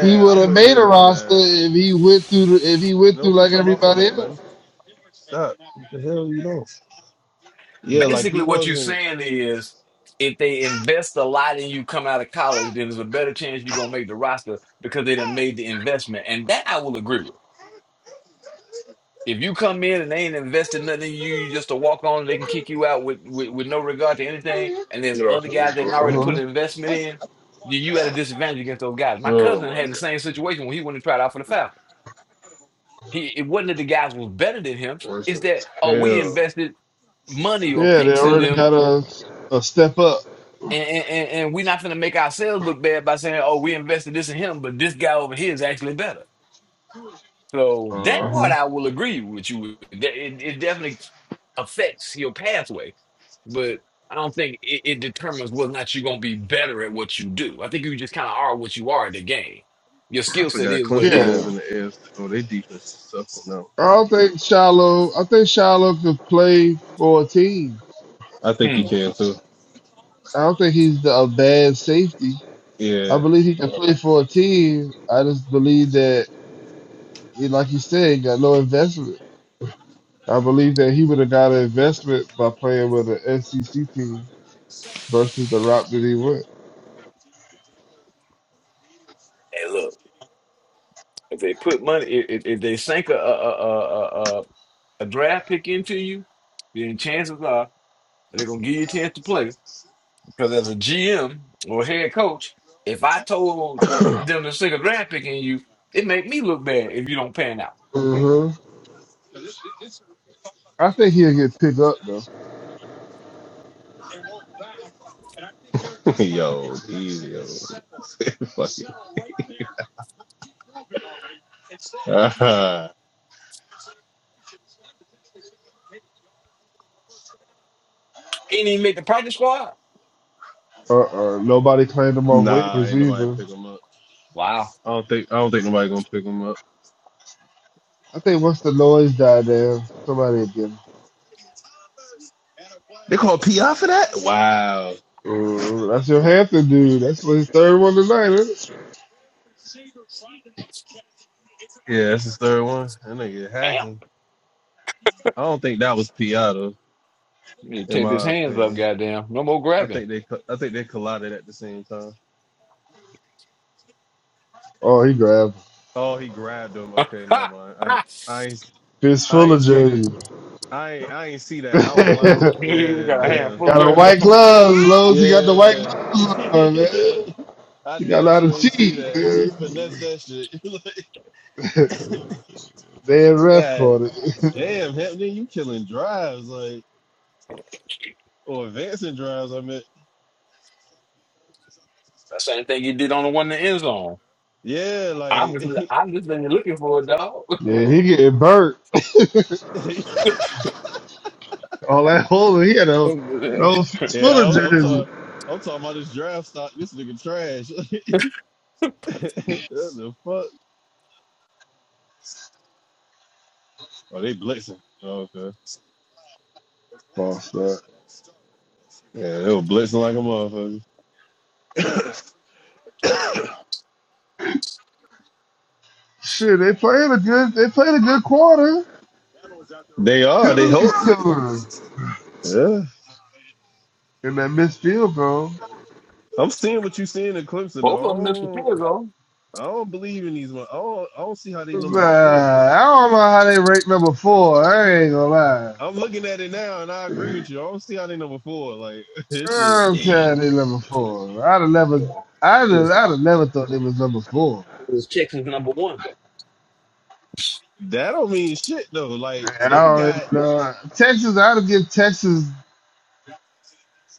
he would I'm have with made Big a on roster that. if he went through the, if he went Don't through put like your mouth on everybody that, else. buddy. Stop. What the hell you know? Yeah, like Basically, he what you're wasn't. saying is, if they invest a lot in you coming out of college, then there's a better chance you're gonna make the roster because they done made the investment, and that I will agree with. If you come in and they ain't invested nothing in you, you just to walk on, they can kick you out with, with, with no regard to anything. And there's You other know, guys that already put an investment in. You, you at a disadvantage against those guys. My Oh cousin my had the god, same situation when he went and tried out for the Falcons. He it wasn't that the guys was better than him. worse It's than that oh we hell. invested money or Yeah, they picks in already them, got a, a step up. and and, and and we not gonna make ourselves look bad by saying oh we invested this in him, but this guy over here is actually better. So that Uh part huh. I will agree with you. with. It, it definitely affects your pathway, but I don't think it, it determines whether or not you're going to be better at what you do. I think you just kind of are what you are in the game. Your I skill set forgot is what it Clemson is. is Yeah. in the AFC. Oh, their defense is tough. No, I don't think Shiloh I think Shiloh could play for a team. I think he Hmm. can too. I don't think he's the, a bad safety. I Yeah. believe he can play for a team. I just believe that he- like you said, he got no investment. I believe that he would have got an investment by playing with an SEC team versus the route that he went. Hey, look, if they put money, if, if if they sink a, a, a, a, a a a draft pick into you, then chances are they're going to give you a chance to play. Because as a GM or head coach, if I told them to stick a draft pick in you, it make me look bad if you don't pan out. hmm I think he'll get picked up though. yo, he, yo. Fuck it. Ain't even make the practice squad. Uh uh Nobody claimed him off nah, waivers ain't nobody either. pick him up. Wow. I don't think I don't think nobody gonna pick him up. I think once the noise died down, somebody again. They call PI for that? Wow. Uh, that's your Hampton dude. That's his third one tonight, isn't it? Yeah, that's his third one. That nigga Damn. hacking. I don't think that was PI though, You in take his my hands up, opinion. goddamn. No more I grabbing. think they I think they collided at the same time. Oh, he grabbed Oh, he grabbed him. Okay, never Ha! mind. I Ha! I I fistful of ain't see the jersey. I ain't, I ain't see that. I was blinded. got you Yeah, got a damn. handful of a dirt. white gloves, Lowe's. He got the white Yeah, gloves on, man. I He got a damn lot sure of ain't see cheat. that. He man. finessed that shit. like, Dead ref God, caught it. damn, Hampton, you killing drives like or advancing drives. I mean, The same thing you did on the one in the end zone. yeah, I'm like just, I'm just been looking for a dog. yeah, he getting burnt. All that holding, he had a that old fistful yeah, of I'm, I'm jersey. talking. I'm talking about this draft stock. This nigga trash. what the fuck? Oh, they blitzing. Oh, okay. False start. Yeah, they were blitzing like a motherfucker. Shit, they played a good. They played a good quarter. They are. They Penalties hope. killer. Yeah. And that midfield, bro. I'm seeing what you're seeing in Clemson, though. Both of I them missed the don't, field goal. I don't believe in these. One. I don't, I don't see how they number Nah, four. I don't know how they rank number four. I ain't gonna lie. I'm looking at it now, and I agree with you. I don't see how they number four. Like this shit. I'm See. saying they number four. I'd have never, Yeah. I'd It have, was, I'd have never thought they was number four. it was Texans number one. That don't mean shit though. Like I they don't even got know. Texas, I'd have give Texas,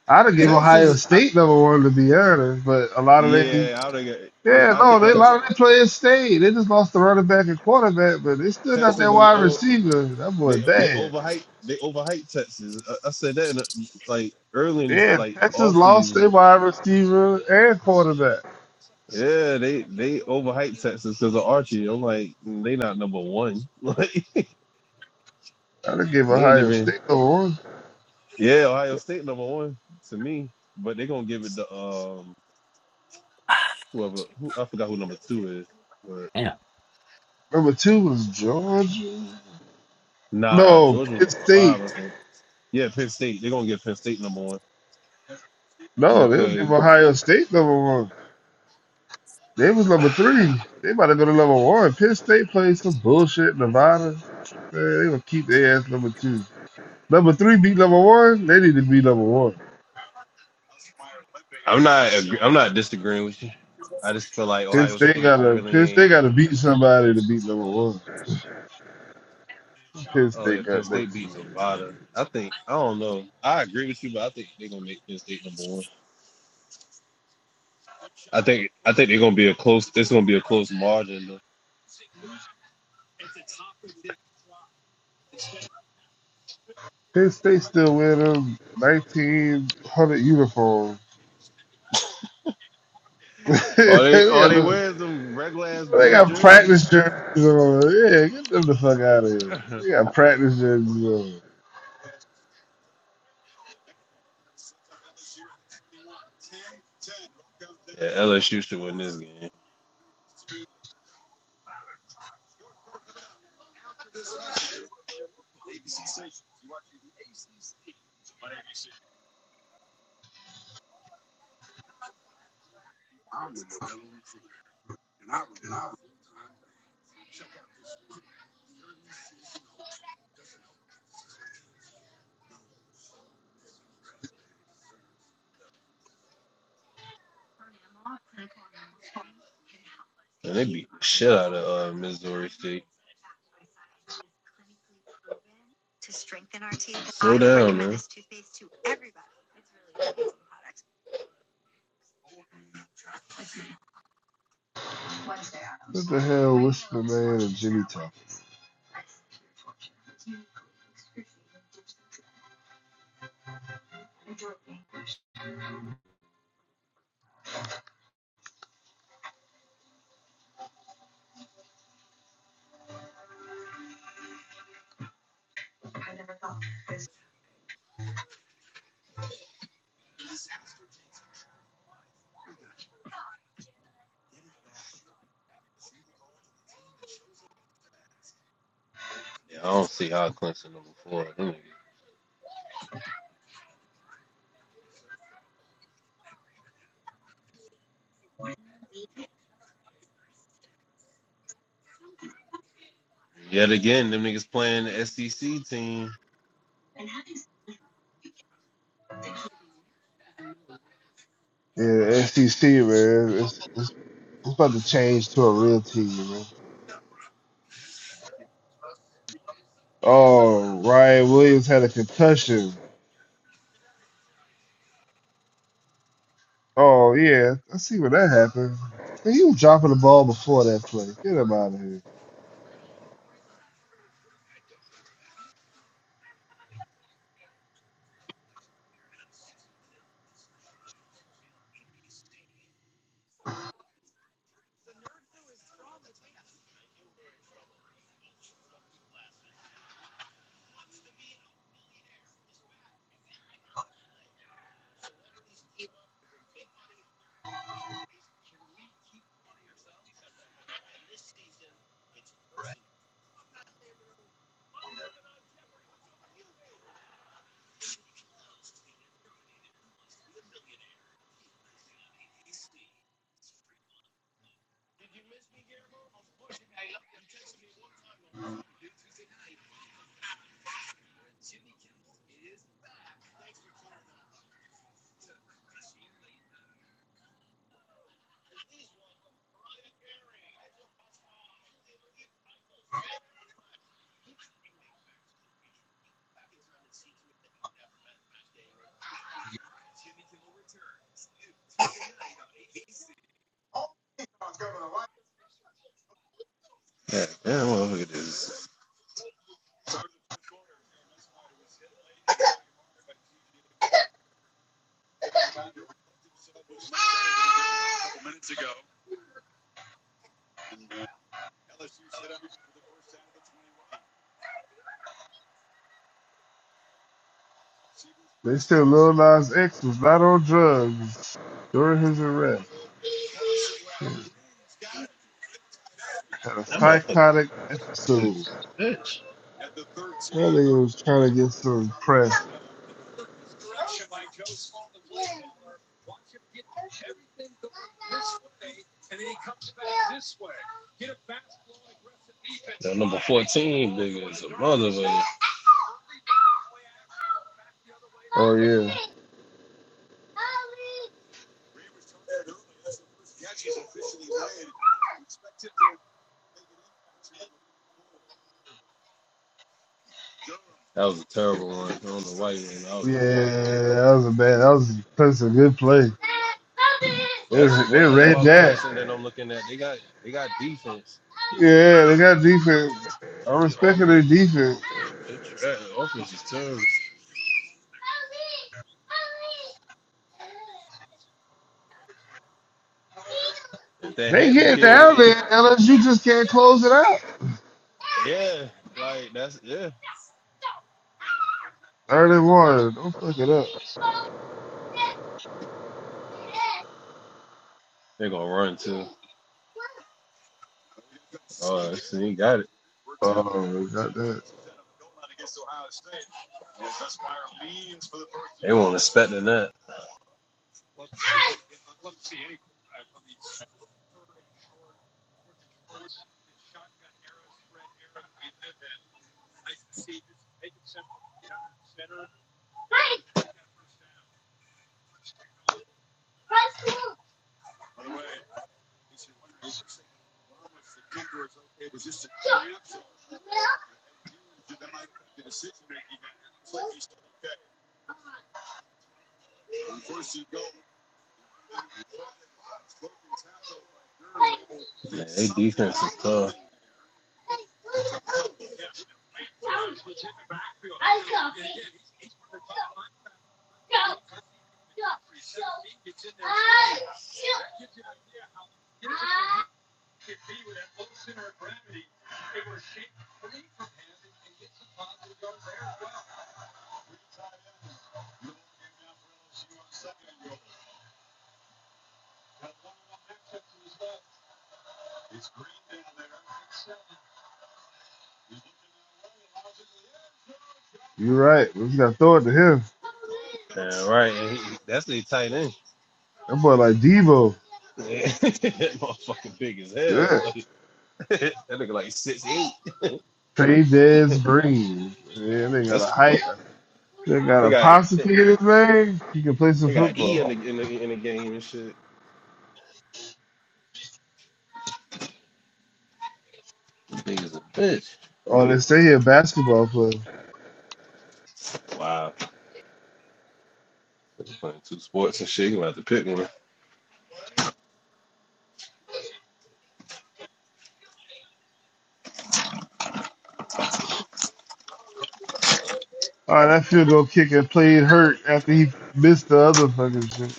I'd have give Ohio Texas. I, State number one to be honest. But a lot of they, yeah, I don't got. Yeah, yeah, I no, think they a like I s- lot of their players stayed. They just lost the running back and quarterback, but they still got Texas that is. wide Oh, receiver. That boy they they bad. overhyped. They overhyped Texas. I, I said that in a, like early in this, Yeah, like Texas off lost season. their wide receiver and quarterback. Yeah, they they overhyped Texas because of Archie. I'm like, mm, they not number one. Like I'd give they ain't Ohio even. State number one. Yeah, Ohio State number one to me, but they gonna give it to um whoever who I forgot who number two is, but Yeah. Number two was Georgia. nah, No, Georgia was Penn number State. five I think. Yeah, Penn State. They're gonna give Penn State number one No, they would give because Ohio State number one. They was number three. They about to go to number one. Penn State played some bullshit Nevada. Man, they would keep their ass number two. Number three beat number one. They need to be number one. I'm not agree- I'm not disagreeing with you. I just feel like Penn Ohio State State gotta really Penn State ain't. gotta beat somebody to beat number one. Penn Oh State yeah, Penn got State next. beat year. Nevada. I think I don't know. I agree with you, but I think they're gonna make Penn State number one. I think I think they're gonna be a close. It's gonna be a close margin. Though. Penn State still wear them nineteen hundred uniforms. they All they all got they them wear is them regular ass They blue got jerseys. practice jerseys on. Yeah, get them the fuck out of here. yeah, They got practice jerseys on. LSU should win this game, and they beat the shit out of uh, Missouri State. To strengthen our teeth. Slow down, man. This toothpaste To everybody. It's really amazing product. What the hell, Whisper Man and Jimmy Tucker? Yeah, I don't see how Clemson number four. Them niggas- Yet again, them niggas playing the SEC team. Yeah, SEC, man. It's, it's, it's about to change to a real team, man. Oh, Ryan Williams had a concussion. Oh, yeah. I see where that happened. Man, he was dropping the ball before that play. Get him out of here. Yeah, damn Look at this They said Lil Nas X was not on drugs during his arrest. Had a that motherfucking psychotic episode. bitch. That nigga was trying to get some press. That number 14 nigga is a motherfucker. Oh yeah, That was a terrible one. I don't know why you did out. yeah. That was a bad. That was that's a good play. They, That's the they one thing read about that. Clemson that I'm looking at. They got they got defense. Yeah, they got defense. I'm They respecting their offense defense. they trash. Offense is terrible. If that They Hampton get kid went, down there unless you just can't close it out. yeah, like that's yeah. Third and one. Don't fuck it up. They're gonna run too. Oh, see, he got it. Oh, we got that. They weren't expecting that. Man, they defense is tough. You're right. We just gotta throw it to him. Yeah, right. And he, that's the tight end. That boy like Devo. Yeah. that motherfucker big as hell. Yeah. Like, that nigga like six eight. Trey Dez Green. Yeah, they got a That's height. They got they a got posse in his name. He can play some they got E football. in the in the, in the game and shit. This Nigga's a bitch. Oh, they say he a basketball player. Wow. Nigga playing two sports and shit. You gonna have to pick one. All right, that field goal kicker played hurt after he missed the other fucking shit.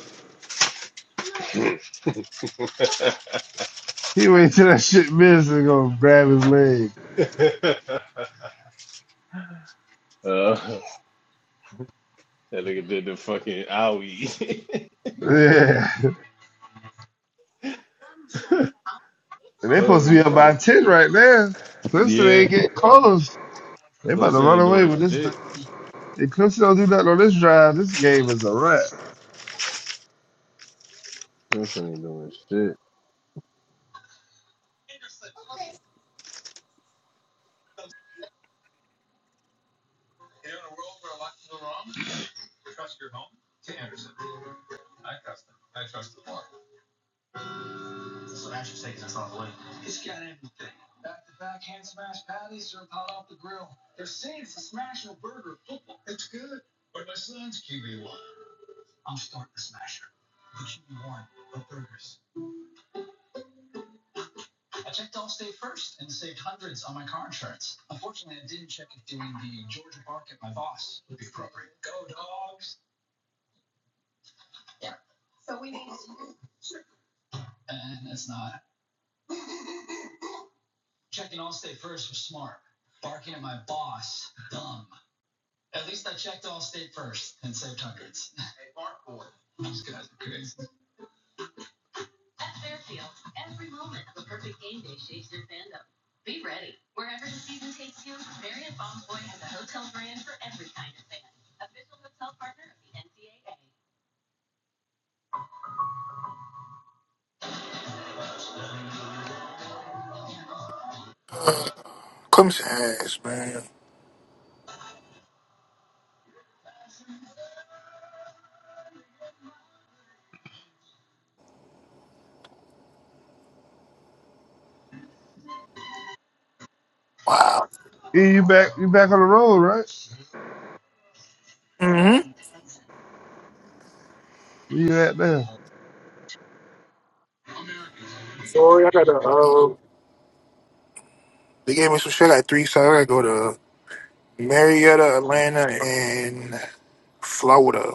He waited till that shit missed and gonna grab his leg. uh, that nigga did the fucking owie. Yeah, and they supposed to oh be up by shit. ten right now. Clemson Yeah. ain't getting close. They about to Clemson run ain't away doing with this. thing. shit. If Clemson don't do nothing on this drive, this game is a wrap. Clemson ain't doing shit. Clemson ass, man. Wow. E, you back? You back on the road, right? hmm Where you at now? They gave me some shit like three, so I gotta go to Marietta, Atlanta, and Florida.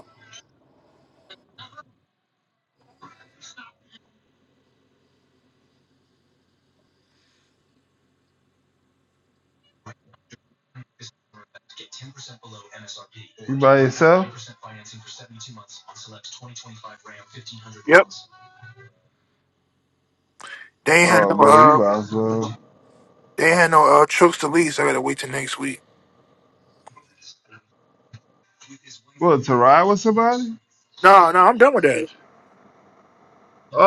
You by yourself? Yep. They ain't had Oh no man, you uh, might as well. they ain't had no uh, trips to leave, so I gotta wait till next week. What to ride with somebody? No, no, I'm done with that.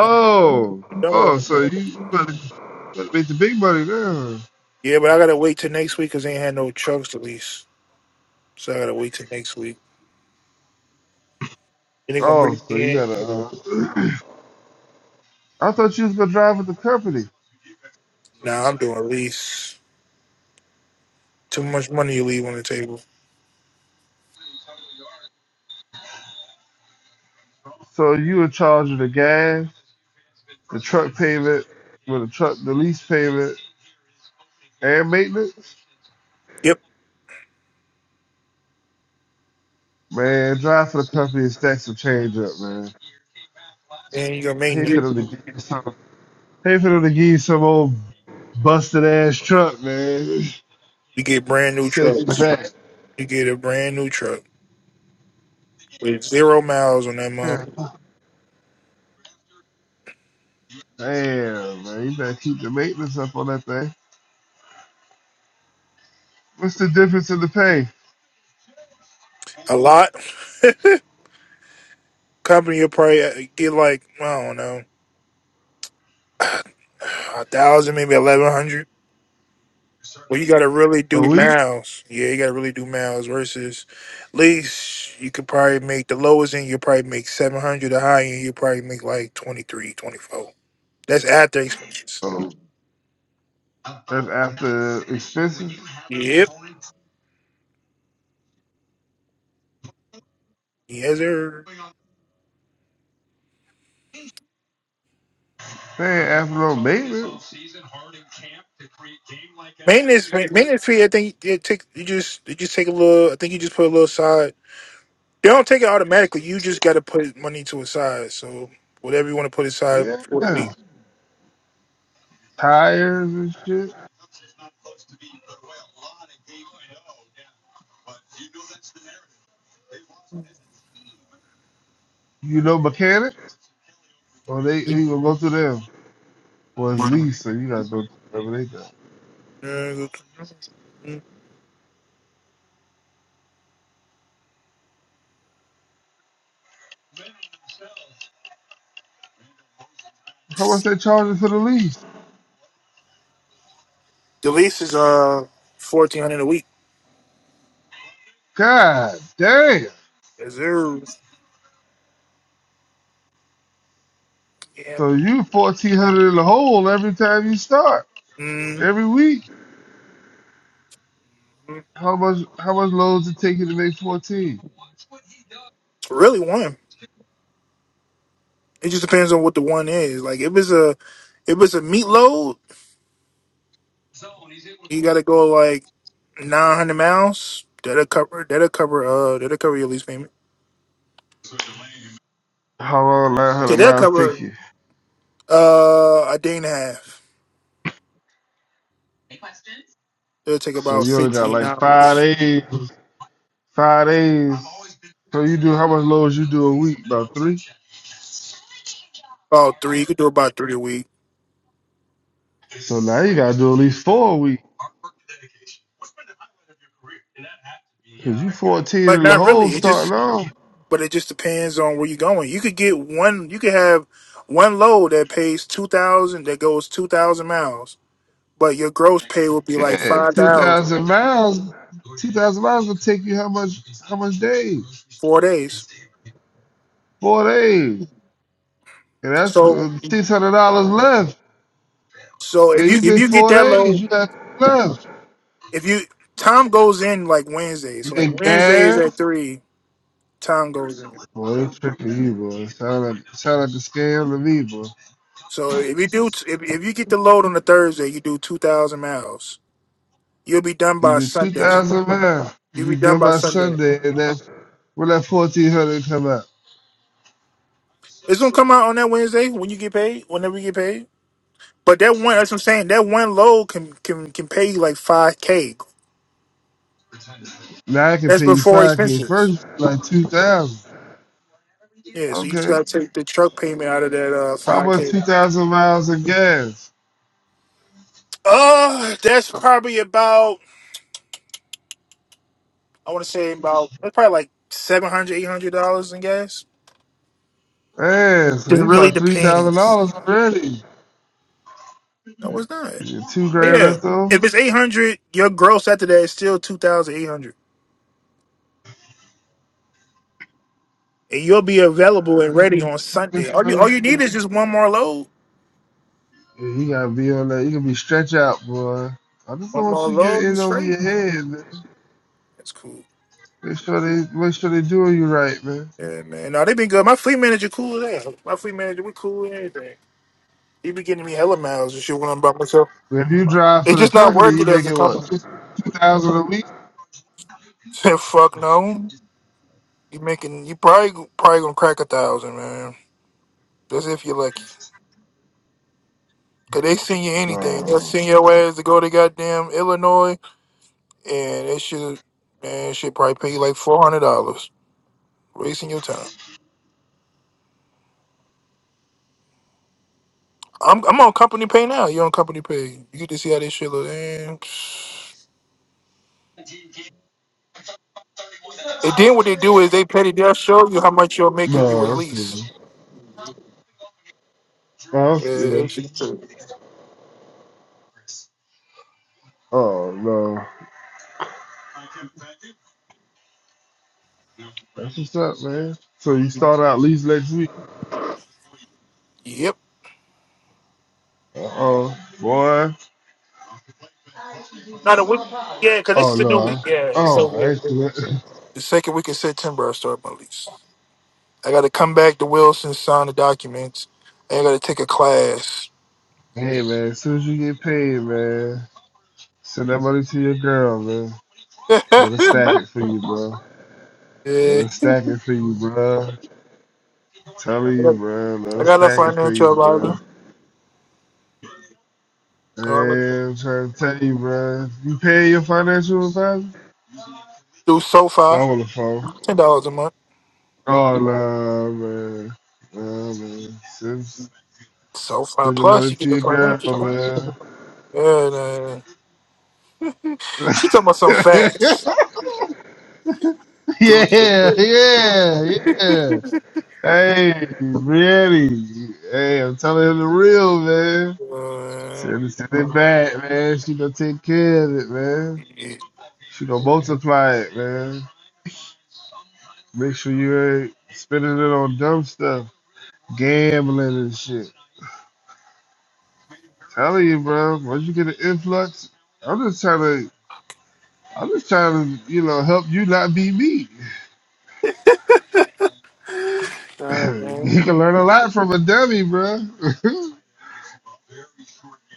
I'm done oh, with so you that. better, better make the big money now. Yeah, but I gotta wait till next week because they ain't had no trucks to lease, so I gotta wait till next week. And they gonna Oh, bring so me you in. gotta. Uh, I thought you was gonna drive with the company. Nah, I'm doing lease. Too much money you leave on the table. So you in charge of the gas, the truck payment, with the truck, the lease payment, and maintenance. Yep. Man, drive for the company and stack some change up, man. And you gonna make Pay for new. them to give you some. Pay for them to give you some old busted ass truck, man. you get brand new Set you trucks. back. You get a brand new truck with zero miles on that mug. Damn, man, you better keep the maintenance up on that thing. What's the difference in the pay? A lot. Company will probably uh, get like, I don't know, a thousand, maybe eleven hundred. Well, you got to really do A week? miles. Yeah, you got to really do miles versus lease. You could probably make the lowest end, you probably make 700. The high end, you probably make like 23, 24. That's after expenses. Oh, that's after expenses. Yep. Yes, sir. They ain't after no maintenance. Maintenance, ma- maintenance fee. I think it take you just you just take a little. I think you just put a little side. They don't take it automatically. You just got to put money to a side. So whatever you want to put aside Yeah, for the week. tires and shit. You know mechanic? Or they you gonna go through them? Well, it's lease, so you gotta go through whatever they got. Mm, How much they charging for the lease? The lease is uh fourteen hundred a week. God damn! Is there? Yeah. So you fourteen hundred in the hole every time you start, Mm, every week. it's How much? How much loads it take you to make fourteen? really one. It just depends on what the one is. Like if it's a if it's a meat load, you got to go like nine hundred miles. That'll cover. That'll cover. Uh, that'll cover your lease payment. How long nine Yeah, hundred that'll miles take cover you? uh a day and a half. It'll take So about you only got fifteen like five hours. days. Five days. So you do how much loads you do a week? About three. About three. You could do about three a week. So now you gotta do at least four a week. Cause you fourteen But in the not hole really. It just starting off. but it just depends on where you're going. You could get one you could have one load that pays two thousand that goes two thousand miles, but your gross pay would be like Yeah, five two thousand thousand miles. Two thousand miles will take you how much? How much days? four days. Four days. And that's So six hundred dollars left. so if And you you if did you get four that days, load you got left. if you Tom goes in like Wednesday, You so like did Wednesdays at gas. three, Tom goes in. Boy, they tricking you, boy. Sound like sound like the scam to me, boy. So if you do if if you get the load on a Thursday, you do two thousand miles. You'll be done You by did two Sunday. thousand miles. If You'll be you do done by by Sunday. Sunday, and that when that fourteen hundred come out, It's gonna come out on that Wednesday when you get paid, whenever you get paid. But that one, that's what I'm saying. That one load can can can pay you like five k. now I can That's pay you before five k. expenses. First, like two thousand. Yeah, so you just Okay, gotta take the truck payment out of that uh how five about k. two thousand miles of gas? Uh, that's probably about I want to say about that's probably like seven hundred, eight hundred dollars in gas. Man, so It you really about three thousand dollars depends. already. No, it's not. You get two But grand yeah, left over. if it's eight hundred, your gross after that is still two thousand eight hundred, and you'll be available and ready on Let me Sunday. All show you all you you. need is just one more load. Yeah, you gotta be on that. You gotta be stretch out, boy. I just don't One want more you to get load and in over straight. your head, man. That's cool. Make sure they make sure they doing you right, man. Yeah, man. No, they been good. My fleet manager cool as hell. My fleet manager, we cool and everything. He be getting me hella miles and shit when I'm by myself. If you drive for It's the just not company, worth you it as a making what company. two two thousand a week? Fuck no. You making you probably probably gonna crack a thousand, man. That's if you're lucky. Cause they send you No, anything. They'll send your ass to go to goddamn Illinois and they should man should probably pay you like four hundred dollars. Wasting your time. I'm I'm on company pay now. You're on company pay. You get to see how this shit look. Man. And then what they do is they petty. They'll show you how much you'll make if no, you I'm kidding. release. No, I'm Uh, they kidding. should too. Oh no, that's what's up, man. So you start out lease next week? yep. Uh oh, boy. Not a week. Yeah, because this Oh is a no, new week. I, Yeah. So oh I ain't yeah. do that. the second week of September, I start my lease. I got to come back to Wilson, sign the documents. and I got to take a class. Hey man, as soon as you get paid, man, send that money to your girl, man. yeah. Let her stack it for you, bro. Let us stack it for you, bro. Telling I you, got bro. Let I us got a stack it for financial you, bro. advisor. Already. Man, I'm trying to tell you, bro. You pay your financial advisor? Through I'm SoFi, on the phone. ten dollars a month. Oh, nah, man. Nah, man. Send, send SoFi the Plus, money you to get the your girl, financial. Yeah, nah. man. she talking about some facts. yeah, yeah, yeah. Hey, Brianny. Hey, I'm telling her the real, man. Uh, Send, it- send it back, man. She gonna take care of it, man. She gonna multiply it, man. Make sure you ain't spending it on dumb stuff, gambling and shit. Telling you, bro, once you get an influx, I'm just trying to, I'm just trying to, you know, help you not be me. you Oh, can learn a lot from a dummy, bro. man,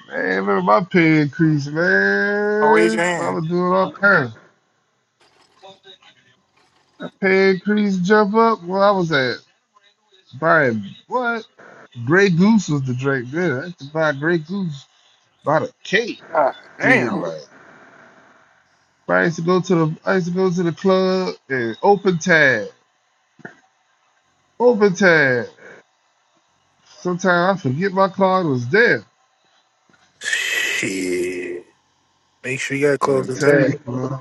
remember my pay increase, raise your man. I hand. was doing all kinds. That Pay increase, jump up. Where I was at, buying what? Grey Goose was the drink. Yeah, I had to buy Grey Goose. Bought a cake. God Seems damn. like. I used to go to the I used to go to the club and open tab, open tab. Sometimes I forget my card was there. Shit. Make sure you gotta close I the tell you, tab. boy.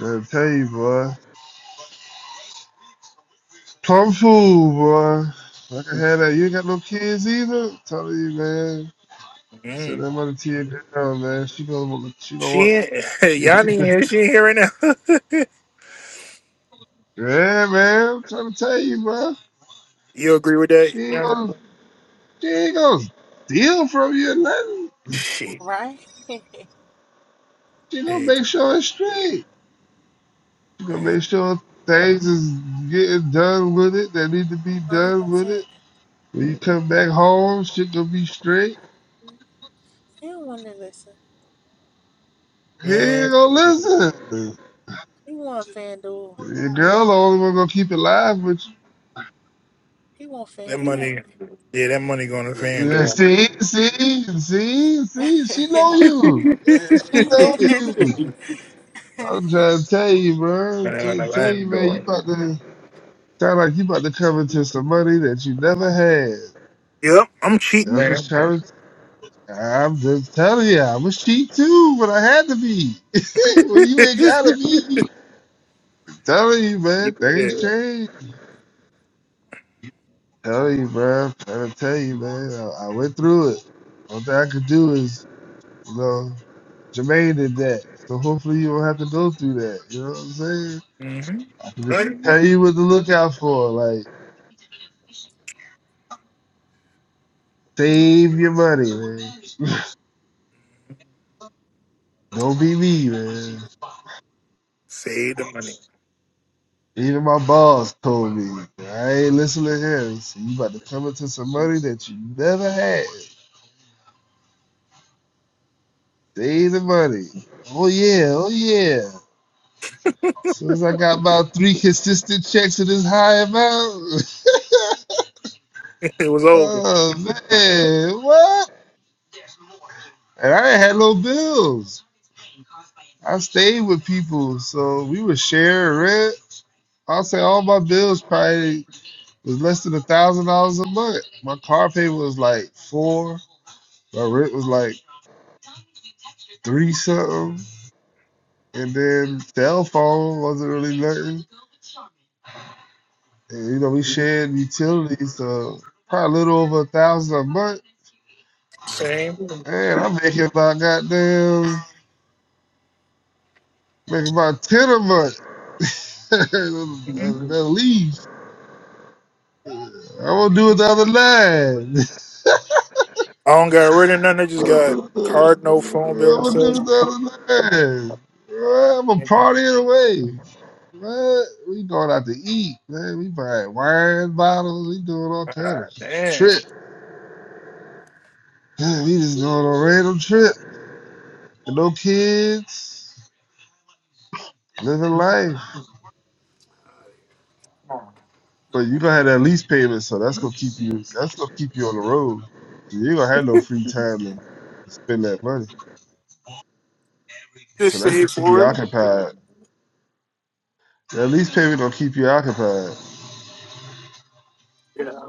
I tell you, boy. Plum fool, boy. I can have that. You ain't got no kids either. Tell you, man. Send Mm. that money to your girl, man. She gonna want- she gonna She want ain't, she gonna y'all keep ain't it. here. She ain't here right now. Yeah, man. I'm trying to tell you, bro. you agree with She that? ain't Yeah. gonna she ain't gonna steal from you or nothing. Shit. Right? She gonna Hey, make sure it's straight. You gonna man. make sure things is getting done with it that need to be Hundred done with percent. it. When you come back home, shit gonna be straight. He don't want to listen. He Man, ain't gonna listen. He want FanDuel. Your girl the only one gonna keep it live with you. He want that FanDuel. money, yeah, that money going to Yeah, FanDuel. see, see, see, see, she know you. Yeah, She know you. I'm trying to tell you, bro. I'm Money on trying the to tell you, man, you FanDuel. about to sound like you about to come into some money that you never had. Yep, I'm cheap, I'm just man. trying I'm just telling you, I was cheap too, but I had to be. well, you ain't yeah. gotta be. Telling you, man, things change. Telling you, bro. trying to tell you, man. I, I went through it. All thing I could do is, you know, Jermaine did that. So hopefully you don't have to go through that. You know what I'm saying? Mm-hmm. I can just tell you what to look out for. Like, save your money, man. Don't be me, man. Save the money. Even my boss told me, I ain't listening to him. So you about to come into some money that you never had. Days of money. Oh yeah, oh yeah. As soon as I got about three consistent checks of this high amount. It was over. oh man, what? And I ain't had no bills. I stayed with people, so we would share rent. I'll say all my bills probably was less than a thousand dollars a month. My car payment was like four. My rent was like three something, and then cell phone wasn't really nothing. And, you know, we shared utilities, so probably a little over a thousand a month. Same. Man, I'm making about goddamn making about ten a month. At Mhm. least I won't do it the other nine. I don't got rid of nothing. I just got card, no I'm phone bill and gonna stuff. do the other nine. Well, I'm gonna And then, party it away. Man, we going out to eat, man. We buying wine bottles. We doing all kind of God shit. damn. Trip. Yeah, we just going on a random trip. No kids, living life. But you gonna have that lease payment, so that's gonna keep you. That's gonna keep you on the road. So You ain't gonna have no free time to spend that money. So Just that's save gonna keep you for it. occupied. That lease payment gonna keep you occupied. So Yeah.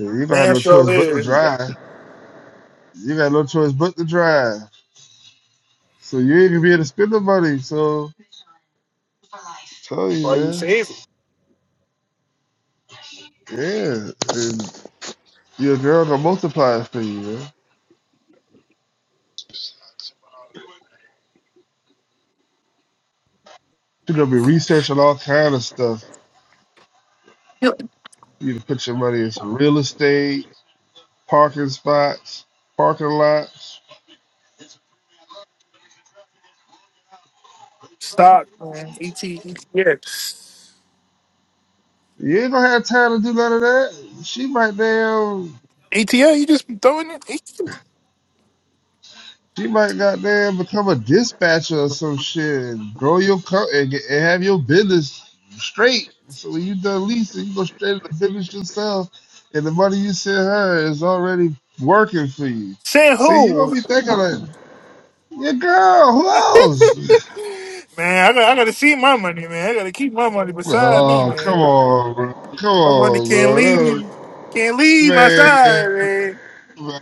You ain't gonna have Damn no sure choice but to is. drive. You got no choice but to drive. So you ain't gonna be able to spend the money. So I tell you, Why you man. save it? Yeah, and your girl gonna multiply it for you, man. She gonna be researching all kind of stuff You to put your money in some real estate, parking spots, parking lots. Stock, man. ET, Yes. You ain't gonna have time to do none of that. She might damn, ETL, you just throwing it? ET. she might goddamn become a dispatcher or some shit and grow your co- and, get, and have your business straight. So when you done leasing, you go straight into business yourself, and the money you send her is already working for you. Saying See, you don't who? be thinking like your girl. Who else? man, I got, I got to see my money, man. I got to keep my money beside me, Oh, come man. on, bro. Come My money on, can't bro. leave. Can't leave my Man, side, man. man,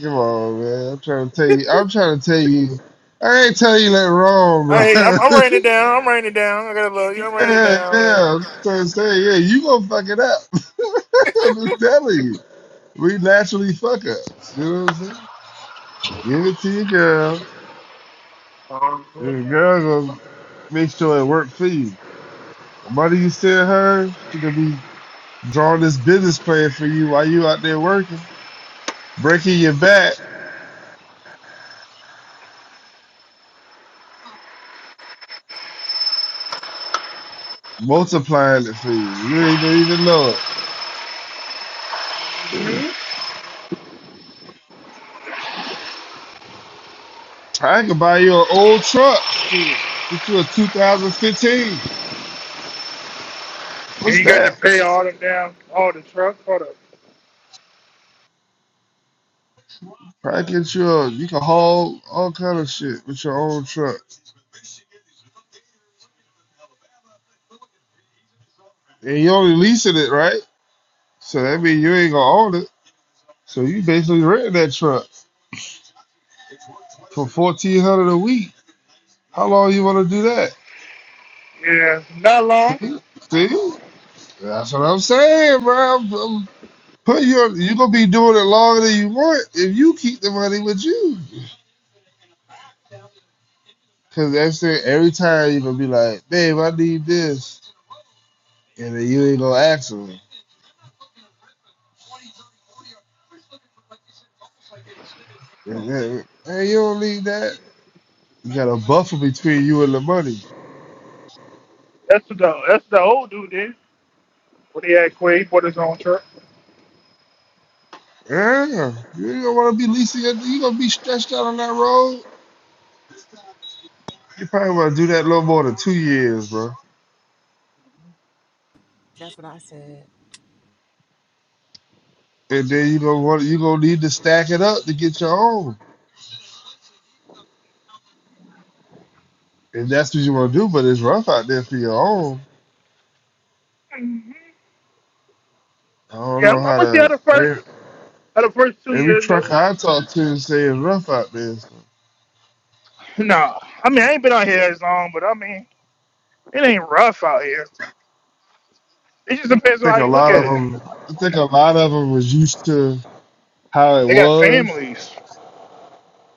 come on, man. I'm trying to tell you. I'm trying to tell you. I ain't tell you that wrong, bro. Hey, I'm, I'm writing it down. I'm writing it down. I got a little. I'm writing it yeah, down, man. yeah. I'm trying to say, yeah, you gonna fuck it up. I'm just telling you. We naturally fuck ups. You know what I'm saying? Give it to your girl. Um, Your girl gonna make sure it work for you. The money you send her, she gonna be drawing this business plan for you while you out there working, breaking your back. multiplying it for you. You ain't don't even know it. I can buy you an old truck. Shit. Get you a 2015. yeah, What's you got to that? pay all them down, all the trucks. Hold up. Probably get you a, you can haul all kind of shit with your own truck. And you only leasing it, right? So that means you ain't gonna own it. So you basically renting that truck for 1400 a week. How long you wanna do that? Yeah, not long. See? See? That's what I'm saying, bro. I'm, I'm putting your, you gonna be doing it longer than you want if you keep the money with you. Cause that's it. Every time you gonna be like, babe, I need this, and then you ain't gonna ask me. Hey, you don't need that. You got a buffer between you and the money. That's what the that's what the old dude did when he had Quay bought his own truck. Yeah, you ain't gonna want to be leasing. You gonna be stretched out on that road. You probably want to do that a little more than two years, bro. That's what I said. And then you gonna want you gonna need to stack it up to get your own. And that's what you want to do. But it's rough out there for your own. I don't Yeah, know I'm, I'm how gonna see how to. the first Every, how the first two every years go. truck I talk to say it's rough out there. Nah, I mean I ain't been out here as long, but I mean it ain't rough out here. It just depends on think how a you look lot at of it. them. I think a lot of them was used to how it They got was families.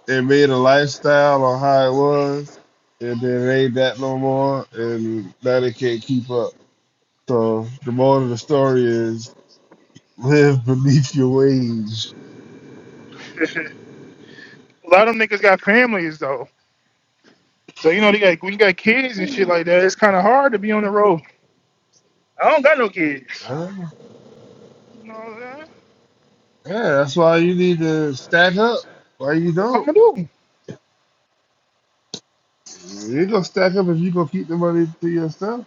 and made a lifestyle on how it was, and then it ain't that no more, and now they can't keep up. So the moral of the story is live beneath your wage. a lot of them niggas got families though. So you know they got when you got kids and shit like that, it's kind of hard to be on the road. I don't got no kids. Huh? You know what I'm saying? Yeah, that's why you need to stack up. Why you don't? You ain't gonna stack up if you gonna keep the money to yourself.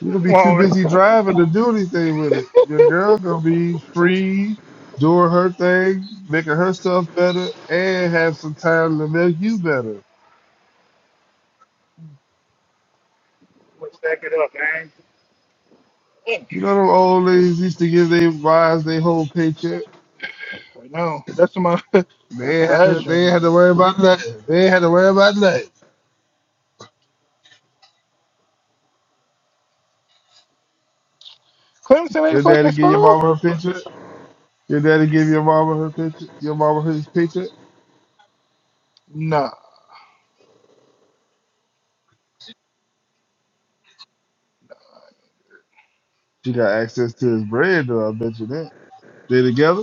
You're gonna be too busy driving to do anything with it. Your girl gonna be free, doing her thing, making her stuff better, and have some time to make you better. Let's stack it up, man. You know them old ladies used to give their wives their whole paycheck. Right now, that's my They ain't had to last they ain't had to interview. worry about nothing. They ain't had to worry about nothing. Clemson ain't Your fucking daddy give your school? mama her paycheck. Your daddy give your mama her paycheck. Your mama his paycheck. Nah. She got access to his bread though, I bet you that. They together?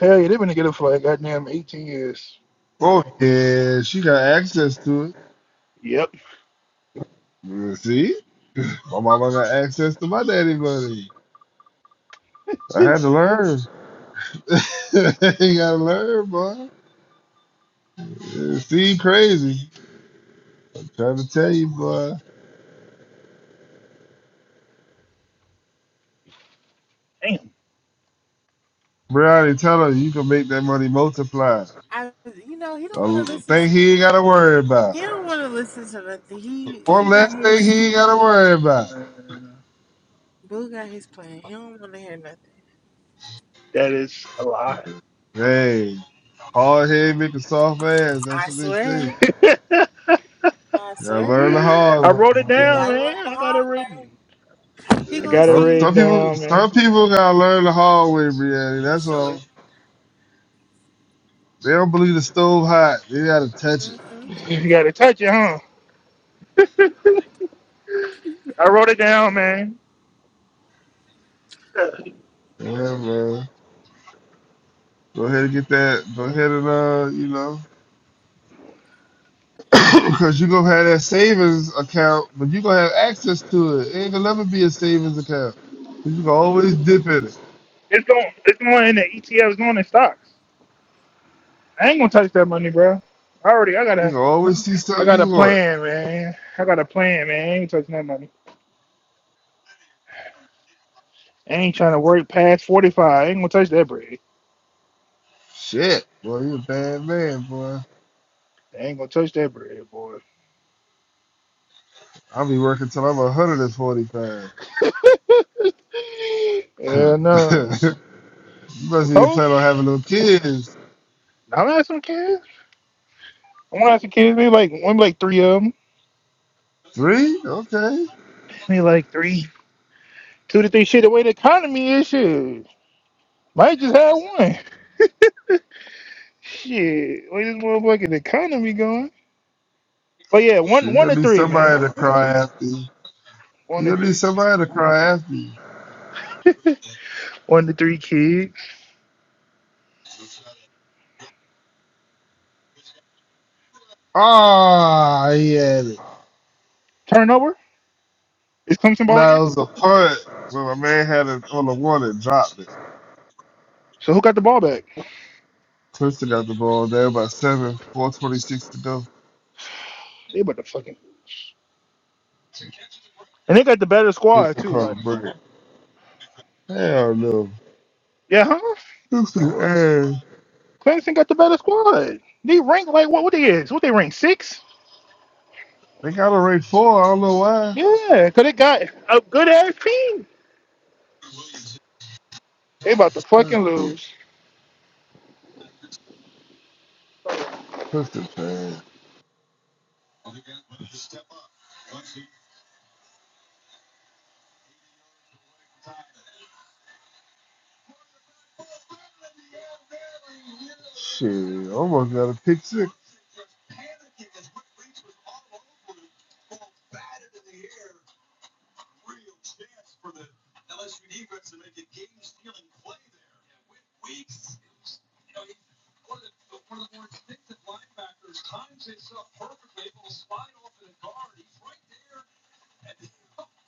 Hell yeah, they've been together for like goddamn 18 years. Oh yeah, she got access to it. Yep. See, my mama got access to my daddy money. I had to learn. you gotta learn, boy. Yeah, See, crazy. I'm trying to tell you, boy. Brownie, tell him you can make that money multiply. I, you know, he don't want to A listen. thing To, he ain't gotta worry about. he don't want to listen to nothing. He One he got less his thing he ain't gotta worry about. boo got his plan. He don't want to hear nothing. That is. Hey, hard head make a soft ass. I That's what they say. swear. I I You gotta swear. learn the hard way, wrote it You boy. down, gotta learn man. the I got it hard way. written. He I Yeah, gonna got it Some see some written people down, man. some people gotta learn the hard way, Brianna. for That's sure. all. They don't believe the stove hot. They gotta touch it. hmm You gotta touch it, huh? I wrote it down, man. Yeah, man. Go ahead and get that. Go ahead and uh, you know, because you gonna have that savings account, but you gonna have access to it. It ain't gonna never be a savings account. 'Cause You can always dip in it. It's going. It's going in the ETFs, going in stocks. I ain't gonna touch that money, bro. I already. I You gotta. can always see I something got a you want. plan, man. I got a plan, man. I ain't touching that money. I ain't trying to work past 45. I ain't gonna touch that bread. Shit, boy, you a bad man, boy. I ain't gonna touch that bread, boy. I'll be working till I'm 145. yeah, no. you I must even told you. plan on having no kids. I'm gonna have some kids. I'm gonna have some kids. Maybe like maybe like three of them. Three? Okay. Maybe like three, two to three. Shit, the way the economy is, shit, might just have one. Shit, where this motherfucking economy going? But yeah, Shit, one you one to gonna need three, man. somebody to cry after. you. One to You'll need three. somebody to cry after you. One to three kids. Ah, oh, he had it. Turnover is Clemson balling Now it was a punt, but my man had it on the one and dropped it. So who got the ball back? Clemson got the ball there by seven, 426 to go. They about to fucking and they got the better squad Clemson too. caught Like a break. Hell no. yeah, huh? Clemson, hey, Clemson got the better squad. They rank like what? What they is? What they rank six? they got a rate four. I don't know why. Yeah, cause they got a good ass team. They about to That's fucking it. lose. Clemson, man. Shit, almost got a pick six.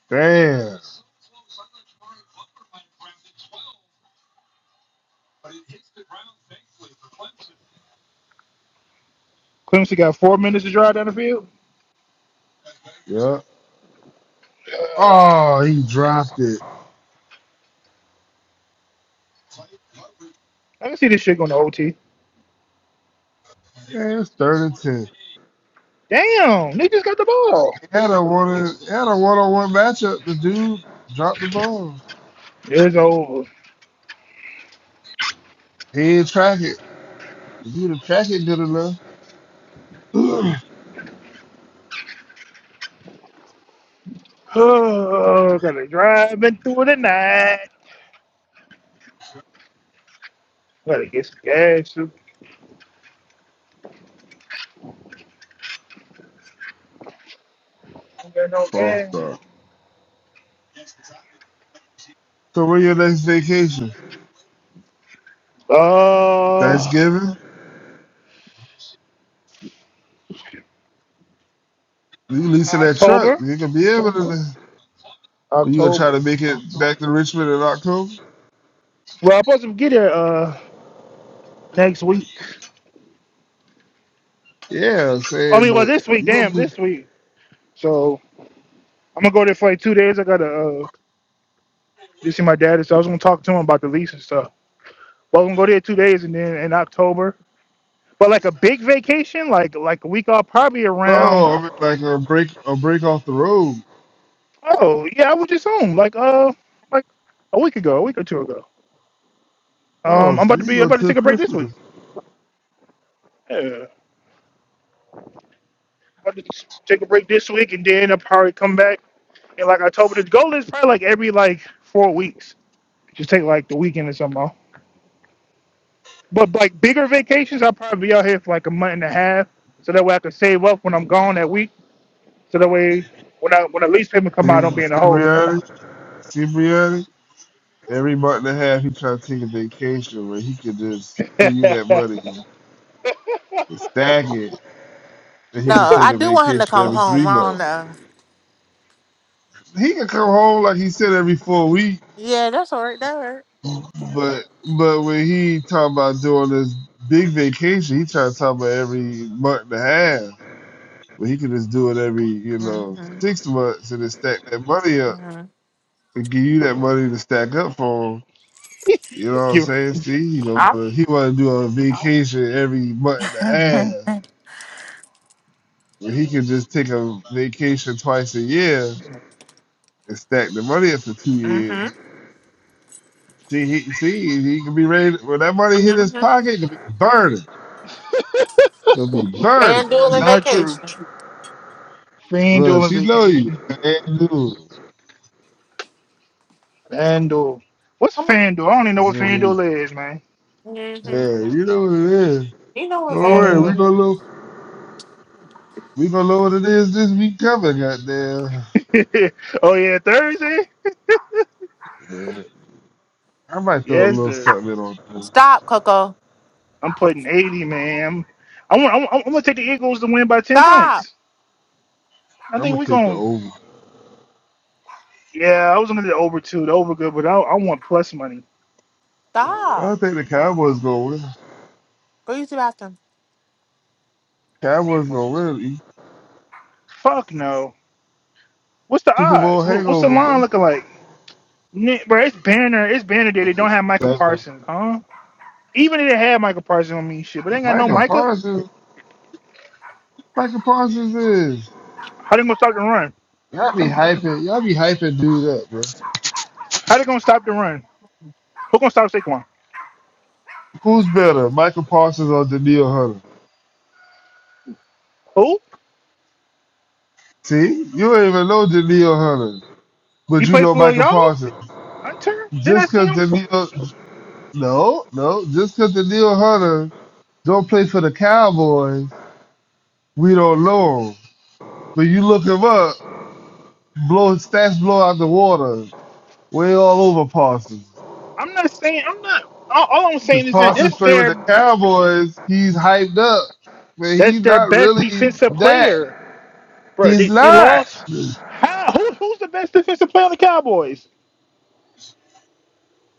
Damn. Clemson got four minutes to drive down the field. Yeah. Oh, he dropped it. I can see this shit going to OT. Man, it's third and ten. Damn, they just got the ball. He had a one he had a one on one matchup. The dude dropped the ball. It's over. He didn't track it. If you'd have tracked it good enough. Oh, gotta drive into the night. Gotta get some gas. Don't got no False gas. start. So where your next vacation? Uh, Thanksgiving? You leasing that truck. October. You gonna be able to you gonna try October. to make it back to Richmond in October? Well, I'm supposed to get there uh next week. Yeah, I'm I saying, mean, well, but this week, you gonna damn, be this week. So I'm gonna go there for like two days. I gotta uh to see my dad, so I was gonna talk to him about the lease and stuff. But I'm gonna go there two days, and then in October. But like a big vacation, like like a week off, probably no, around. I mean like a break a break off the road. Oh yeah, I was just home like uh like a week ago, a week or two ago. Oh, Um, I'm so about to you be I'm go about to to take a break this week. Christmas. Yeah, about to s- take a break this week, and then I'll probably come back in like October. The goal is probably like every like four weeks Just take like the weekend or something off. But like bigger vacations, I'll probably be out here for like a month and a half, so that way I can save up when I'm gone that week. So that way, when I when the lease payment come out, I don't See, be in the see hole. reality? See, Brianna, every month and a half, he try to take a vacation where he could just send you that money and stack it, and he No, can take I a do want him to vacation come every three home. I don't months. know. He can come home like he said every four weeks, Yeah, that's all right. That but but when he talking about doing this big vacation, he trying to talk about every month and a half. But he can just do it every you know hurt. six months and then stack that money up Mm-hmm. and give you that money to stack up for him. You know what I'm Give- saying? See, he don't I, wanna, he want to do a vacation every month and a half, mm-hmm. but he can just take a vacation twice a year and stack the money up for two Mm-hmm. years. See, he see he can be ready to, when that money hit his pocket. It can be burning. It'll be burning. that is FanDuel and not true. vacation. Look, FanDuel and she know you. vacation. Man, dude. FanDuel. What's Come on. FanDuel? I don't even know You what know what I mean? FanDuel is, man. Mm-hmm. Yeah, you know what it is. You know I what Don't don't worry, even we know. FanDuel is. gonna know. We gonna know what it is this week coming. Goddamn. oh yeah, Thursday. Yeah. I might throw a Yes, little sir. something in on. Stop, Coco. I'm putting eighty, man. I'm, I want. I'm, I'm gonna take the Eagles to win by ten Stop. points. I I'm think gonna we're take the gonna over. Yeah, I was gonna do over two, the over good, but I, I want plus money. Stop. I think the Cowboys gonna win. Go use the bathroom. I Cowboys want- gonna win. Fuck no. What's the Super Bowl odds? What, what's the hangover, line bro. looking like? Ni- Bro, it's Banner. It's Banner Day. They don't have Michael Okay. Parsons, huh? Even if they had Michael Parsons on me, shit, but they ain't got no Michael Micah. Parsons. Michael Parsons is. How they gonna stop the run? Y'all be hyping. Y'all be hyping dude up, bro. How they gonna stop the run? Who gonna stop Saquon? Who's better, Michael Parsons or Daniil Hunter? Who? See, you don't even know Daniil Hunter, but He you played know for Michael y'all? Parsons. Hunter? Then Just that's because James. Daniil, no, no, just because Daniil Hunter don't play for the Cowboys, we don't know him. But you look him up, blow stats blow out the water. Way all over Parsons. I'm not saying. I'm not. All, all I'm Because saying is that Parsons that's play with their the Cowboys, he's hyped up. But that's he's their not best really defensive that. player. Bro, He's they, they lost. not. How? Who, who's the best defensive player on the Cowboys?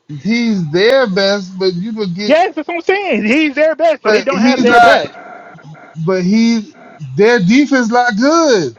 He's their best, but you could get Yes, that's what I'm saying. He's their best, so they but don't have he's their best. not but he their defense not good.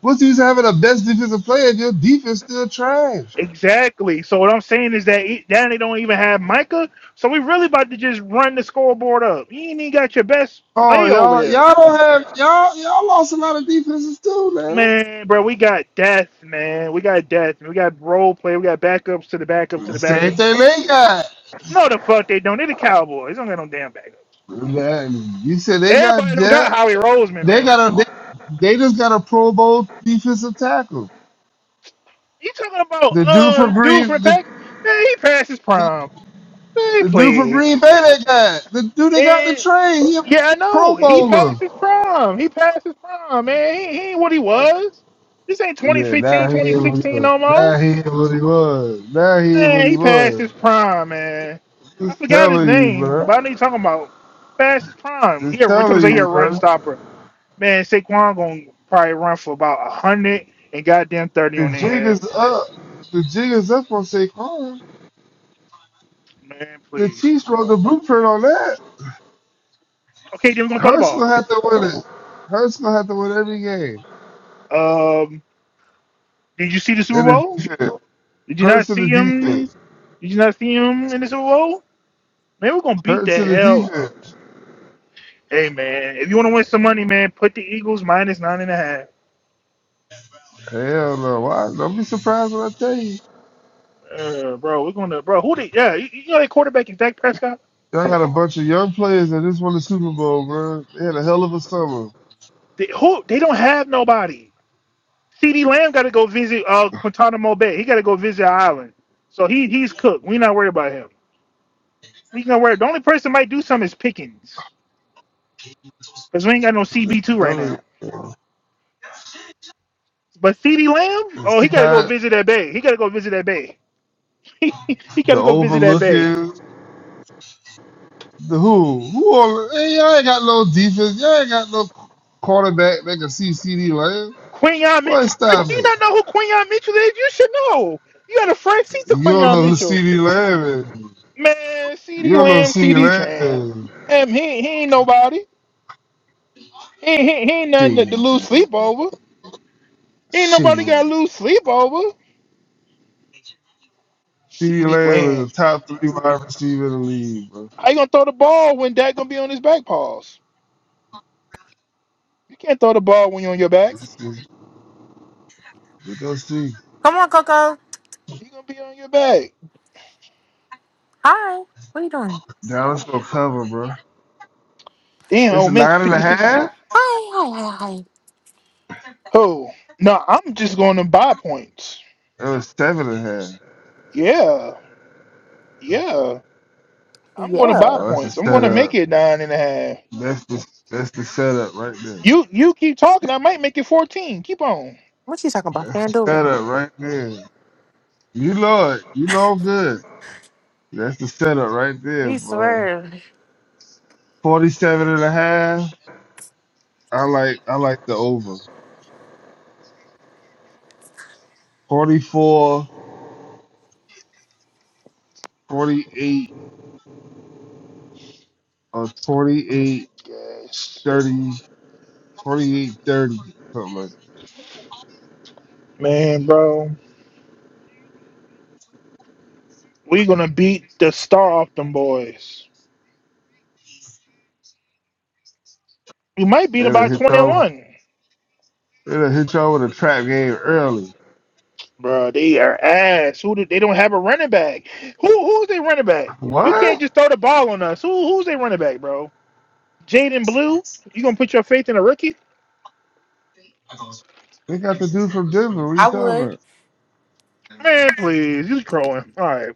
What's the use of having the best defensive player if your defense still trash? Exactly. So what I'm saying is that e- now they don't even have Micah. So we really about to just run the scoreboard up. You ain't even got your best Oh player over y'all there. y'all don't have y'all y'all lost a lot of defenses too, man. Man, bro, we got death, man. We got death. We got role play. We got backups to the backup to the Same backup. thing they got. No, the fuck they don't. they the Cowboys. They don't got no damn backups. Man, you said they got Everybody don't got depth. Howie Roseman, They man. got a they, they just got a Pro Bowl defensive tackle. You talking about The dude for uh dude Green from the the, Pack? Man, he passed his prime. Man, the dude for Green please. Bay they got. The dude they got the And trade. He a yeah, I Pro know. He Bowler. passed his prime. He passed his prime, man. He, he ain't what he was. This ain't twenty Yeah, now fifteen, he twenty is what he sixteen was. no more. Now he is what he was. Now he is what Man, he he passed was. his prime, man. I Just forgot his telling you, name, bro. but I know you talking about. Passed his prime. He a, Just somebody telling say he a you, run bro. stopper. Man, Saquon gonna probably run for about a hundred and goddamn thirty The on jig their ass. is up. The jig is up on Saquon. Man, The please. Chiefs wrote the blueprint on that. Okay, then we're gonna throw the Hurst ball. gonna have to win it. Hurst gonna have to win every game Um, did you see the Super in the Bowl? defense. Did you Hurts not to see the him? defense. Did you not see him in the Super Bowl? Man, we're gonna beat Hurts the to the hell. Up. defense. Hey man, if you want to win some money, man, put the Eagles minus nine and a half. Hell no. Why? Don't be surprised when I tell you. Uh, bro, we're gonna bro. Who they? Yeah, you, you know that quarterback is Dak Prescott. Y'all got a bunch of young players that just won the Super Bowl, man. They had a hell of a summer. They, who they don't have nobody. Ceedee Lamb got to go visit uh Guantanamo Bay. He got to go visit an Island. So he he's cooked. We not worried about him. We not worried. The only person might do something is Pickens because we ain't got no CB two I right now. mean, But CeeDee Lamb, You oh, see he gotta go how visit that bay. He gotta go visit that bay. he the gotta go visit that bay. overlooking the who? Who all hey, y'all ain't got no defense. Y'all ain't got no quarterback that can see C D Lamb. Quinion, Mi- Boy, I- do stop you it. not know who Quinion Mitchell is? You should know. You had a front seat to You don't Quinion know who C Mitchell. D Lamb is. Man, You CD don't know who Lamb, C D CD Tran. Lamb is. And he, he ain't nobody. He, ain't- he, ain't he ain't nothing to, She. to lose sleep over. Ain't nobody She. got to lose sleep over. CeeDee CD Lamb is Lamb. a top three wide receiver in the league, bro. How you gonna throw the ball when Dak gonna be on his back paws? You can't throw the ball when you're on your back. It's, it's, we go see. Come on, Coco. You gonna be on your back. Hi. What are you doing? Dallas gonna cover, bro. Damn, It's Ole a Miss nine and a 56 to seven. half. Hi, hi, hi, hi. Oh, no, I'm just going to buy points. It was seven and a half. Yeah, yeah. I'm going to buy Yeah. Oh, that's the points. I'm going to make setup. it nine and a half. That's the that's the setup right there. You you keep talking. I might make it 14. Keep on. What you talking about? That's the FanDuel. setup right there. You know it. You know good. That's the setup right there, You bro. swear. 47 and a half. I like I like the over. Forty-four, forty-eight, or Let me get 28, this gas. something like Man, bro, we going to beat the star off them boys. We might beat them It'll by hit y'all. 21. It'll hit y'all with a trap game early. Bro, they are ass. Who do, they don't have a running back. Who who's their running back? You can't What? just throw the ball on us. Who who's their running back, bro? Jaden Blue? You gonna put your faith in a rookie? They got the dude from Denver. What are you I talking would. about? Man, please, you trolling. All right,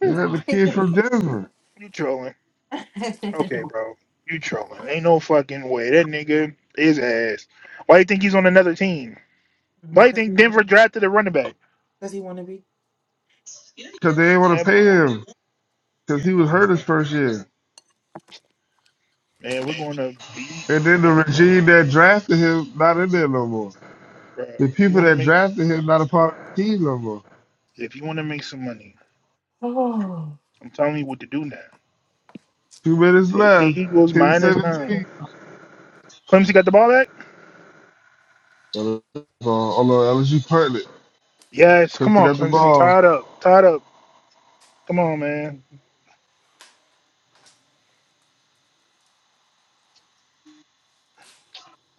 They got the kid from Denver you trolling. because Okay, bro, you trolling. Ain't no fucking way that nigga is ass. Why you think he's on another team? Why you he think want Denver to be. drafted a running back? Because he want to be. because they didn't want to That pay boy, him because he was hurt oh, his first year. man, we're going to beat, And then the regime that drafted him not in there no more. bro. The If you people want to that make, drafted him not a part of the team no more. if you want to make some money, Oh. I'm telling you what to do now. Two minutes Take left. the Eagles Ten minus nine. seventeen. Clemson got the ball back. 17 Although LSU punted it. Yes, come Clipped it on, at the Clemson. ball. Tied up, tied up. Come on, man,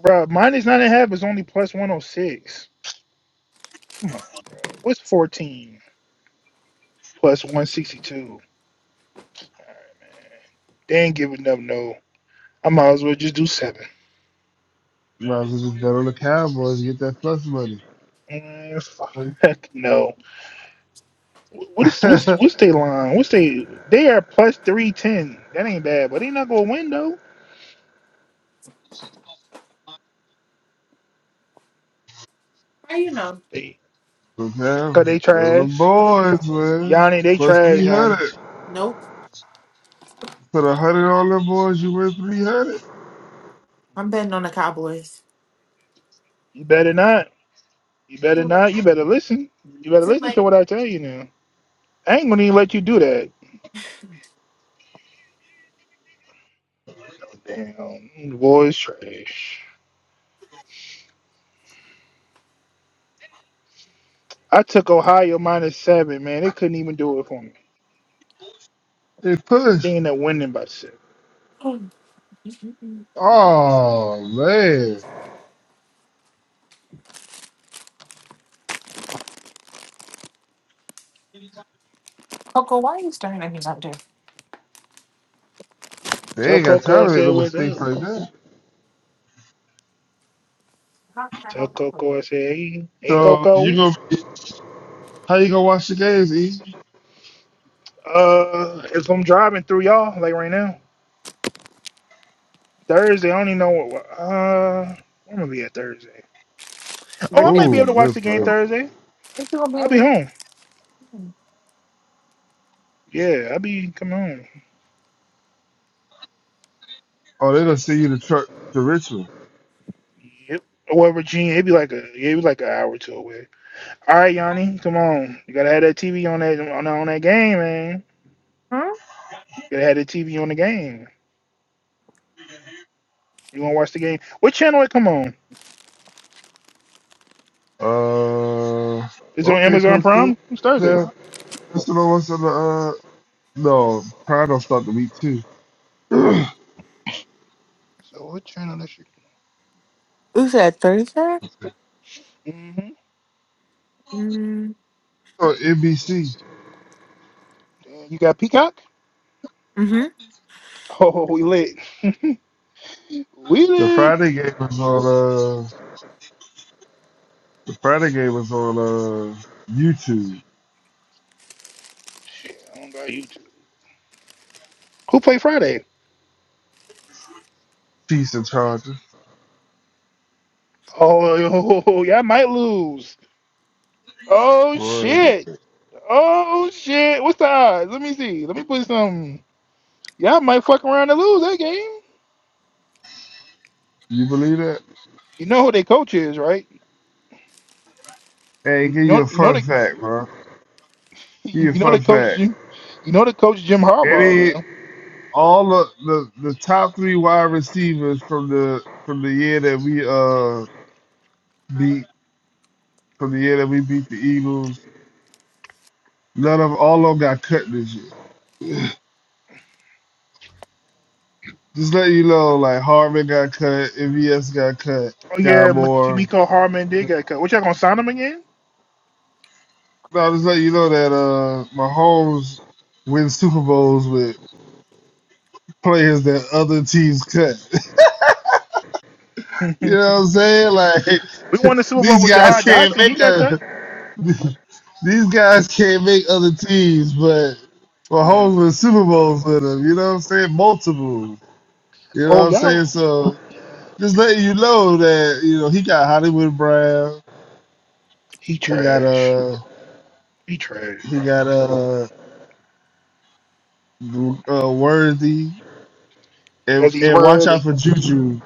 bro. Minus nine and a half is only plus one hundred six. Come on, bro. What's 14 plus 162? They ain't giving up no. I might as well just do seven. Might as well just bet on the Cowboys and get that plus money. Mm, How fuck no. What is what's what's they line? What's they? They are plus three ten. That ain't bad, but they not gonna win though. you know? They cause Okay, they go to the trash. boys, man. Yanni, they Plus trash, 300. Yanni. Nope. Put a hundred on the boys, you win 300. I'm betting on the Cowboys. You better not. You better not. You better listen. You better Too listen to late. what I tell you now. I ain't gonna even let you do that. No damn. Boys trash. I took Ohio minus seven, man. They couldn't even do it for me. They push. They ended up winning by seven. Oh, man. Coco, why are you staring at me out there? They Tell ain't got Coco I time to make said no what's mistakes up. like that. How can I Tell help you? Coco I said, hey, hey So, you Coco. gonna, how you gonna watch the games, E? Uh, if I'm driving through y'all, like right now, Thursday, I don't even know what. Uh, I'm gonna be at Thursday. Oh, I might be Virginia. Ooh, able to watch good the game play. Thursday. Think you gonna be I'll over be here? home. Yeah, I'll be coming home. Oh, they gonna send you the truck to Richmond. Yep. Well, Virginia, it'd be like a, yeah, it'd be like an hour or two away. All right, Yanni, come on. You gotta have that TV on that on, on that game, man. Hmm? You Gotta have the TV on the game. You want to watch the game? What channel it come on? Uh, Is it on okay, Amazon Clifton. Prime? It's Thursday. Yeah, Clifton What's on the, uh, no, Pride don't start the week too. So what channel that should come Who said Thursday? on? Mm-hmm. Mm-hmm. Oh, NBC. Damn, you got Peacock? Oh, we lit. we The lit. Friday game is on, uh, Friday game was on uh YouTube. Shit, I don't got YouTube. Who play Friday? Chiefs and Chargers. Oh, y'all might lose. Oh Boy, shit. Oh shit. What's the odds? Let me see. Let me put some. Y'all might fuck around and lose that game. you believe that? You know who their coach is, right? Hey, You give you know. a You know fun the. fact, bro. Give you a You know the fun coach. fact. Jim- You know the coach Jim Harbaugh Any now. all the, the the top three wide receivers from the from the year that we uh beat from the year that we beat the Eagles, none of all of them got cut this year. Just let you know, like Harvin got cut, MVS got cut, Oh Sky yeah, M- Moore. Kimiko Harman did get cut. What y'all gonna sign him again? No, just let you know that uh Mahomes wins Super Bowls with players that other teams cut. we You know what I'm saying? Like won the Super Bowl these with guys Jahad can't Dotson. He make got a cut. these guys can't make other teams, but we're Mm. holding Super Bowls with them. You know what I'm saying? Multiple. You know what Oh I'm saying? y'all, So yeah. just letting you know that you know he got Hollywood Brown, he he got trash. uh He trash, he bro. got uh, uh Worthy, and Cause he's and watch word. out He, for Juju.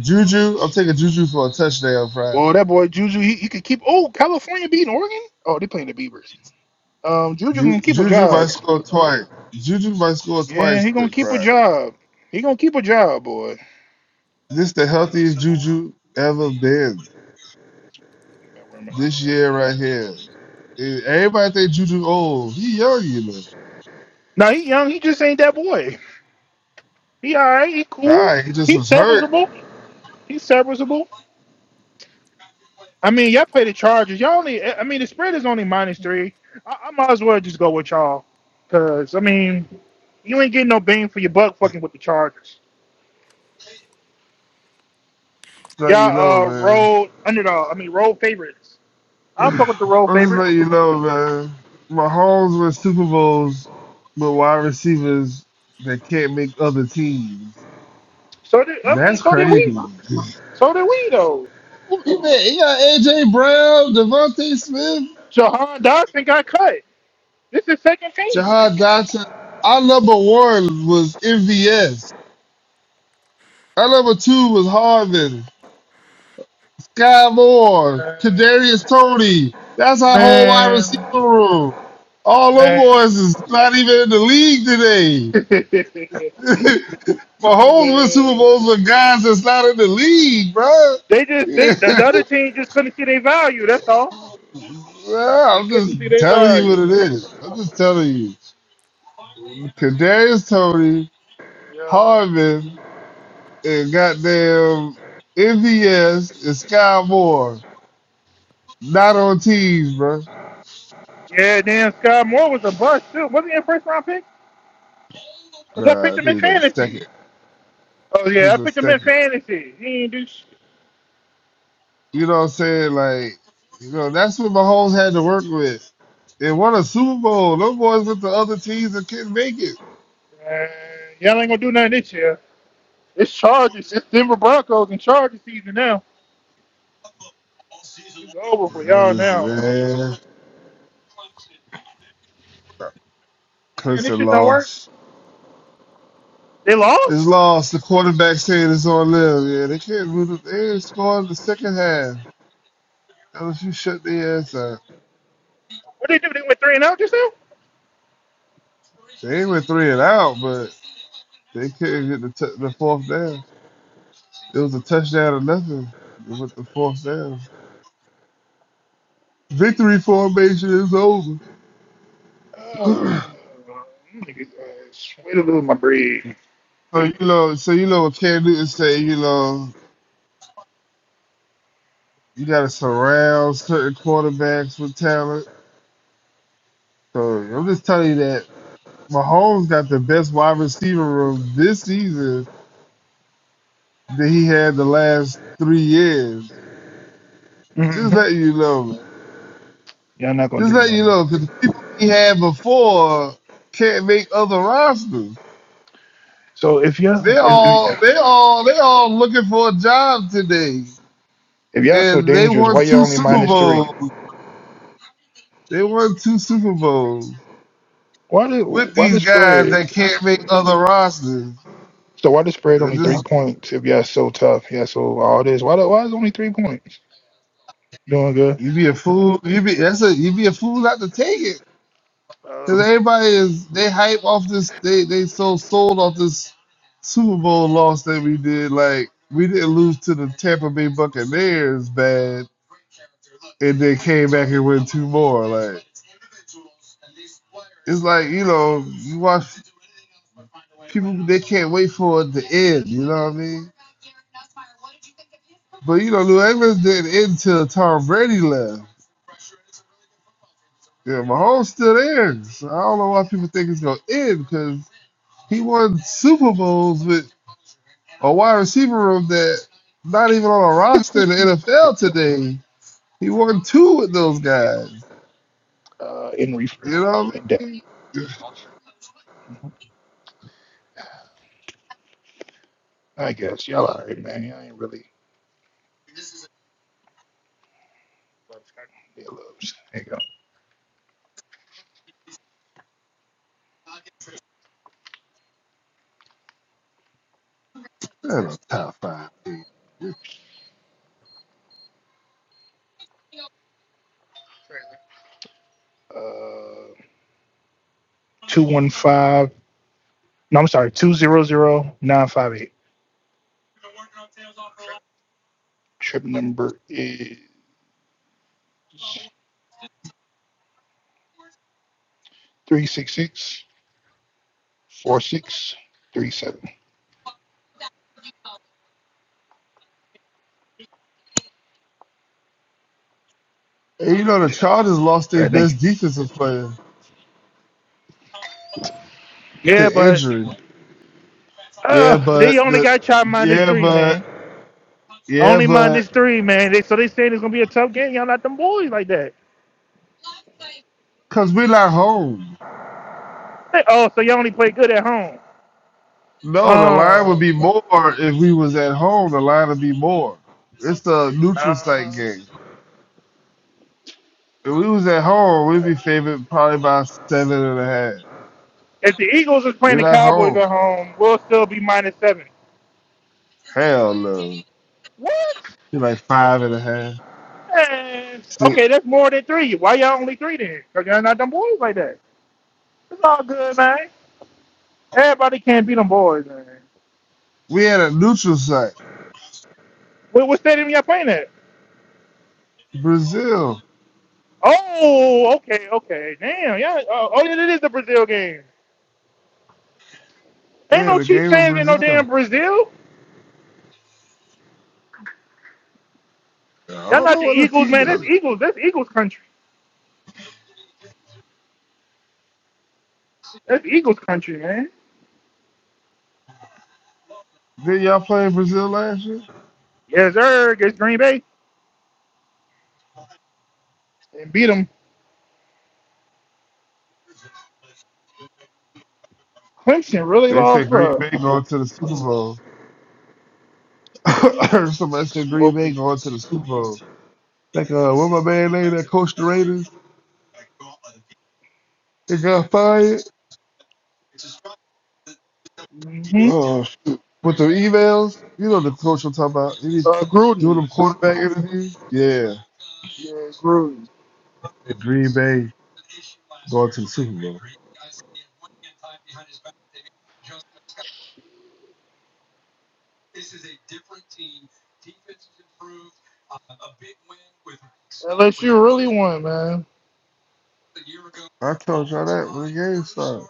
Juju, I'm taking Juju for a touchdown Friday. well, that boy Juju, he, he could keep. Oh, California beating Oregon. Oh, they playing the Beavers. Um, Juju Ju- gonna keep a Juju might job. score twice. Juju might score Yeah, twice he gonna The keep a pride. job. He gonna keep a job, boy. This the healthiest Juju ever been Think about where I'm at on this that, year right here. Eh, Everybody think Juju old. He young, you know. Nah, he young. He just ain't that boy. He all right. He cool. Nah, he just He's was hurt. serviceable. He's serviceable. I mean, y'all play the Chargers. Y'all only, I mean, the spread is only minus three. I, I might as well just go with y'all, cause I mean, you ain't getting no bang for your buck fucking with the Chargers. Let you know, Y'all uh man. road underdog. I mean, road favorites. I fuck with the road I'm just favorite. letting you know, man. Mahomes homes win Super Bowls with wide receivers that can't make other teams. So did I mean, That's so did crazy. we. Look So did we though. at You got AJ Brown, Devontae Smith. Jahan Dodson got cut. This is second team. Jahad Dotson. Our number one was MVS. Our number two was Harvin. Sky Moore. Uh, Kadarius Tony. That's our whole wide receiver man, room. All them man. boys is not even in the league today. Mahomes win Super man. Bowls with guys that's not in the league, bro. They just Yeah. they, the, the other team just couldn't see their value. That's all. Well, They I'm just couldn't see their telling you what value, it man. is. I'm just telling you. Kadarius Tony, Yeah. Harvin, and goddamn MVS and Sky Moore not on teams, bro. Yeah, damn, Scott Moore was a bust, too. Wasn't he a first round pick? Because I Nah, I picked think him in he's like a fantasy. second. Oh, yeah, I He's a picked him in second. fantasy. He ain't do shit. You know what I'm saying? Like, you know, that's what Mahomes had to work with. They won a Super Bowl. Those boys with the other teams that couldn't make it. Man, y'all ain't going to do nothing this year. It's Chargers. It's Denver Broncos and Chargers season now. It's over for I'm y'all just now. man. man, Damn, curse this their shit don't work. loss. They It's lost? lost. The quarterback saying it's on them. Yeah, they can't move. it. They didn't score in the second half. Unless you shut their ass up. What did they do? They went 3 and out just now? They ain't went three and out, but. They couldn't hit the, t- the fourth down. It was a touchdown or nothing with the fourth down. Victory formation is over. Oh, niggas, uh, way to lose my breed. So you know, so you know, what Cam Newton say, you know, you gotta surround certain quarterbacks with talent. So I'm just telling you that Mahomes got the best wide receiver room this season that he had the last three years. Just Mm-hmm. letting you know. Y'all not going to Just do letting you nothing, know, man. because the people he had before can't make other rosters. So if They y'all, if, if- all they all they all looking for a job today. If y'all so And they dangerous, won why y'all two only Super minus three? Bowls. They won two Super Bowls Why the with why these the guys spread? that can't make other rosters. So why the spread And only three just points? If y'all so tough, yeah. So all this, why the, why is it only three points? Doing good. you be a fool. You be that's a you be a fool not to take it. Cause Um, everybody is they hype off this they they so sold off this Super Bowl loss that we did. Like we didn't lose to the Tampa Bay Buccaneers bad and they came back and win two more. Like it's like you know you watch people they can't wait for it to end. You know what I mean? But you know Lou Evans didn't end until Tom Brady left. Yeah, Mahomes still there. So I don't know why people think it's gonna end because he won Super Bowls with a wide receiver room that not even on a roster in the NFL today. He won two with those guys. uh, in reefer, You know what in I depth. mean? Mhm. I guess y'all all right, man. Y'all ain't really yeah, loves. There you go. they a top five. team. Uh, two one five. No, I'm sorry. Two zero zero nine five eight. Trip Trip number is three six six four six three seven. And you know the All Chargers lost their right, thank best you. defensive player Yeah, to but injury. Yeah, Uh, they but only the got y'all minus yeah, three, but man. yeah, Only but minus three, man. They so they saying it's gonna be a tough game. Y'all not them boys like that. because we're not home. They- oh, so y'all only play good at home. No, the line would Oh, be more if we was at home. The line would be more. It's the neutral uh, site game. If we was at home, we'd be favored probably by seven and a half. if the Eagles was playing We're the not Cowboys home. at home, we'll still be minus seven. Hell no. What? Be like five and a half. Man, See, okay, that's more than three. Why y'all only three then? Cause y'all not them boys like that. It's all good, man. Everybody can't be them boys, man. we had a neutral site. What, what stadium y'all playing at? Brazil. Oh, okay, okay. Damn, yeah. Oh, oh, yeah, it is the Brazil game. Ain't Yeah, no the Chiefs game of fans in no Brazil. damn Brazil. I Y'all don't not know the what the Eagles, man. That's team. Eagles. That's Eagles country. That's Eagles country, man. Did y'all play in Brazil last year? Yes, sir. Against Green Bay and beat them. Clemson really They lost, said Green bro. Bay going to the Super Bowl. Somebody said Green Bay Smoking. going to the Super Bowl. Like uh, what my man named that coached the Raiders. They got fired. Mm-hmm. Uh, with the emails, you know the coach I'm talking about. He Uh, doing Gruden. them quarterback interviews. Yeah, Yeah, Gruden. And Green Bay going to the Super Bowl. LSU really won, man. I told y'all that when the game started.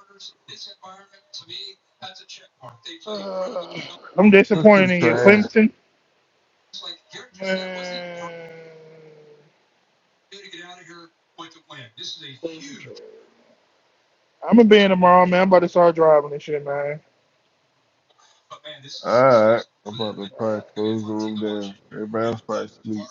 Uh, I'm That's the disappointed in you, trash. Clemson. Man. Clemson I'm gonna be in tomorrow, man. I'm about to start driving and shit, man. Alright, I'm about to Uh, probably close the room down. Everybody else probably sleep.